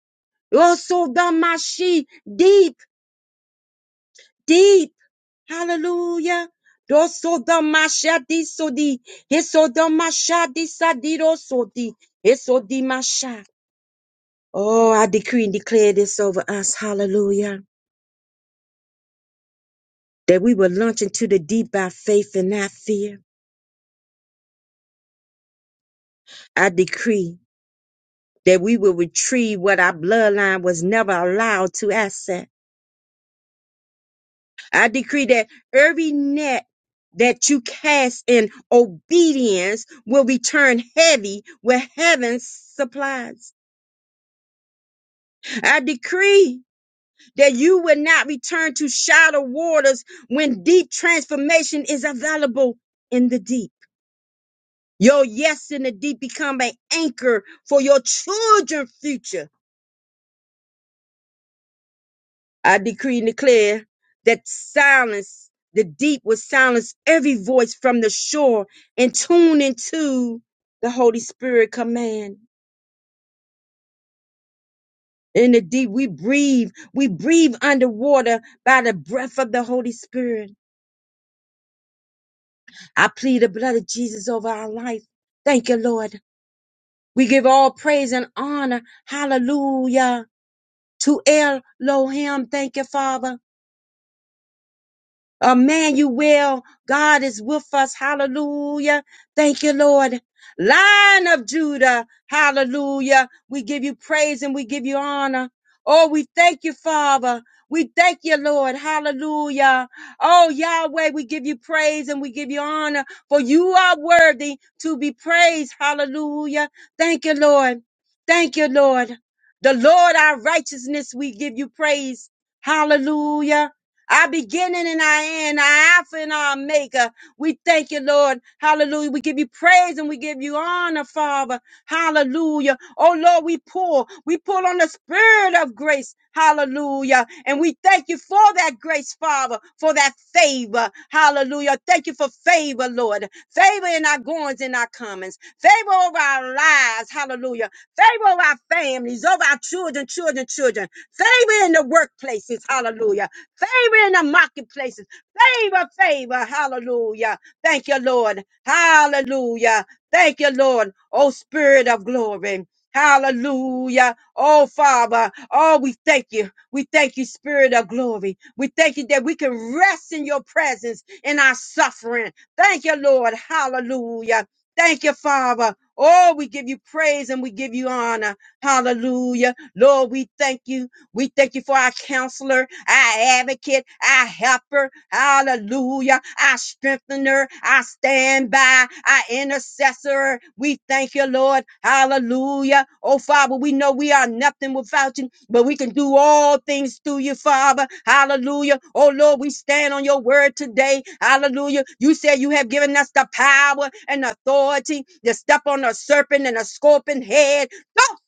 A: Also the mashi deep, deep. Hallelujah. Doso the masha di so di. Hiso the masha di sa so di. Hiso di masha. Oh, I decree and declare this over us. Hallelujah. That we will launch into the deep by faith and not fear. I decree that we will retrieve what our bloodline was never allowed to access I decree that every net that you cast in obedience will return heavy with heaven's supplies. I decree that you will not return to shallow waters when deep transformation is available in the deep. Your yes in the deep become an anchor for your children's future I decree and declare that silence, the deep will silence every voice from the shore and tune into the Holy Spirit command. In the deep, we breathe. We breathe underwater by the breath of the Holy Spirit. I plead the blood of Jesus over our life. Thank you, Lord. We give all praise and honor. Hallelujah. To Elohim. Thank you, Father. Emmanuel, God is with us. Hallelujah. Thank you, Lord. Lion of Judah. Hallelujah. We give you praise and we give you honor. Oh, we thank you, Father. We thank you, Lord. Hallelujah. Oh, Yahweh, we give you praise and we give you honor for you are worthy to be praised. Hallelujah. Thank you, Lord. Thank you, Lord. The Lord, our righteousness, we give you praise. Hallelujah our beginning and our end, our Alpha and our Maker. We thank you, Lord. Hallelujah. We give you praise and we give you honor, Father. Hallelujah. Oh, Lord, we pull. We pull on the spirit of grace. Hallelujah. And we thank you for that grace, Father, for that favor. Hallelujah. Thank you for favor, Lord. Favor in our goings and our comings. Favor over our lives. Hallelujah. Favor over our families, over our children, children, children. Favor in the workplaces. Hallelujah favor in the marketplaces. Favor, favor. Hallelujah. Thank you, Lord. Hallelujah. Thank you, Lord. Oh, Spirit of glory. Hallelujah. Oh, Father. Oh, we thank you. We thank you, Spirit of glory. We thank you that we can rest in your presence in our suffering. Thank you, Lord. Hallelujah. Thank you, Father. Oh, we give you praise and we give you honor. Hallelujah. Lord, we thank you. We thank you for our counselor, our advocate, our helper. Hallelujah. Our strengthener, our standby, our intercessor. We thank you, Lord. Hallelujah. Oh, Father, we know we are nothing without you, but we can do all things through you, Father. Hallelujah. Oh, Lord, we stand on your word today. Hallelujah. You said you have given us the power and authority to step on a serpent and a scorpion head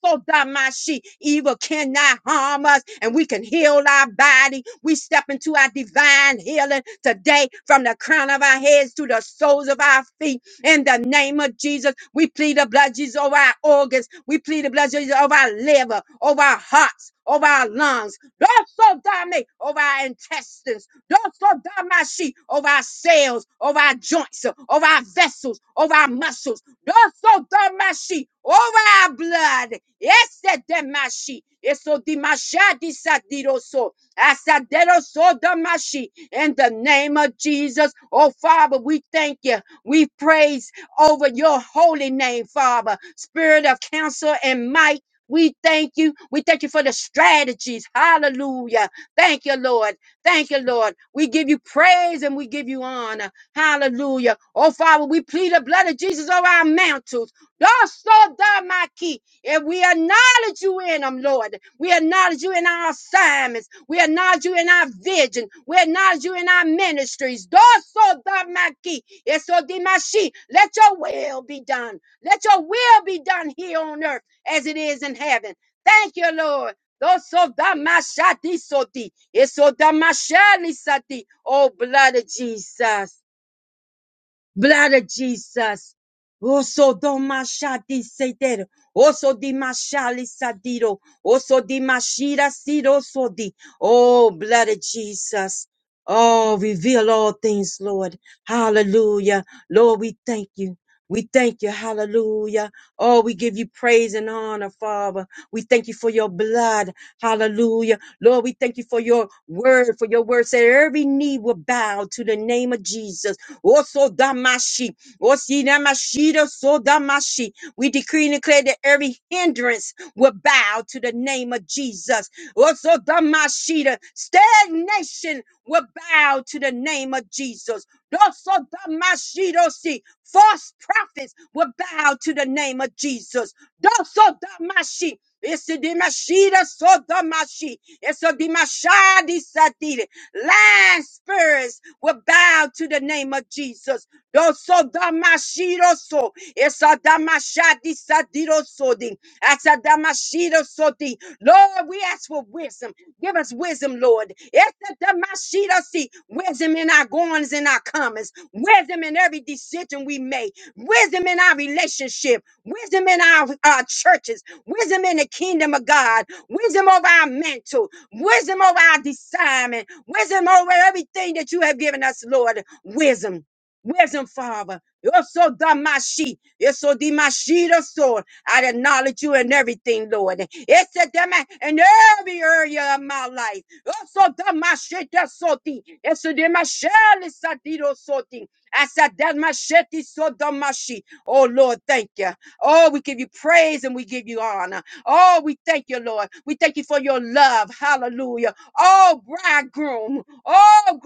A: so that my sheep, evil cannot harm us, and we can heal our body. We step into our divine healing today from the crown of our heads to the soles of our feet. In the name of Jesus, we plead the blood of Jesus over our organs. We plead the blood of Jesus over our liver, over our hearts, over our lungs. Don't so dominate over our intestines. Don't so dominate over our cells, over our joints, over our vessels, over our muscles. Doso damashi over our blood. Ese damashi. Eso dimashadi sadiroso. Asaderoso damashi. In the name of Jesus. Oh Father, we thank you. We praise over your holy name, Father. Spirit of counsel and might. We thank you. We thank you for the strategies. Hallelujah. Thank you, Lord. Thank you, Lord. We give you praise and we give you honor. Hallelujah. Oh, Father, we plead the blood of Jesus over our mantles. Thus, so thou, my key. And we acknowledge you in them, Lord. We acknowledge you in our assignments. We acknowledge you in our vision. We acknowledge you in our ministries. Thus, so thou, my key. And so, did my sheep. Let your will be done. Let your will be done here on earth as it is in heaven. Thank you, Lord. Those so damashati soti. It's so damashali sati. Oh, blood of Jesus. Blood of Jesus. Oso domashati seter. Oso dimashali sadiro. Oso dimashira siro sodi. Oh, blood of Jesus. Oh, reveal all things, Lord. Hallelujah. Lord, we thank you. We thank you. Hallelujah. Oh, we give you praise and honor, Father. We thank you for your blood. Hallelujah. Lord, we thank you for your word, for your word. said every knee will bow to the name of Jesus Oso damashi. Osi namashida sodamashi. We decree and declare that every hindrance will bow to the name of Jesus. Oso damashida. Stagnation will bow to the name of Jesus. Oso damashidosi. False prophets will bow to the name of Jesus. Doso damashi. It's a dimashida so damashi. It's a dimashadi satire. Lying spirits will bow to the name of Jesus. Doso damashiroso. Esa damashadi sadirosodi. Asa damashirosodi. Lord, we ask for wisdom. Give us wisdom, Lord. Esa damashirosi. Wisdom in our goings and our comings. Wisdom in every decision we make. Wisdom in our relationship. Wisdom in our, our churches wisdom in the kingdom of God, wisdom over our mental, wisdom over our discernment, wisdom over everything that you have given us, Lord. Wisdom, wisdom, Father. You're so damashi. You're so dimashida sword. I acknowledge you in everything, Lord. It's a demand in every area of my life. You're so damashita soti. It's a dimashali sadido soti. I said, Damasheti so damashi. Oh, Lord, thank you. Oh, we give you praise and we give you honor. Oh, we thank you, Lord. We thank you for your love. Hallelujah. Oh, bridegroom. Oh,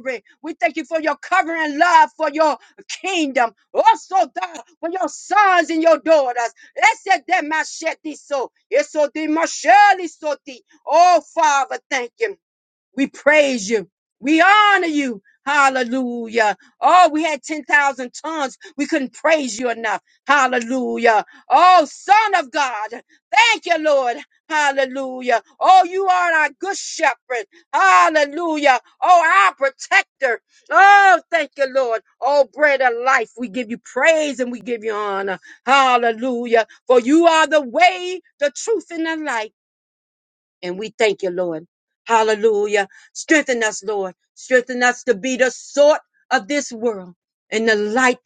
A: glory. We thank you for your covering love for your kingdom. Also, God, for your sons and your daughters. Ese de machete so. Eso de machete so di. Oh, Father, thank you. We praise you. We honor you. Hallelujah. Oh, we had 10,000 tongues. We couldn't praise you enough. Hallelujah. Oh, Son of God. Thank you, Lord. Hallelujah. Oh, you are our good shepherd. Hallelujah. Oh, our protector. Oh, thank you, Lord. Oh, bread of life. We give you praise and we give you honor. Hallelujah. For you are the way, the truth, and the light. And we thank you, Lord. Hallelujah. Strengthen us, Lord. Strengthen us to be the salt of this world and the light,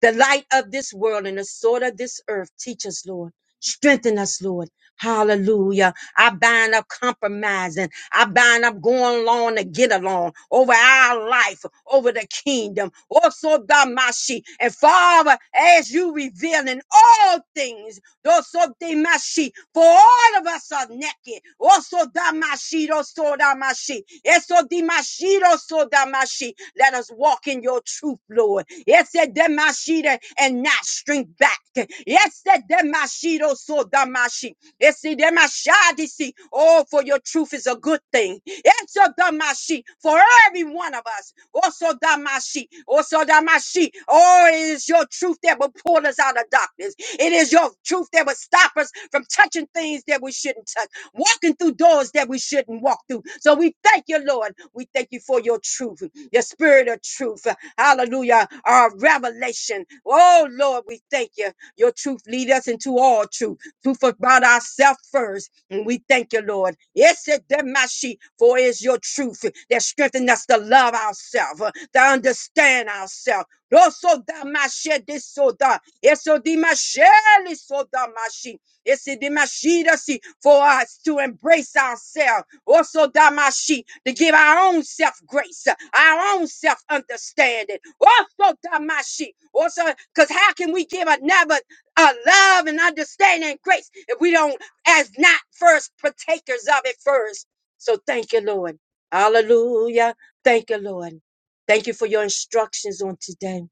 A: the light of this world and the salt of this earth. Teach us, Lord. Strengthen us, Lord. Hallelujah. I bind up compromising. I bind up going along to get along over our life, over the kingdom. Also, by my sheep. And Father, as you reveal in all things Doso demashi. For all of us are naked. Oso damashi, doso damashi. Eso dimashi, doso damashi. Let us walk in your truth, Lord. Yes, demashi and not shrink back. Yes, demashi, doso damashi. Esi demashadisi. Oh, for your truth is a good thing. Eso damashi for every one of us. Also damashi. Also damashi. Oh, it is your truth that will pull us out of darkness. It is your truth that will stop us from touching things that we shouldn't touch, walking through doors that we shouldn't walk through. So we thank you, Lord. We thank you for your truth, your spirit of truth. Hallelujah. Our revelation. Oh, Lord, we thank you. Your truth lead us into all truth to forgot ourselves first. And we thank you, Lord. Yes, it demashi, for it is your truth that strengthens us to love ourselves, uh, to understand ourselves. Roso damashe disoda, eso dimashe lisoda mashi, ese dimashi dasi, for us to embrace ourselves. Also damashi, to give our own self grace, uh, our own self understanding. Also damashi, also, because how can we give another our love and understanding and grace if we don't as not first partakers of it first. So thank you, Lord. Hallelujah. Thank you, Lord. Thank you for your instructions on today.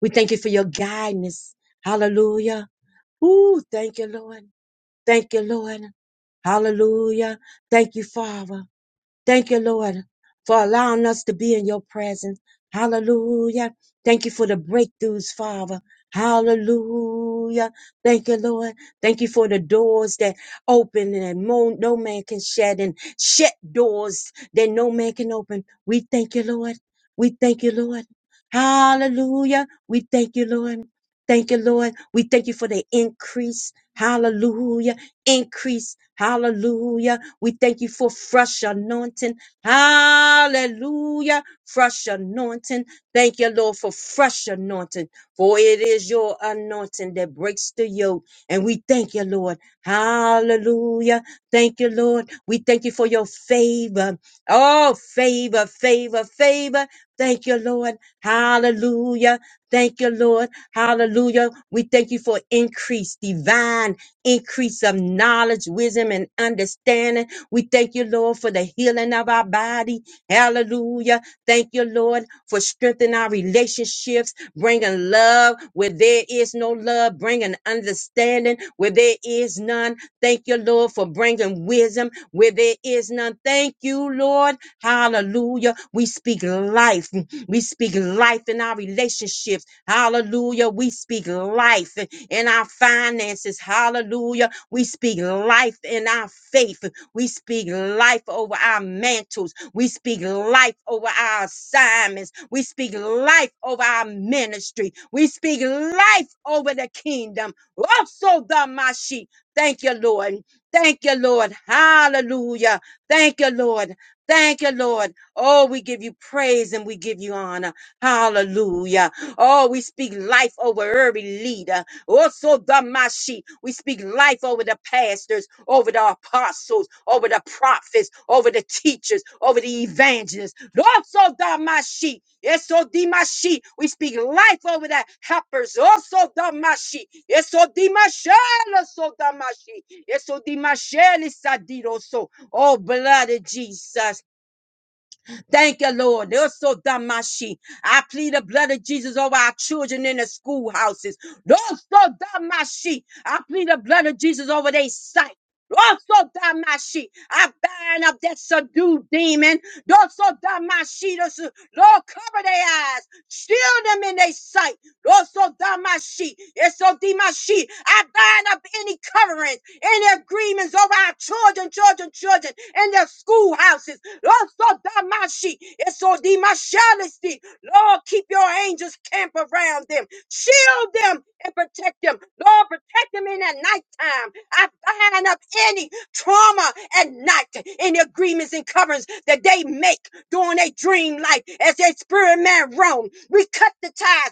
A: We thank you for your guidance. Hallelujah. Ooh, thank you, Lord. Thank you, Lord. Hallelujah. Thank you, Father. Thank you, Lord, for allowing us to be in your presence. Hallelujah. Thank you for the breakthroughs, Father. Hallelujah. Thank you, Lord. Thank you for the doors that open and mo- no man can shut and shut doors that no man can open. We thank you, Lord. We thank you, Lord. Hallelujah. We thank you, Lord. Thank you, Lord. We thank you for the increase. Hallelujah. Increase. Hallelujah we thank you for fresh anointing. Hallelujah. Fresh anointing. Thank you, Lord, for fresh anointing. For it is your anointing that breaks the yoke. And we thank you, Lord. Hallelujah. Thank you, Lord. We thank you for your favor. Oh, favor, favor, favor. Thank you, Lord. Hallelujah. Thank you, Lord. Hallelujah. We thank you for increase, divine increase of knowledge, wisdom, and understanding. We thank you, Lord, for the healing of our body. Hallelujah. Thank you, Lord, for strengthening our relationships, bringing love where there is no love, bringing understanding where there is none. Thank you, Lord, for bringing wisdom where there is none. Thank you, Lord. Hallelujah. We speak life. We speak life in our relationships. Hallelujah. We speak life in our finances. Hallelujah. We speak life in our faith. We speak life over our mantles. We speak life over our assignments. We speak life over our ministry. We speak life over the kingdom. Also, the Mashi. Thank you, Lord. Thank you, Lord. Hallelujah. Thank you, Lord. Thank you, Lord. Oh, we give you praise and we give you honor. Hallelujah. Oh, we speak life over every leader. Also, the Damashi, we speak life over the pastors, over the apostles, over the prophets, over the teachers, over the evangelists. Also, the Damashi, Eso Dimashi, we speak life over the helpers. Also, the Damashi, Eso Dimashel, So Damashi, Eso Dimashel, is Sadiro, So, oh, blood of Jesus. Thank you, Lord. They're so damashi. I plead the blood of Jesus over our children in the schoolhouses. Those so damashi. I plead the blood of Jesus over their sight. Also, Damashi, I bind up that subdued demon. Also, Damashi, those- Lord, cover their eyes, shield them in their sight. Also, Damashi, it's so Dimashi, I bind up any coverings, any agreements over our children, children, children, in their schoolhouses. Lord, so damashi, it's so demashalisti. Lord, keep your angels camp around them, shield them and protect them. Lord, protect them in that nighttime. I bind up any trauma at night, any agreements and coverings that they make during their dream life as their spirit man roam. We cut the ties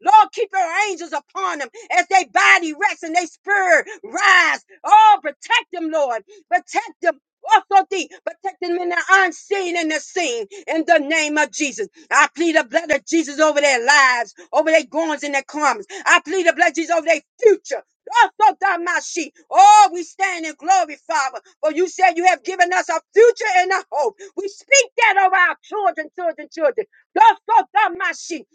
A: Lord, keep your angels upon them as they body rests and they spirit rise. Oh, protect them, Lord. Protect them. Also, thee, protect them in the unseen and the seen. In the name of Jesus, I plead the blood of Jesus over their lives, over their goings and their comings. I plead the blood of Jesus over their future. Oh, we stand in glory, Father. For you said you have given us a future and a hope. We speak that over our children, children, children. Dosodamashi,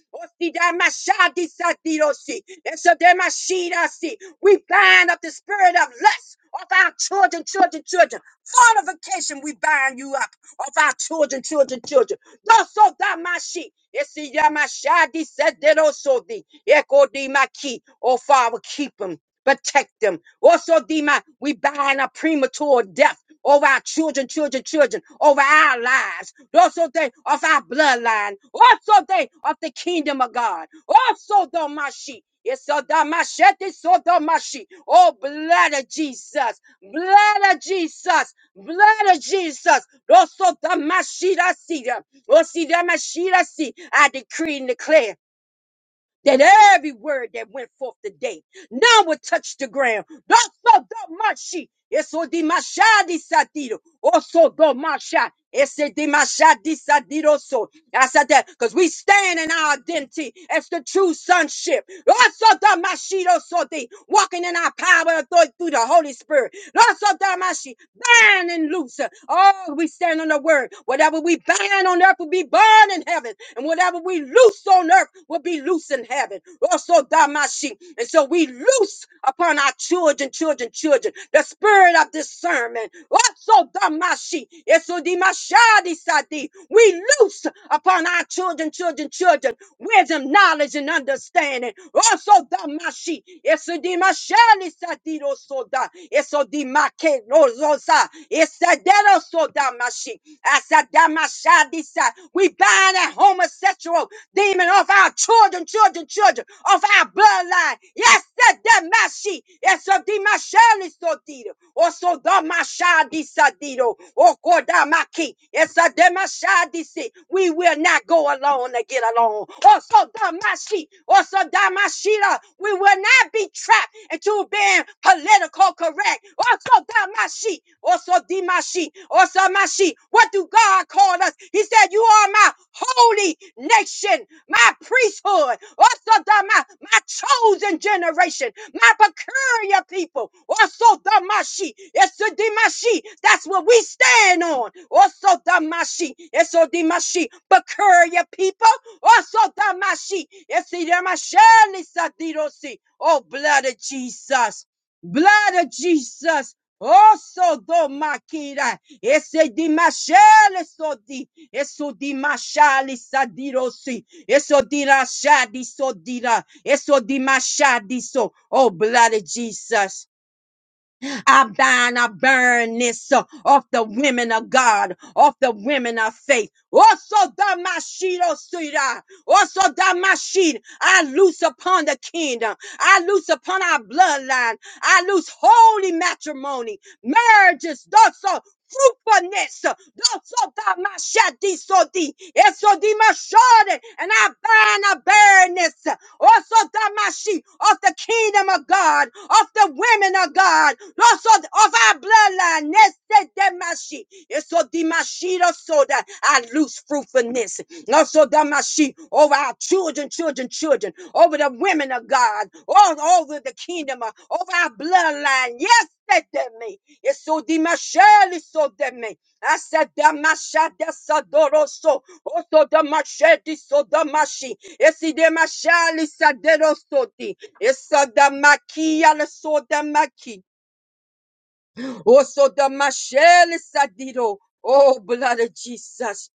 A: osidamashadisadirosi, esodemashidashi. We bind up the spirit of lust of our children, children, children. Fortification, we bind you up of our children, children, children. No so that my sheep. Yes, see, yeah, my yamashadi said that also the echo di my key. Oh Father, keep them, protect them. Also di my we bind a premature death over our children, children, children, over our lives. Also they of our bloodline. Also they of the kingdom of God. Also though my sheep. Yesodamashete sodomashi. Oh, blood of Jesus. Blood of Jesus. Blood of Jesus. Rosodamashirasi. Rosidamashirasi. I decree and declare that every word that went forth today, none would touch the ground. Doso do mashi, eso di mashadi sadido, oso do masha, ese di mashadi sadido so. I said that because we stand in our identity as the true sonship. Oso do mashido so di, walking in our power and authority through the Holy Spirit. Oso do mashi, bind and loose. Oh, we stand on the word. Whatever we bind on earth will be bound in heaven, and whatever we loose on earth will be loose in heaven. Also, Damashi. And so we loose upon our children, children, children, the spirit of discernment. Also, Damashi. Eso Dimashadi Sadi. We loose upon our children, children, children wisdom, knowledge, and understanding. Also, da mashi, eso di mashani sadiro soda, eso di make rozosa, esadero soda mashi, asada mashadi sa. We bind that homosexual demon off our children, children, children, off our bloodline. Yes, that that mashi, eso di mashani sodiro, also da mashadi sadiro, oko da maki, esadema shadi si. We will not go alone to get along on. Also, Damashi, also Damashita, we will not be trapped into being political correct. Also, Damashi, also Dimashi, also Mashi. What do God call us? He said, You are my holy nation, my priesthood, also Dama, my chosen generation, my peculiar people. Also, Damashi, it's a Dimashi. That's what we stand on. Also, Damashi, it's a Dimashi, peculiar people. Oh, Osotamashi. Esiramashani satirosi. Oh, blood of Jesus. Blood of Jesus. Oso do makira, esse di mashele sodi, eso di mashali sadirosi, eso di rashadi sodira, eso di mashadi so, oh blood of Jesus. I bind, I burn this uh, off the women of God, off the women of faith. Also, the Mashid, also the Mashid, I loose upon the kingdom. I loose upon our bloodline. I loose holy matrimony, marriages, also fruitfulness. Also, the Mashadi, so the, so the Mashadi, and I bind, I burn this also damashi of the kingdom of God, of the women of God, also of our bloodline. Neste damashi, eso dimashi so that I lose fruitfulness. Also damashi over our children, children, children, over the women of God, all over the kingdom, of- over our bloodline. Yes. that me. It's so dimasheli so that me. I said damashadesodoroso. Osodamashedi sodamashi. Esidemashali saderosoti. Esadamakia le sodamaki. Osodamasheli sadiro. Oh, blood of Jesus.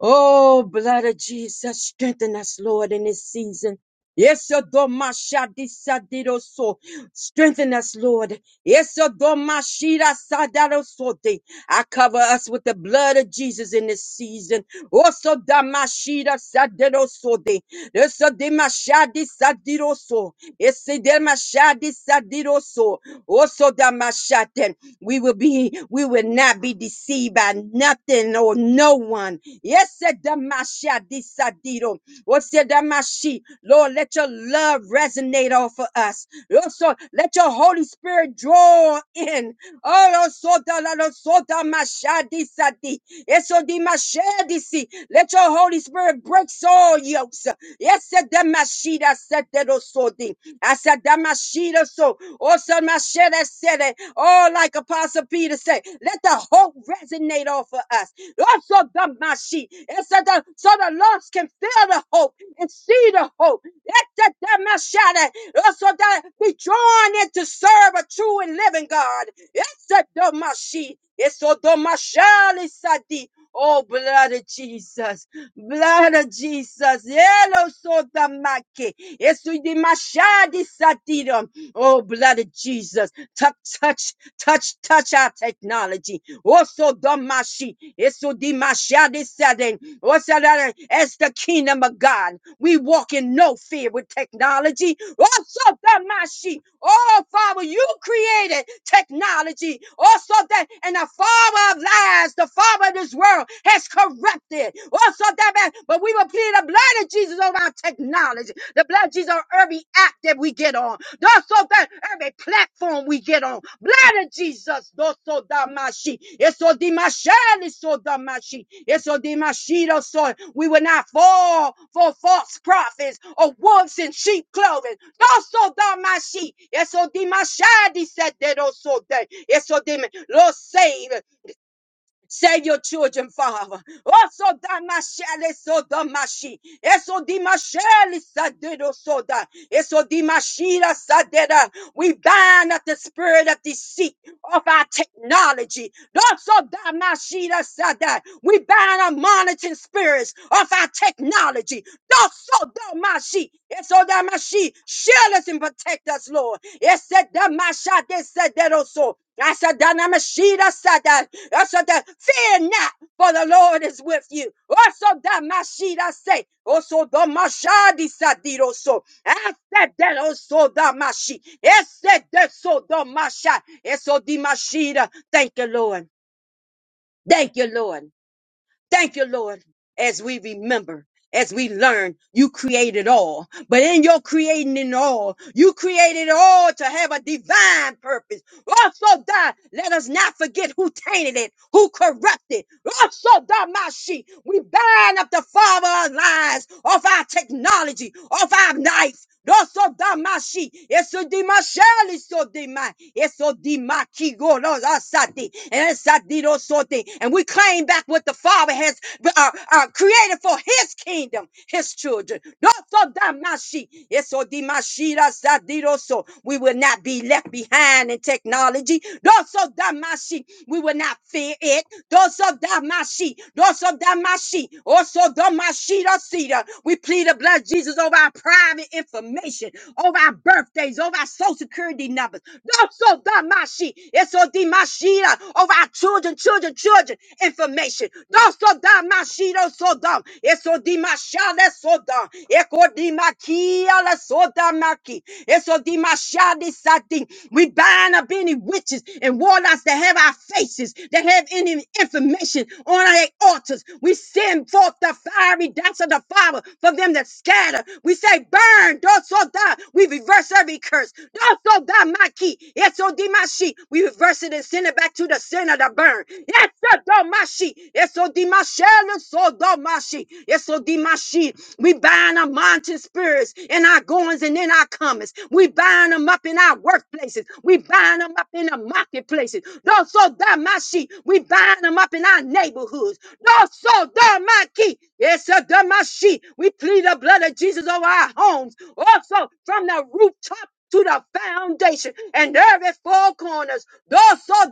A: Oh, blood of Jesus. Strengthen us, Lord, in this season. Yes, Domashadi Sadiroso. Strengthen us, Lord. Yes, Domashira Sadarosote. I cover us with the blood of Jesus in this season. Oso damashida saderoso de. Eso demashadi sadiroso. Ese demashadi sadiroso. Oso damashate. We will be, we will not be deceived by nothing or no one. Yes, damashadi sadiro. Ose damashi. Lord, let your love resonate off of us. Also, let your Holy Spirit draw in. Oro soda la lo soda mashadi sadi. Eso di mashadi si. Let your Holy Spirit break all yokes. Yes, the mashida said the sodi. I said the mashida so. Also mashida said it. Oh, like Apostle Peter said, let the hope resonate off of us. Also the mashi. Yes, so the so the lost can feel the hope and see the hope. Yes, the mashada. Also that be drawn in to serve a true and living God. Esodomashi, Esodomashali Sadi. Oh, blood of Jesus, blood of Jesus, Yellow Sodomaki, Esudimashadi Sadiram. Oh, blood of Jesus, touch, touch, touch, touch our technology. Also, Domashi, Esudimashadi sadin. What's that? As the kingdom of God, we walk in no fear with technology. Also, that my sheep. Oh, Father, you created technology. Also, that and the father of lies, the father of this world, has corrupted. Also, that but we will plead the blood of Jesus over our technology, the blood of Jesus on every act that we get on, Thus, so that every platform we get on, blood of Jesus, Thus, doso damashi, eso dimashani so damashi, eso dimashido so, the mashito, so we will not fall for false prophets or wolves in sheep clothing, doso damashi, eso dimashadi said that also that, it's so dim, Lord save, Save your children, Father. Oh, So da damashele so da damashi. Eso dimashele sadedo soda. Eso dimashila sadeda. We bind up the spirit of deceit of our technology. Also, Damashita said that we bind our monitoring spirits of our technology. Also, Damashi, it's so Damashi, shield us and protect us, Lord. Yes, said Damasha, they said that also. I said, Dynamashita said that. I said that. Fear not for the Lord is with you. Also, that Mashida say, also the Mashadi sadiroso. so. said that, also the Mashi. Yes, said that so the Masha. Yes, so the Mashida. Thank you, Lord. Thank you, Lord. Thank you, Lord. As we remember. As we learn, you created all. But in your creating in all, you created all to have a divine purpose. Also, die. Let us not forget who tainted it, who corrupted. Also, die, my sheep. We bind up the father of lies, of our technology, of our knife. Also, die, my sheep. Eso di my shell, eso di my, eso di my kigo, no, asati, and asati, no, sote. And we claim back what the father has uh, uh, created for his kingdom, his children. Also, die, my sheep. Eso dimashira sadiroso. We will not be left behind in technology. Doso damashi. We will not fear it. Doso damashi. Doso damashi. Oso damashira sida. We plead the blood of Jesus over our private information, over our birthdays, over our social security numbers. Doso damashi. Eso dimashira over our children, children, children information. Doso Shiro Soda, Eso Dimashale Soda, Eko di Dimakiala Soda Maki, Eso di Dimashadi Sadi. We bind up any witches and warlocks that have our faces, that have any information on our altars. We send forth the fiery dance of the Father for them that scatter. We say, Burn, don't so die. We reverse every curse. Don't so die, my key. Yes, so di, my sheep. We reverse it and send it back to the center to burn. Yes. Sodomashi. Esodimashele Sodomashi. Esodimashi. We bind our mountain spirits in our goings and in our comings. We bind them up in our workplaces. We bind them up in the marketplaces. No Sodamashi. We bind them up in our neighborhoods. No Sodamaki. Esodamashi. We plead the blood of Jesus over our homes. Also from the rooftop to the foundation and every four corners. Those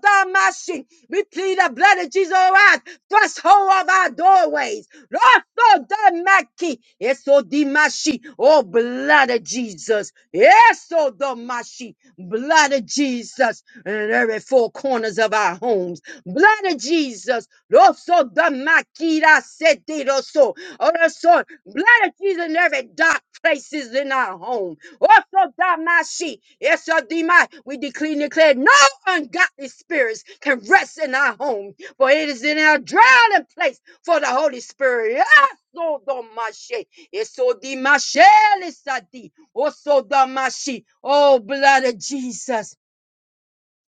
A: the machine, we plead the blood of Jesus around threshold of our doorways. Those of the machine, eso di mashi, oh blood of Jesus, eso the mashi, blood of Jesus, and every four corners of our homes, blood of Jesus, also the makira sete roso, also blood of Jesus in every dark places in our home. Also, Damashi, yes, your Dima, we decree and declare no ungodly spirits can rest in our home, for it is in our dwelling place for the Holy Spirit. Yes, so Damashi, yes, so Dimashi, Elisadi, also Damashi, oh, blood of Jesus.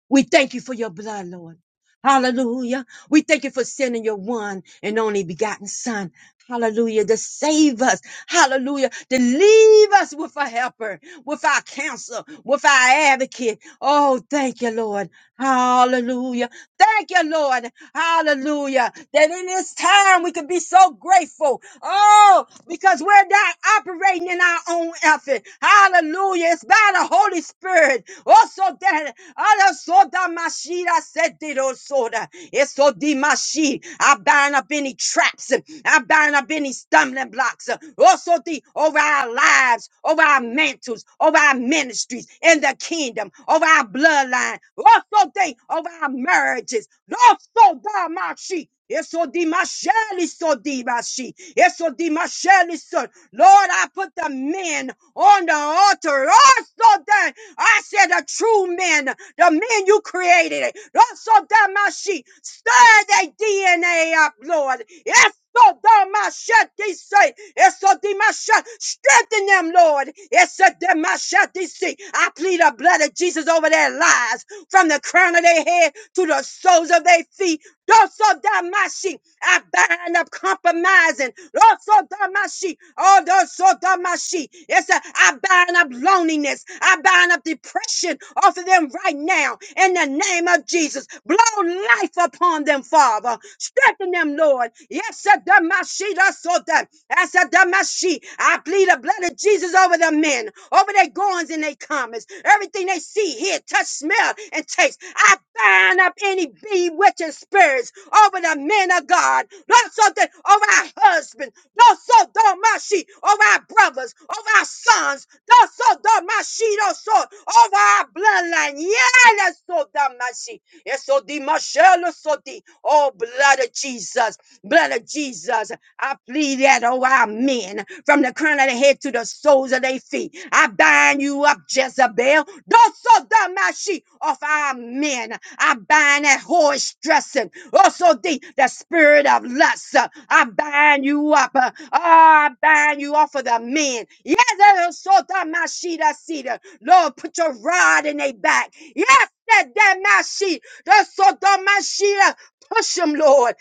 A: We thank you for your blood, Lord. Hallelujah. We thank you for sending your one and only begotten son. Hallelujah. To save us. Hallelujah. To leave us with a helper, with our Counselor, with our advocate. Oh, thank you, Lord. Hallelujah. Thank you, Lord. Hallelujah. That in this time we can be so grateful. Oh, because we're not operating in our own effort. Hallelujah. It's by the Holy Spirit. Also that Ara soda mashira sediro soda. Eso di mashi. I bind up any traps. I bind up any stumbling blocks. Also the over our lives, over our mantles, over our ministries in the kingdom, over our bloodline. Also the over our marriages. Also da mashi. Eso di masheli so di mashi. Eso di masheli so. Lord, I put the men on the altar. Also I said the true men, the men you created. Also, Damashi, stir their DNA up, Lord. Yes. So they say, yes, so Damashat, strengthen them, Lord. Yes, so Damashat, they say, I plead the blood of Jesus over their lives, from the crown of their head to the soles of their feet. Rosso damashi. I bind up compromising. Rosso damashi. Oh, rosso damashi. Yes, I I bind up loneliness. I bind up depression off of them right now. In the name of Jesus, blow life upon them, Father. Strengthen them, Lord. Yes, I damashi. Rosso dam. I said damashi. I plead the blood of Jesus over the men, over their goings and their comings, everything they see, hear, touch, smell, and taste. I bind up any bewitching spirits over the men of God, not something over our husband, not so don't my sheep, over our brothers, over our sons, not so don't my sheep, not so over our bloodline. Yeah, that's so don't my sheep. Yes, so the Michelle, so the oh blood of Jesus. Blood of Jesus, I plead that over our men from the crown of their head to the soles of their feet. I bind you up, Jezebel. Doso damashi of our men. I bind that horse dressing. Also the, the spirit of lust. uh, I bind you up. uh, oh, I bind you off of the men. Yes, so damashi da cedar. Lord, put your rod in their back. Yes, that that damashi. The so damashi. Push them, Lord.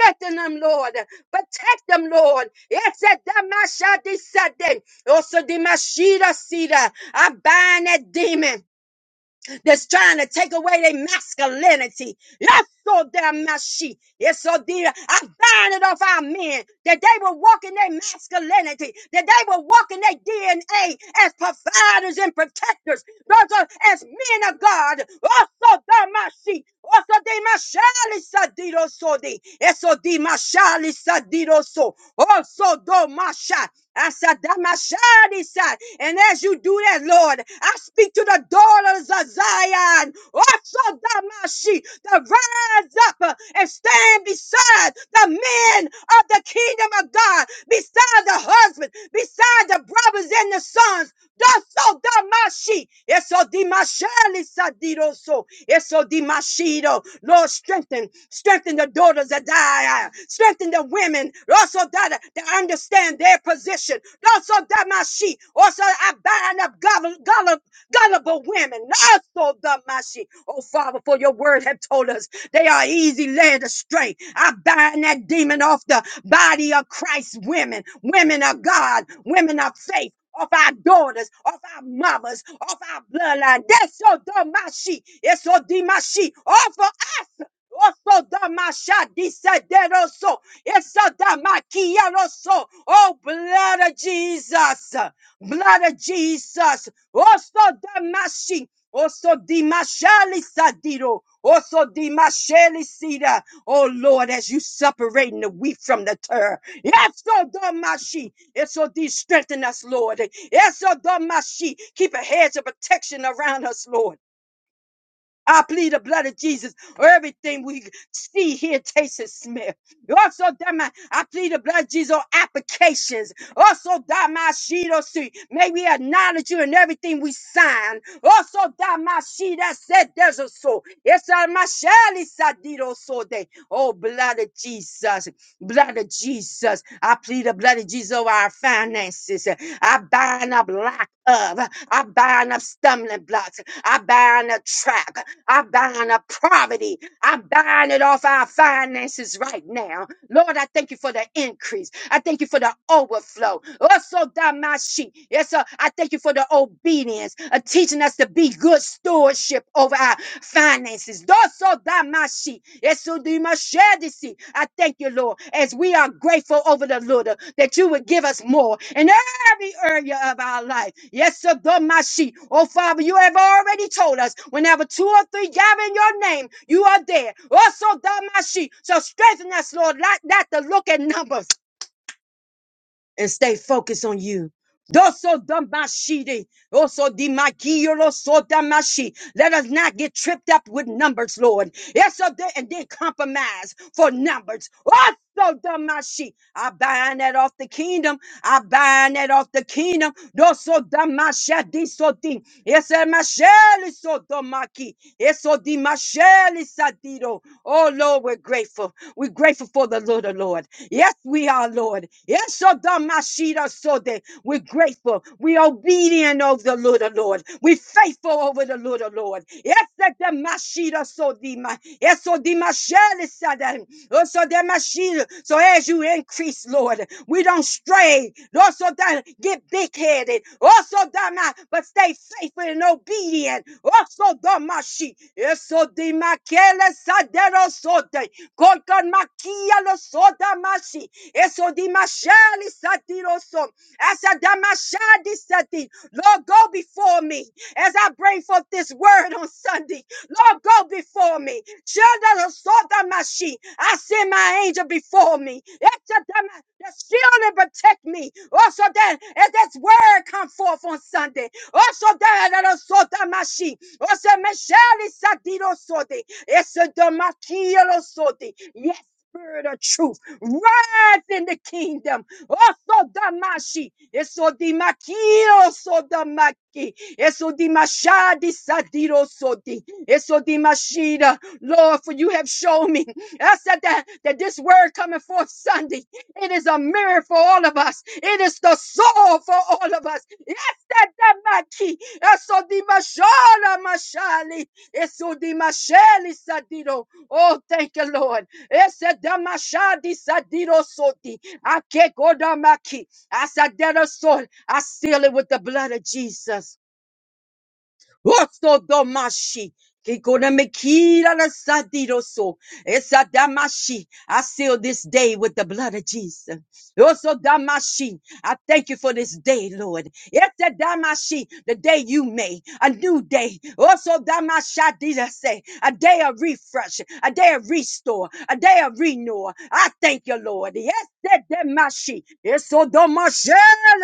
A: Strengthen them, Lord. Protect them, Lord. Yes, that them shall descend them. Also, the Mashida Sida. I bind that demon that's trying to take away their masculinity. Yes, so damn my she. Yes, so dear. I bind it off our men that they will walk in their masculinity, that they will walk in their DNA as providers and protectors, those are as men of God. Also, damn my she. Also, de mashali sadido so de. Eso di mashali sadido so. Also, do masha. Asadamashadisa. And as you do that, Lord, I speak to the daughters of Zion, Osadamashi, to rise up uh, and stand beside the men of the kingdom of God, beside the husband, beside the brothers and the sons sons. Daso damashi. Eso dimasheli sadiroso. Eso dimashido. Lord, strengthen. Strengthen the daughters that die. Strengthen the women. Also that, that understand their position. Also damashi. Also I bind up gullible, gullible, gullible women. Also damashi. Oh Father, for your word have told us they are easy led astray. I bind that demon off the body of Christ women. Women of God. Women of faith of our daughters, of our mothers, of our bloodline. That's your domashi. It's your dimashi. All for us. Also, Damasha, Disaderoso, Eso Damakiaroso, oh blood of Jesus, blood of Jesus, also Damashi, also Dimashali Sadiro, also Dimashali Sida, oh Lord, as you separating the wheat from the tare, Yes, Lord, Domashi. Yes, Lord, thee strengthen us, Lord. Yes, Lord, Domashi. Keep a hedge of protection around us, Lord. I plead the blood of Jesus. over Everything we see, hear, taste, and smell. Also, Dama, I plead the blood of Jesus on applications. Also, Dama Shido see. May we acknowledge you in everything we sign. Also, Dama Shi that said there's a soul. Yes, Dama Shali Sadido so day, Oh, blood of Jesus. Blood of Jesus. I plead the blood of Jesus over our finances. I bind up lack of. I bind up stumbling blocks. I bind up trap. I bind up poverty. I bind it off our finances right now. Lord, I thank you for the increase. I thank thank you for the overflow. Also, Damashi. Yes, sir. I thank you for the obedience, uh, teaching us to be good stewardship over our finances. Also, Damashi. Yes, so do my share this. I thank you, Lord, as we are grateful over the Lord uh, that you would give us more in every area of our life. Yes, sir, Domashi. Oh, Father, you have already told us whenever two or three gather in your name, you are there. Also, Domashi. So strengthen us, Lord, not, not to look at numbers and stay focused on you. Doso damashidi, also dimakiyo so damashi. Let us not get tripped up with numbers, Lord. Yes, so then, and then compromise for numbers. Also damashi. I bind that off the kingdom. I bind that off the kingdom. Doso damashadi so di. Yes, masheli so damaki. Yes, so dimasheli sadido. Oh Lord, we're grateful. We're grateful for the Lord, oh Lord. Yes, we are, Lord. Yes, Esodamashida sode. We're grateful. We're obedient over the Lord, the Lord. We're faithful over the Lord, the Lord. Esedamashida sodima. Esodimashele sada. Osodamashida. So as you increase, Lord, we don't stray. Also, don't get big headed. Also, don't not, but stay faithful and obedient. Also, don't my sheep. Eso de maquele sadero sote. Colcon maquia lo soda Mashi. Eso dimashali satiroso. Asa damashadi sati. Lord, go before me as I bring forth this word on Sunday. Lord, go before me. Children of Sodamashi, I send my angel before me. Esa dama- The shield and protect me. Also that as this word come forth on Sunday. Also that of Sodamashi. Also Meshali Sadiro Sodi. Esa Damakielo Sodi. Yes, spirit of truth earth in the kingdom. Oso damashi, eso dimakio so damaki, eso dimashadi sadiro sodi, eso dimashida. Lord, for you have shown me. I said that, that this word coming forth Sunday, it is a mirror for all of us. It is the soul for all of us. Yes, that damaki, eso dimashala mashali, eso dimashali sadiro. Oh, thank you, Lord. Esedamashadi sadirosoti. Akekodamaki. Asaderosol. I seal it with the blood of Jesus. Osodomashi. Kikonamikiranasadiro so. Esadamashi. I seal this day with the blood of Jesus. Osodamashi. I thank you for this day, Lord. Etedamashi, The day you made, a new day. Osodamashadida say A day of refresh, a day of restore, a day of renewal. I thank you, Lord. Yes, that damashi. Esodamashi,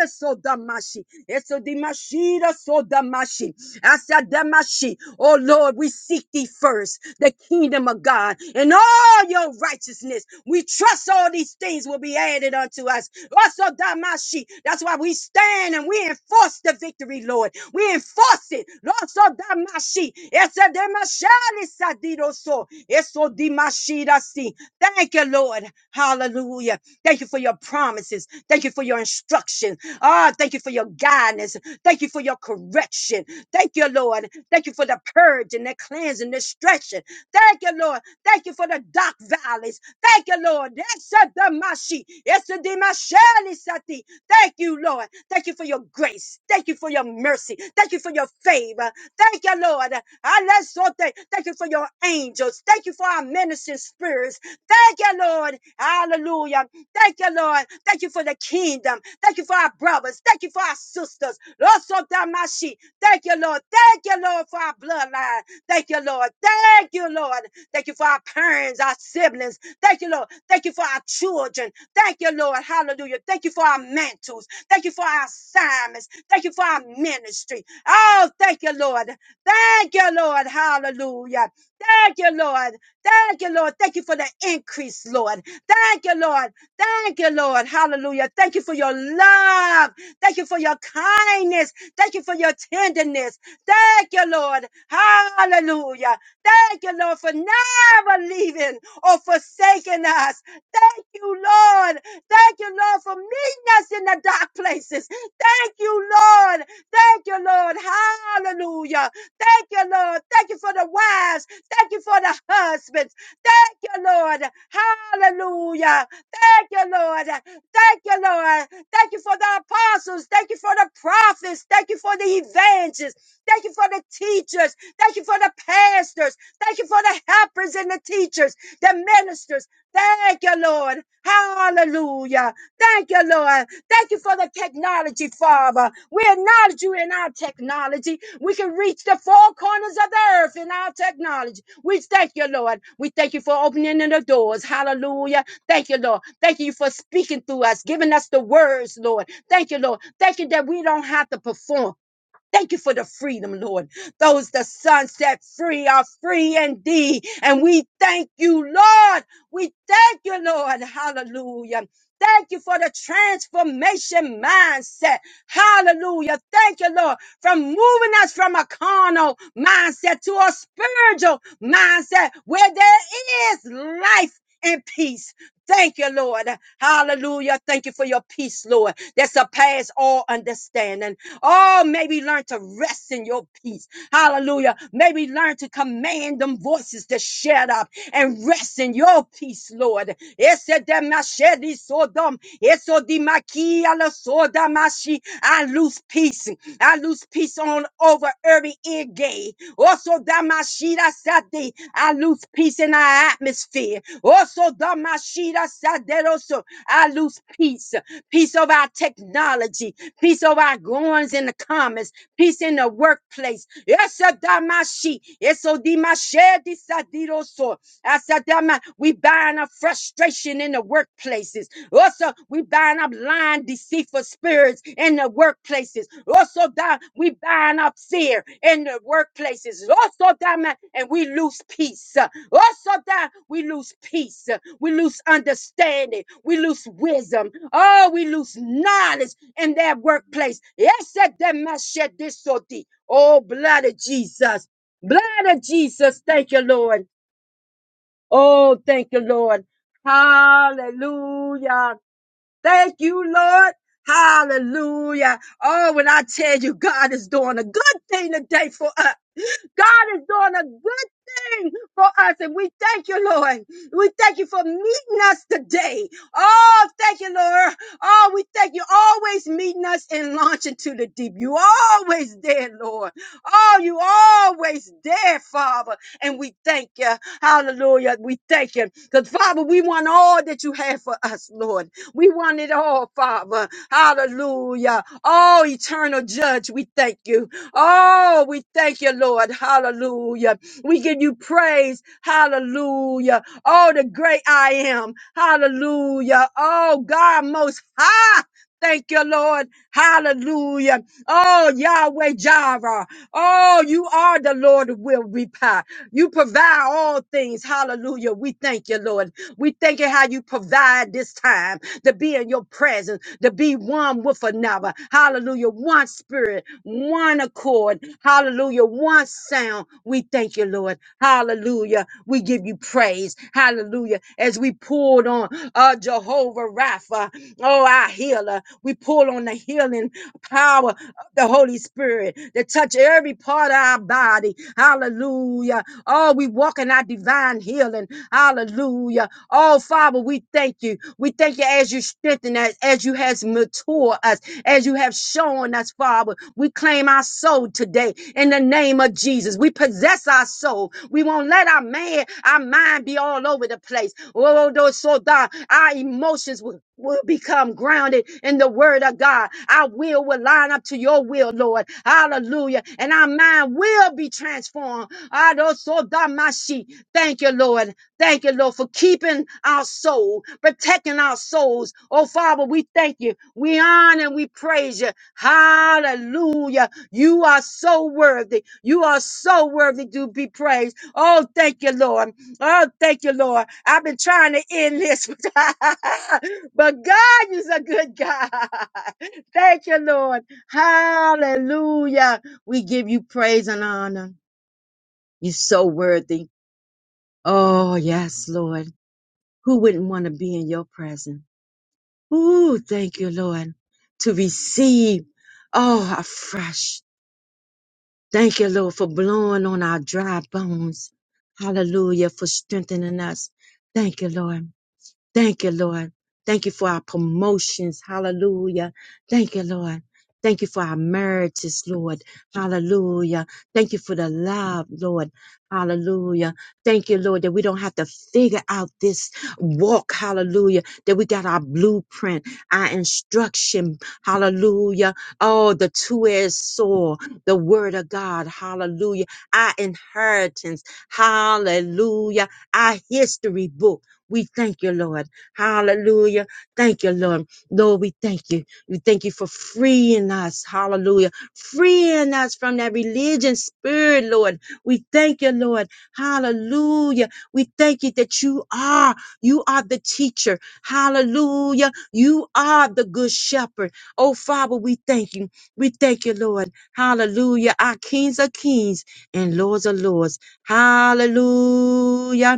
A: esodamashi, esodamashi, esodamashi. Asadamashi. Oh Lord, we seek thee first, the kingdom of God, and all your righteousness righteousness. We trust all these things will be added unto us. Also, Damashi. That's why we stand and we enforce the victory, Lord. We enforce it. Also, Damashi. It's a Damashali Sadidoso. It's so Dimashidasi. Thank you, Lord. Hallelujah. Thank you for your promises. Thank you for your instruction. Ah, thank you for your guidance. Thank you for your correction. Thank you, Lord. Thank you for the purge and the cleanse and the stretching. Thank you, Lord. Thank you for the dark valleys. Thank you, Lord. Esadamashi, esadimashali sati. Thank you, Lord. Thank you for your grace. Thank you for your mercy. Thank you for your favor. Thank you, Lord. Alesote. Thank you for your angels. Thank you for our ministering spirits. Thank you, Lord. Hallelujah. Thank you, Lord. Thank you for the kingdom. Thank you for our brothers. Thank you for our sisters. Losotamashi. Thank you, Lord. Thank you, Lord, for our bloodline. Thank you, Lord. Thank you, Lord. Thank you for our parents, our siblings. Thank you, Lord. Thank you for our children. Thank you, Lord. Hallelujah. Thank you for our mantles. Thank you for our assignments. Thank you for our ministry. Oh, thank you, Lord. Thank you, Lord. Hallelujah. Thank you, Lord. Thank you, Lord. Thank you for the increase, Lord. Thank you, Lord. Thank you, Lord. Hallelujah. Thank you for your love. Thank you for your kindness. Thank you for your tenderness. Thank you, Lord. Hallelujah. Thank you, Lord, for never leaving or forsaking us. Thank you, Lord. Thank you, Lord, for meeting us in the dark places. Thank you, Lord. Thank you, Lord. Hallelujah. Thank you, Lord. Thank you for the wives. Thank you for the husbands. Thank you, Lord. Hallelujah. Thank you, Lord. Thank you, Lord. Thank you for the apostles. Thank you for the prophets. Thank you for the evangelists. Thank you for the teachers. Thank you for the pastors. Thank you for the helpers and the teachers, the ministers. Thank you, Lord. Hallelujah. Thank you, Lord. Thank you for the technology, Father. We acknowledge you in our technology. We can reach the four corners of the earth in our technology. We thank you, Lord. We thank you for opening the doors. Hallelujah. Thank you, Lord. Thank you for speaking through us, giving us the words, Lord. Thank you, Lord. Thank you that we don't have to perform. Thank you for the freedom, Lord. Those the Son set free are free indeed. And we thank you, Lord. We thank you, Lord. Hallelujah. Thank you for the transformation mindset. Hallelujah. Thank you, Lord, from moving us from a carnal mindset to a spiritual mindset where there is life and peace. Thank you, Lord. Hallelujah. Thank you for your peace, Lord, that surpass all understanding. Oh, maybe learn to rest in your peace. Hallelujah. Maybe learn to command them voices to shut up and rest in your peace, Lord. Yes, sodom, esodimaki ala sodamashi. I lose peace. I lose peace on over every ear gate. Also damashida sadi. I lose peace in our atmosphere. Also damashida saderoso. I lose peace. Peace of our technology. Peace of our goings in the comments. Peace in the workplace. Yes, damashi. Eso dimashe I said, damn, man, we bind up frustration in the workplaces. Also, we bind up lying, deceitful spirits in the workplaces. Also, God, we bind up fear in the workplaces. Also, God, man, and we lose peace. Also, God, we lose peace. We lose understanding. We lose wisdom. Oh, we lose knowledge in that workplace. Yes, that that man, shed this so deep. Oh, blood of Jesus. Blood of Jesus. Thank you, Lord. Oh, thank you, Lord. Hallelujah. Thank you, Lord. Hallelujah. Oh, when I tell you God is doing a good thing today for us. God is doing a good thing for us, and we thank you, Lord. We thank you for meeting us today. Oh, thank you, Lord. Oh, we thank you always meeting us and launching to the deep. You always there, Lord. Oh, you always there, Father. And we thank you. Hallelujah. We thank you. Because, Father, we want all that you have for us, Lord. We want it all, Father. Hallelujah. Oh, eternal judge, we thank you. Oh, we thank you, Lord. Hallelujah. We give you praise. Hallelujah. Oh, the great I am. Hallelujah. Oh, God most high. Thank you, Lord. Hallelujah. Oh, Yahweh Jireh. Oh, you are the Lord who will reply. You provide all things. Hallelujah. We thank you, Lord. We thank you how you provide this time to be in your presence, to be one with another. Hallelujah. One spirit, one accord. Hallelujah. One sound. We thank you, Lord. Hallelujah. We give you praise. Hallelujah. As we poured on uh, Jehovah Rapha, oh, our healer, we pull on the healing power the Holy Spirit to touch every part of our body. Hallelujah. Oh, we walk in our divine healing. Hallelujah. Oh, Father, we thank you. We thank you as you strengthen us, as you has matured us, as you have shown us, Father. We claim our soul today in the name of Jesus. We possess our soul. We won't let our man, our mind be all over the place. Oh, those so that our emotions will, will become grounded in the word of God. Our will will line up to your will, Lord. Hallelujah. And our mind will be transformed. Ah, those so that my sheep. Thank you, Lord. Thank you, Lord, for keeping our soul, protecting our souls. Oh, Father, we thank you. We honor and we praise you. Hallelujah. You are so worthy. You are so worthy to be praised. Oh, thank you, Lord. Oh, thank you, Lord. I've been trying to end this, but God is a good God. Thank you, Lord. Hallelujah. We give you praise and honor. You're so worthy. Oh, yes, Lord. Who wouldn't want to be in your presence? Ooh, thank you, Lord, to receive, oh, afresh. Thank you, Lord, for blowing on our dry bones. Hallelujah, for strengthening us. Thank you, Lord. Thank you, Lord. Thank you for our promotions. Hallelujah. Thank you, Lord. Thank you for our marriages, Lord. Hallelujah. Thank you for the love, Lord. Hallelujah. Thank you, Lord, that we don't have to figure out this walk. Hallelujah. That we got our blueprint, our instruction. Hallelujah. Oh, the two-edged sword, the word of God. Hallelujah. Our inheritance. Hallelujah. Our history book. We thank you, Lord. Hallelujah. Thank you, Lord. Lord, we thank you. We thank you for freeing us. Hallelujah. Freeing us from that religion spirit, Lord. We thank you, Lord. Hallelujah. We thank you that you are, you are the teacher. Hallelujah. You are the good shepherd. Oh, Father, we thank you. We thank you, Lord. Hallelujah. Our kings are kings and lords are lords. Hallelujah.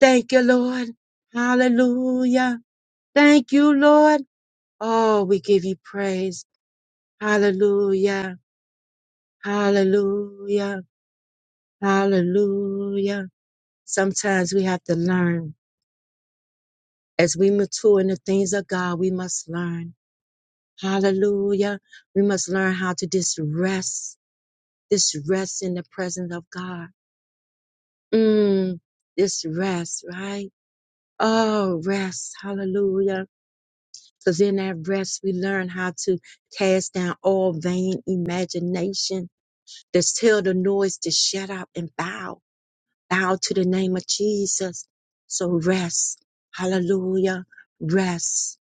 A: Thank you, Lord. Hallelujah. Thank you, Lord. Oh, we give you praise. Hallelujah. Hallelujah. Hallelujah. Sometimes we have to learn. As we mature in the things of God, we must learn. Hallelujah. We must learn how to just rest, just rest in the presence of God. Mm, just rest, right? Oh, rest. Hallelujah Because in that rest, we learn how to cast down all vain imagination. Just tell the noise to shut up and bow. Bow to the name of Jesus. So rest. Hallelujah. Rest.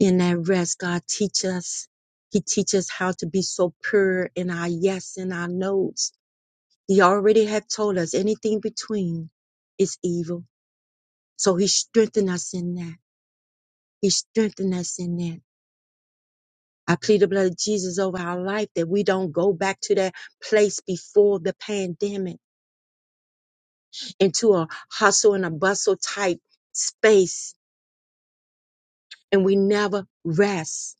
A: In that rest, God teach us. He teaches us how to be so pure in our yes and our no's. He already had told us anything between is evil. So he strengthened us in that. He strengthened us in that. I plead the blood of Jesus over our life that we don't go back to that place before the pandemic into a hustle and a bustle type space and we never rest.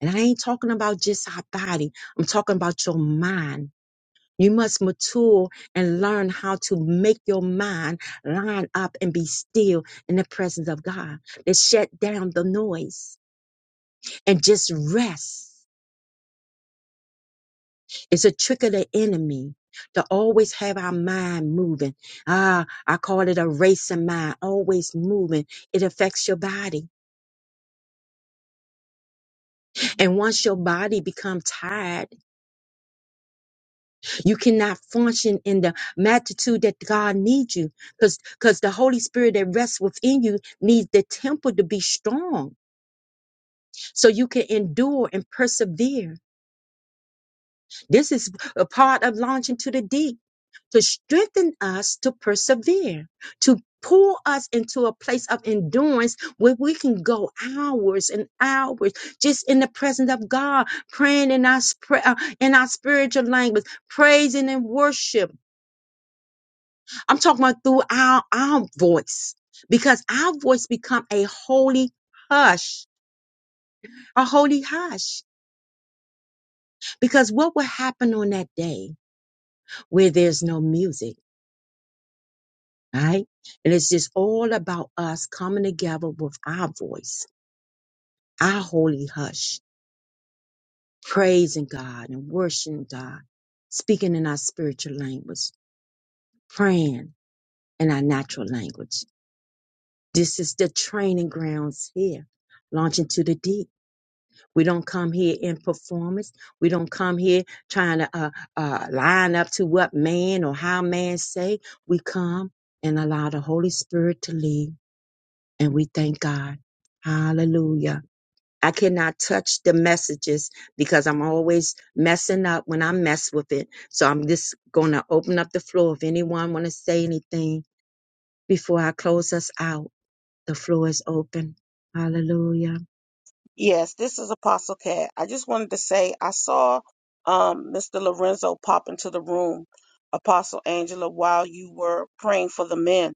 A: And I ain't talking about just our body, I'm talking about your mind. You must mature and learn how to make your mind line up and be still in the presence of God, to shut down the noise and just rest. It's a trick of the enemy to always have our mind moving. Ah, I call it a racing mind, always moving. It affects your body. And once your body becomes tired, you cannot function in the magnitude that God needs you because because the Holy Spirit that rests within you needs the temple to be strong so you can endure and persevere. This is a part of launching to the deep. to strengthen us to persevere, to pull us into a place of endurance where we can go hours and hours just in the presence of God, praying in our spir- uh, in our spiritual language, praising and worship. I'm talking about through our our voice because our voice become a holy hush, a holy hush. Because what will happen on that day where there's no music? right? And it's just all about us coming together with our voice, our holy hush, praising God and worshiping God, speaking in our spiritual language, praying in our natural language. This is the training grounds here, launching to the deep. We don't come here in performance. We don't come here trying to uh, uh, line up to what man or how man say. We come and allow the Holy Spirit to lead and we thank God. Hallelujah. I cannot touch the messages because I'm always messing up when I mess with it. So I'm just going to open up the floor. If anyone want to say anything before I close us out, the floor is open. Hallelujah.
C: Yes, this is Apostle Cat. I just wanted to say I saw um, Mr. Lorenzo pop into the room, Apostle Angela, while you were praying for the men.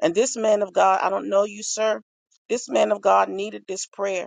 C: And this man of God, I don't know you, sir. This man of God needed this prayer.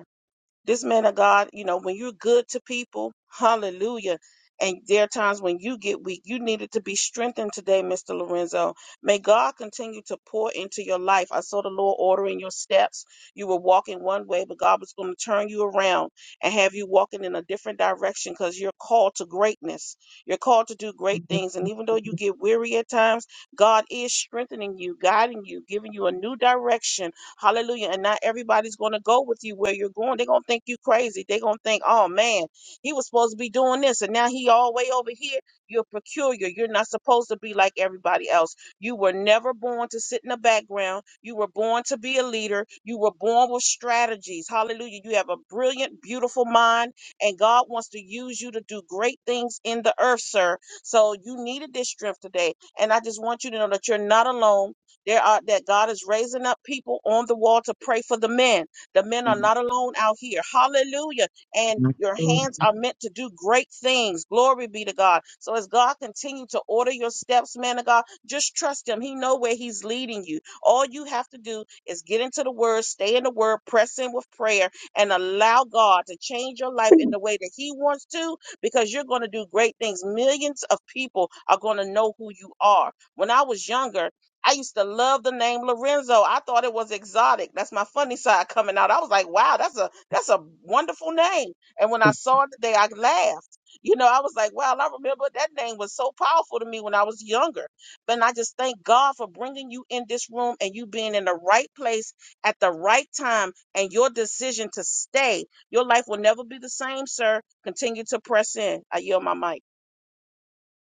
C: This man of God, you know, when you're good to people, hallelujah. And there are times when you get weak. You needed to be strengthened today, Mr. Lorenzo. May God continue to pour into your life. I saw the Lord ordering your steps. You were walking one way, but God was going to turn you around and have you walking in a different direction because you're called to greatness. You're called to do great things. And even though you get weary at times, God is strengthening you, guiding you, giving you a new direction Hallelujah. And not everybody's going to go with you where you're going. They're going to think you crazy. They're going to think, oh man, he was supposed to be doing this and now he all way over here. You're peculiar. You're not supposed to be like everybody else. You were never born to sit in the background. You were born to be a leader. You were born with strategies. Hallelujah. You have a brilliant, beautiful mind, and God wants to use you to do great things in the earth, sir. So you needed this strength today. And I just want you to know that you're not alone. There are that God is raising up people on the wall to pray for the men. The men are not alone out here. Hallelujah. And your hands are
A: Hallelujah.
C: meant to do great things. Glory be to God. So as God continue to order your steps, man of God, just trust him. He know where he's leading you. All you have to do is get into the word, stay in the word, press in with prayer, and allow God to change your life in the way that he wants to, because you're going to do great things. Millions of people are going to know who you are. When I was younger, I used to love the name Lorenzo. I thought it was exotic. That's my funny side coming out. I was like, wow, that's a that's a wonderful name. And when I saw it today, I laughed. You know, I was like, wow, I remember that name was so powerful to me when I was younger. But I just thank God for bringing you in this room and you being in the right place at the right time and your decision to stay. Your life will never be the same, sir. Continue to press in. I yield my mic.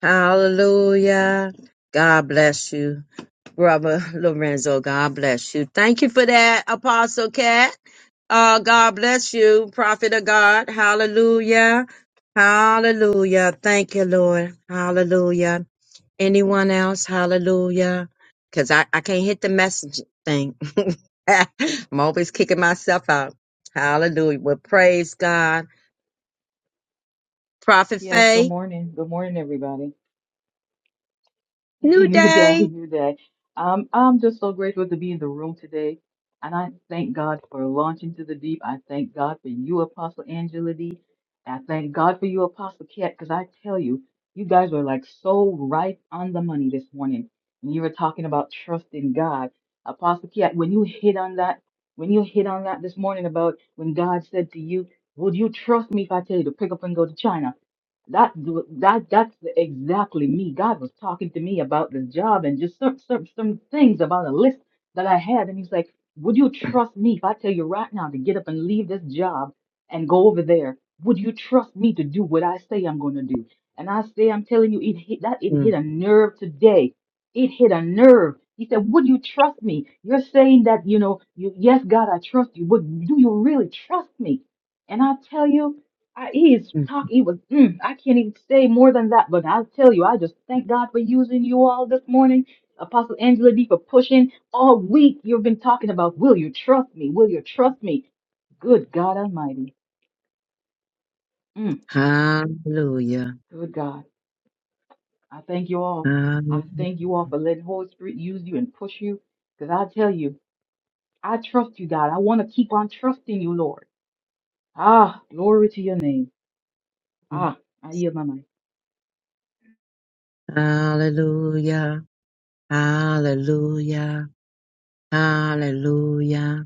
A: Hallelujah. God bless you, Brother Lorenzo. God bless you. Thank you for that, Apostle Cat. Uh, God bless you, Prophet of God. Hallelujah. Hallelujah. Thank you, Lord. Hallelujah. Anyone else? Hallelujah. Because I, I can't hit the message thing. I'm always kicking myself out. Hallelujah. Well, praise God. Prophet
D: Yes, good
A: Faye,
D: morning. Good morning, everybody.
A: new
D: New day,
A: day.
D: new day. Um, I'm just so grateful to be in the room today. And I thank God for launching to the deep. I thank God for you, Apostle Angela D. I thank God for you, Apostle Cat, because I tell you, you guys were like so right on the money this morning. When you were talking about trusting God. Apostle Cat, when you hit on that, when you hit on that this morning about when God said to you, Would you trust me if I tell you to pick up and go to China? That that that's exactly me. God was talking to me about this job and just some some some things about a list that I had, and He's like, "Would you trust me if I tell you right now to get up and leave this job and go over there? Would you trust me to do what I say I'm going to do?" And I say, "I'm telling you, it hit that it hit
A: Mm,
D: a nerve today. It hit a nerve." He said, "Would you trust me? You're saying that you know, you yes, God, I trust you, but do you really trust me?" And I tell you. I, he is
A: mm.
D: talk. He was. Mm, I can't even say more than that. But I'll tell you, I just thank God for using you all this morning, Apostle Angela D, for pushing all week. You've been talking about, will you trust me? Will you trust me? Good God Almighty. Mm,
A: Hallelujah.
D: good God, I thank you all. I
A: Hallelujah.
D: thank you all for letting Holy Spirit use you and push you. Because I tell you, I trust you, God. I want to keep on trusting you, Lord. Ah, glory to your name. Ah, I yield my mind.
A: Hallelujah. Hallelujah. Hallelujah.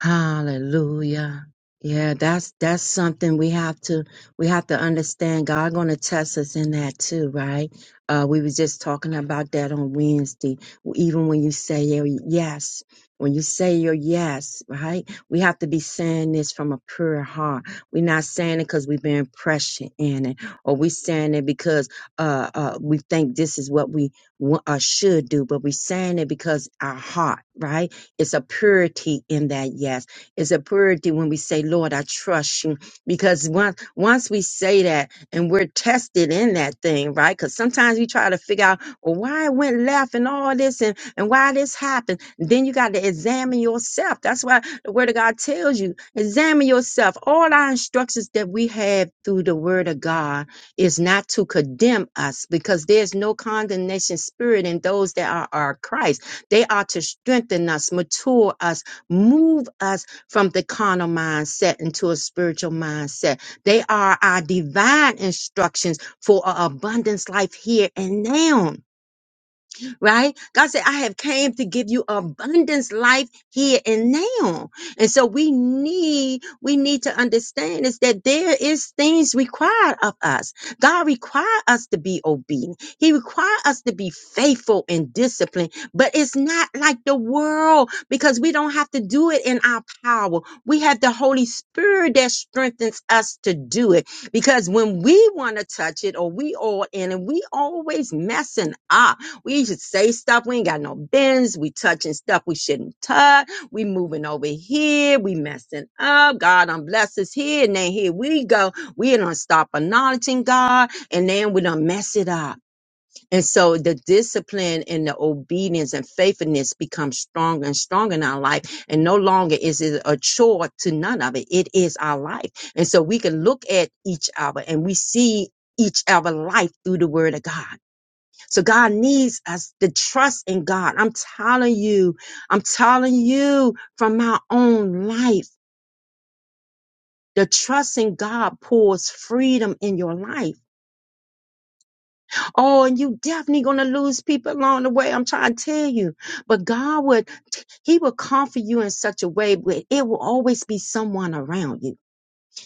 A: Hallelujah. Yeah, that's that's something we have to we have to understand. God gonna test us in that too, right? Uh we were just talking about that on Wednesday. Even when you say your yes, when you say your yes, right? We have to be saying this from a pure heart. We're not saying it because we've been pressured in it, or we saying it because uh, uh we think this is what we wa- uh, should do, but we saying it because our heart, right? It's a purity in that yes. It's a purity when we say, Lord, I trust you. Because once once we say that and we're tested in that thing, right? Because sometimes we try to figure out, well, why it went left and all this and, and why this happened. Then you got to examine yourself. That's why the word of God tells you, examine yourself. All our instructions that we have through the word of God is not to condemn us because there's no condemnation spirit in those that are are Christ they are to strengthen us, mature us, move us from the carnal mindset into a spiritual mindset. They are our divine instructions for an abundance life here and now right? God said, I have came to give you abundance life here and now. And so we need, we need to understand is that there is things required of us. God require us to be obedient. He require us to be faithful and disciplined, but it's not like the world because we don't have to do it in our power. We have the Holy Spirit that strengthens us to do it because when we want to touch it or we all in and we always messing up we should say stuff. We ain't got no bends. We touching stuff we shouldn't touch. We moving over here. We messing up. God done bless us here. And then here we go. We don't stop acknowledging God. And then we don't mess it up. And so the discipline and the obedience and faithfulness becomes stronger and stronger in our life. And no longer is it a chore to none of it. It is our life. And so we can look at each other and we see each other life through the word of God. So God needs us to trust in God. I'm telling you, I'm telling you from my own life. The trust in God pours freedom in your life. Oh, and you definitely gonna lose people along the way. I'm trying to tell you. But God would, He would comfort you in such a way where it will always be someone around you.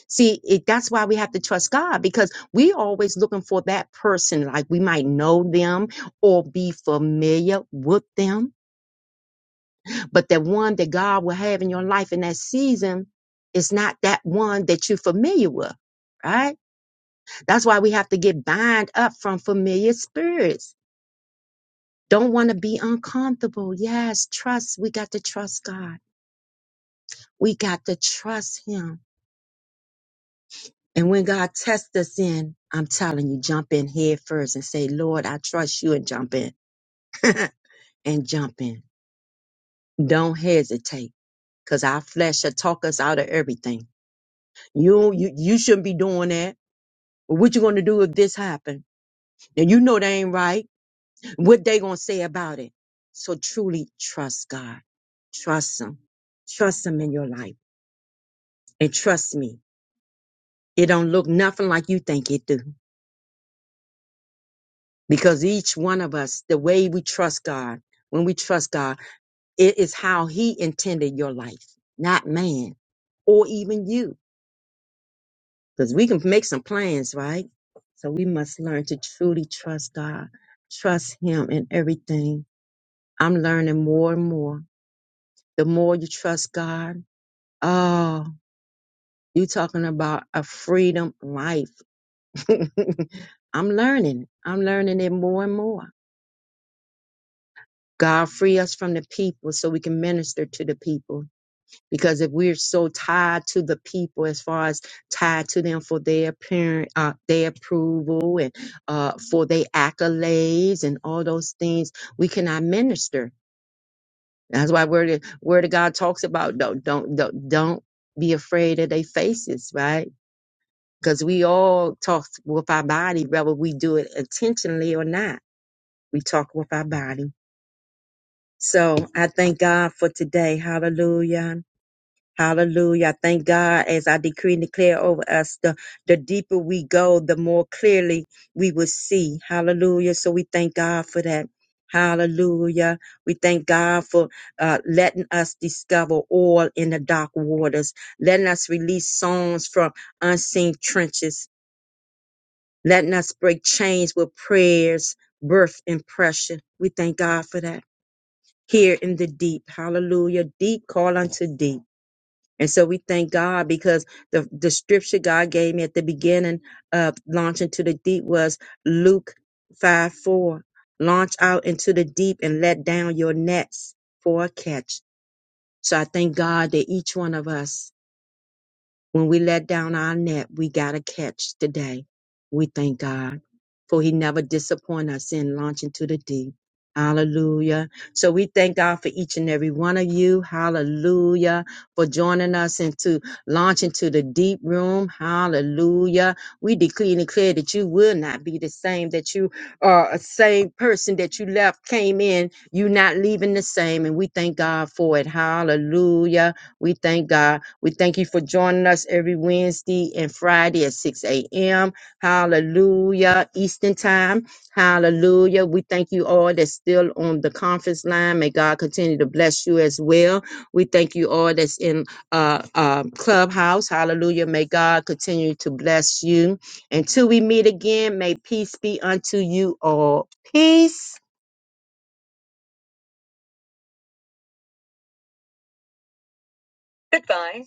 A: See, it, that's why we have to trust God because we always looking for that person. Like we might know them or be familiar with them But the one that God will have in your life in that season is not that one that you're familiar with, right? That's why we have to get bind up from familiar spirits. Don't want to be uncomfortable. Yes, trust. We got to trust God. We got to trust Him. And when God tests us in, I'm telling you, jump in head first and say, Lord, I trust you and jump in and jump in. Don't hesitate because our flesh shall talk us out of everything. You, you, you shouldn't be doing that Well, what you gonna do if this happen? And you know they ain't right. What they gonna say about it? So truly trust God. Trust Him. Trust Him in your life. And trust me, it don't look nothing like you think it do. Because each one of us, the way we trust God, when we trust God, it is how He intended your life, not man or even you. Because we can make some plans, right? So we must learn to truly trust God, trust Him in everything I'm learning more and more. The more you trust God, oh, you talking about a freedom life. I'm learning. I'm learning it more and more. God free us from the people so we can minister to the people. Because if we're so tied to the people, as far as tied to them for their parent, uh, their approval and uh, for their accolades and all those things, we cannot minister That's why word word of God talks about don't don't don't, don't be afraid of their faces, right? Because we all talk with our body, whether we do it intentionally or not. We talk with our body. So I thank God for today. Hallelujah. Hallelujah. I Thank God as I decree and declare over us, the, the deeper we go, the more clearly we will see. Hallelujah. So we thank God for that. Hallelujah. We thank God for uh, letting us discover oil in the dark waters, letting us release songs from unseen trenches, letting us break chains with prayers, birth, and pressure. We thank God for that. Here in the deep. Hallelujah. Deep call unto deep. And so we thank God because the, the scripture God gave me at the beginning of launch into the deep was Luke 5 4. Launch out into the deep and let down your nets for a catch. So I thank God that each one of us when we let down our net, we got a catch today. We thank God for he never disappoint us in launching to the deep. Hallelujah. So we thank God for each and every one of you. Hallelujah. For joining us into launching to the deep room. Hallelujah. We decree and declare that you will not be the same, that you are a same person that you left, came in. you not leaving the same. And we thank God for it. Hallelujah. We thank God. We thank you for joining us every Wednesday and Friday at 6 a.m. Hallelujah. Eastern time. Hallelujah. We thank you all that's still on the conference line. May God continue to bless you as well. We thank you all that's in uh, uh, Clubhouse. Hallelujah. May God continue to bless you. Until we meet again, may peace be unto you all. Peace. Goodbye.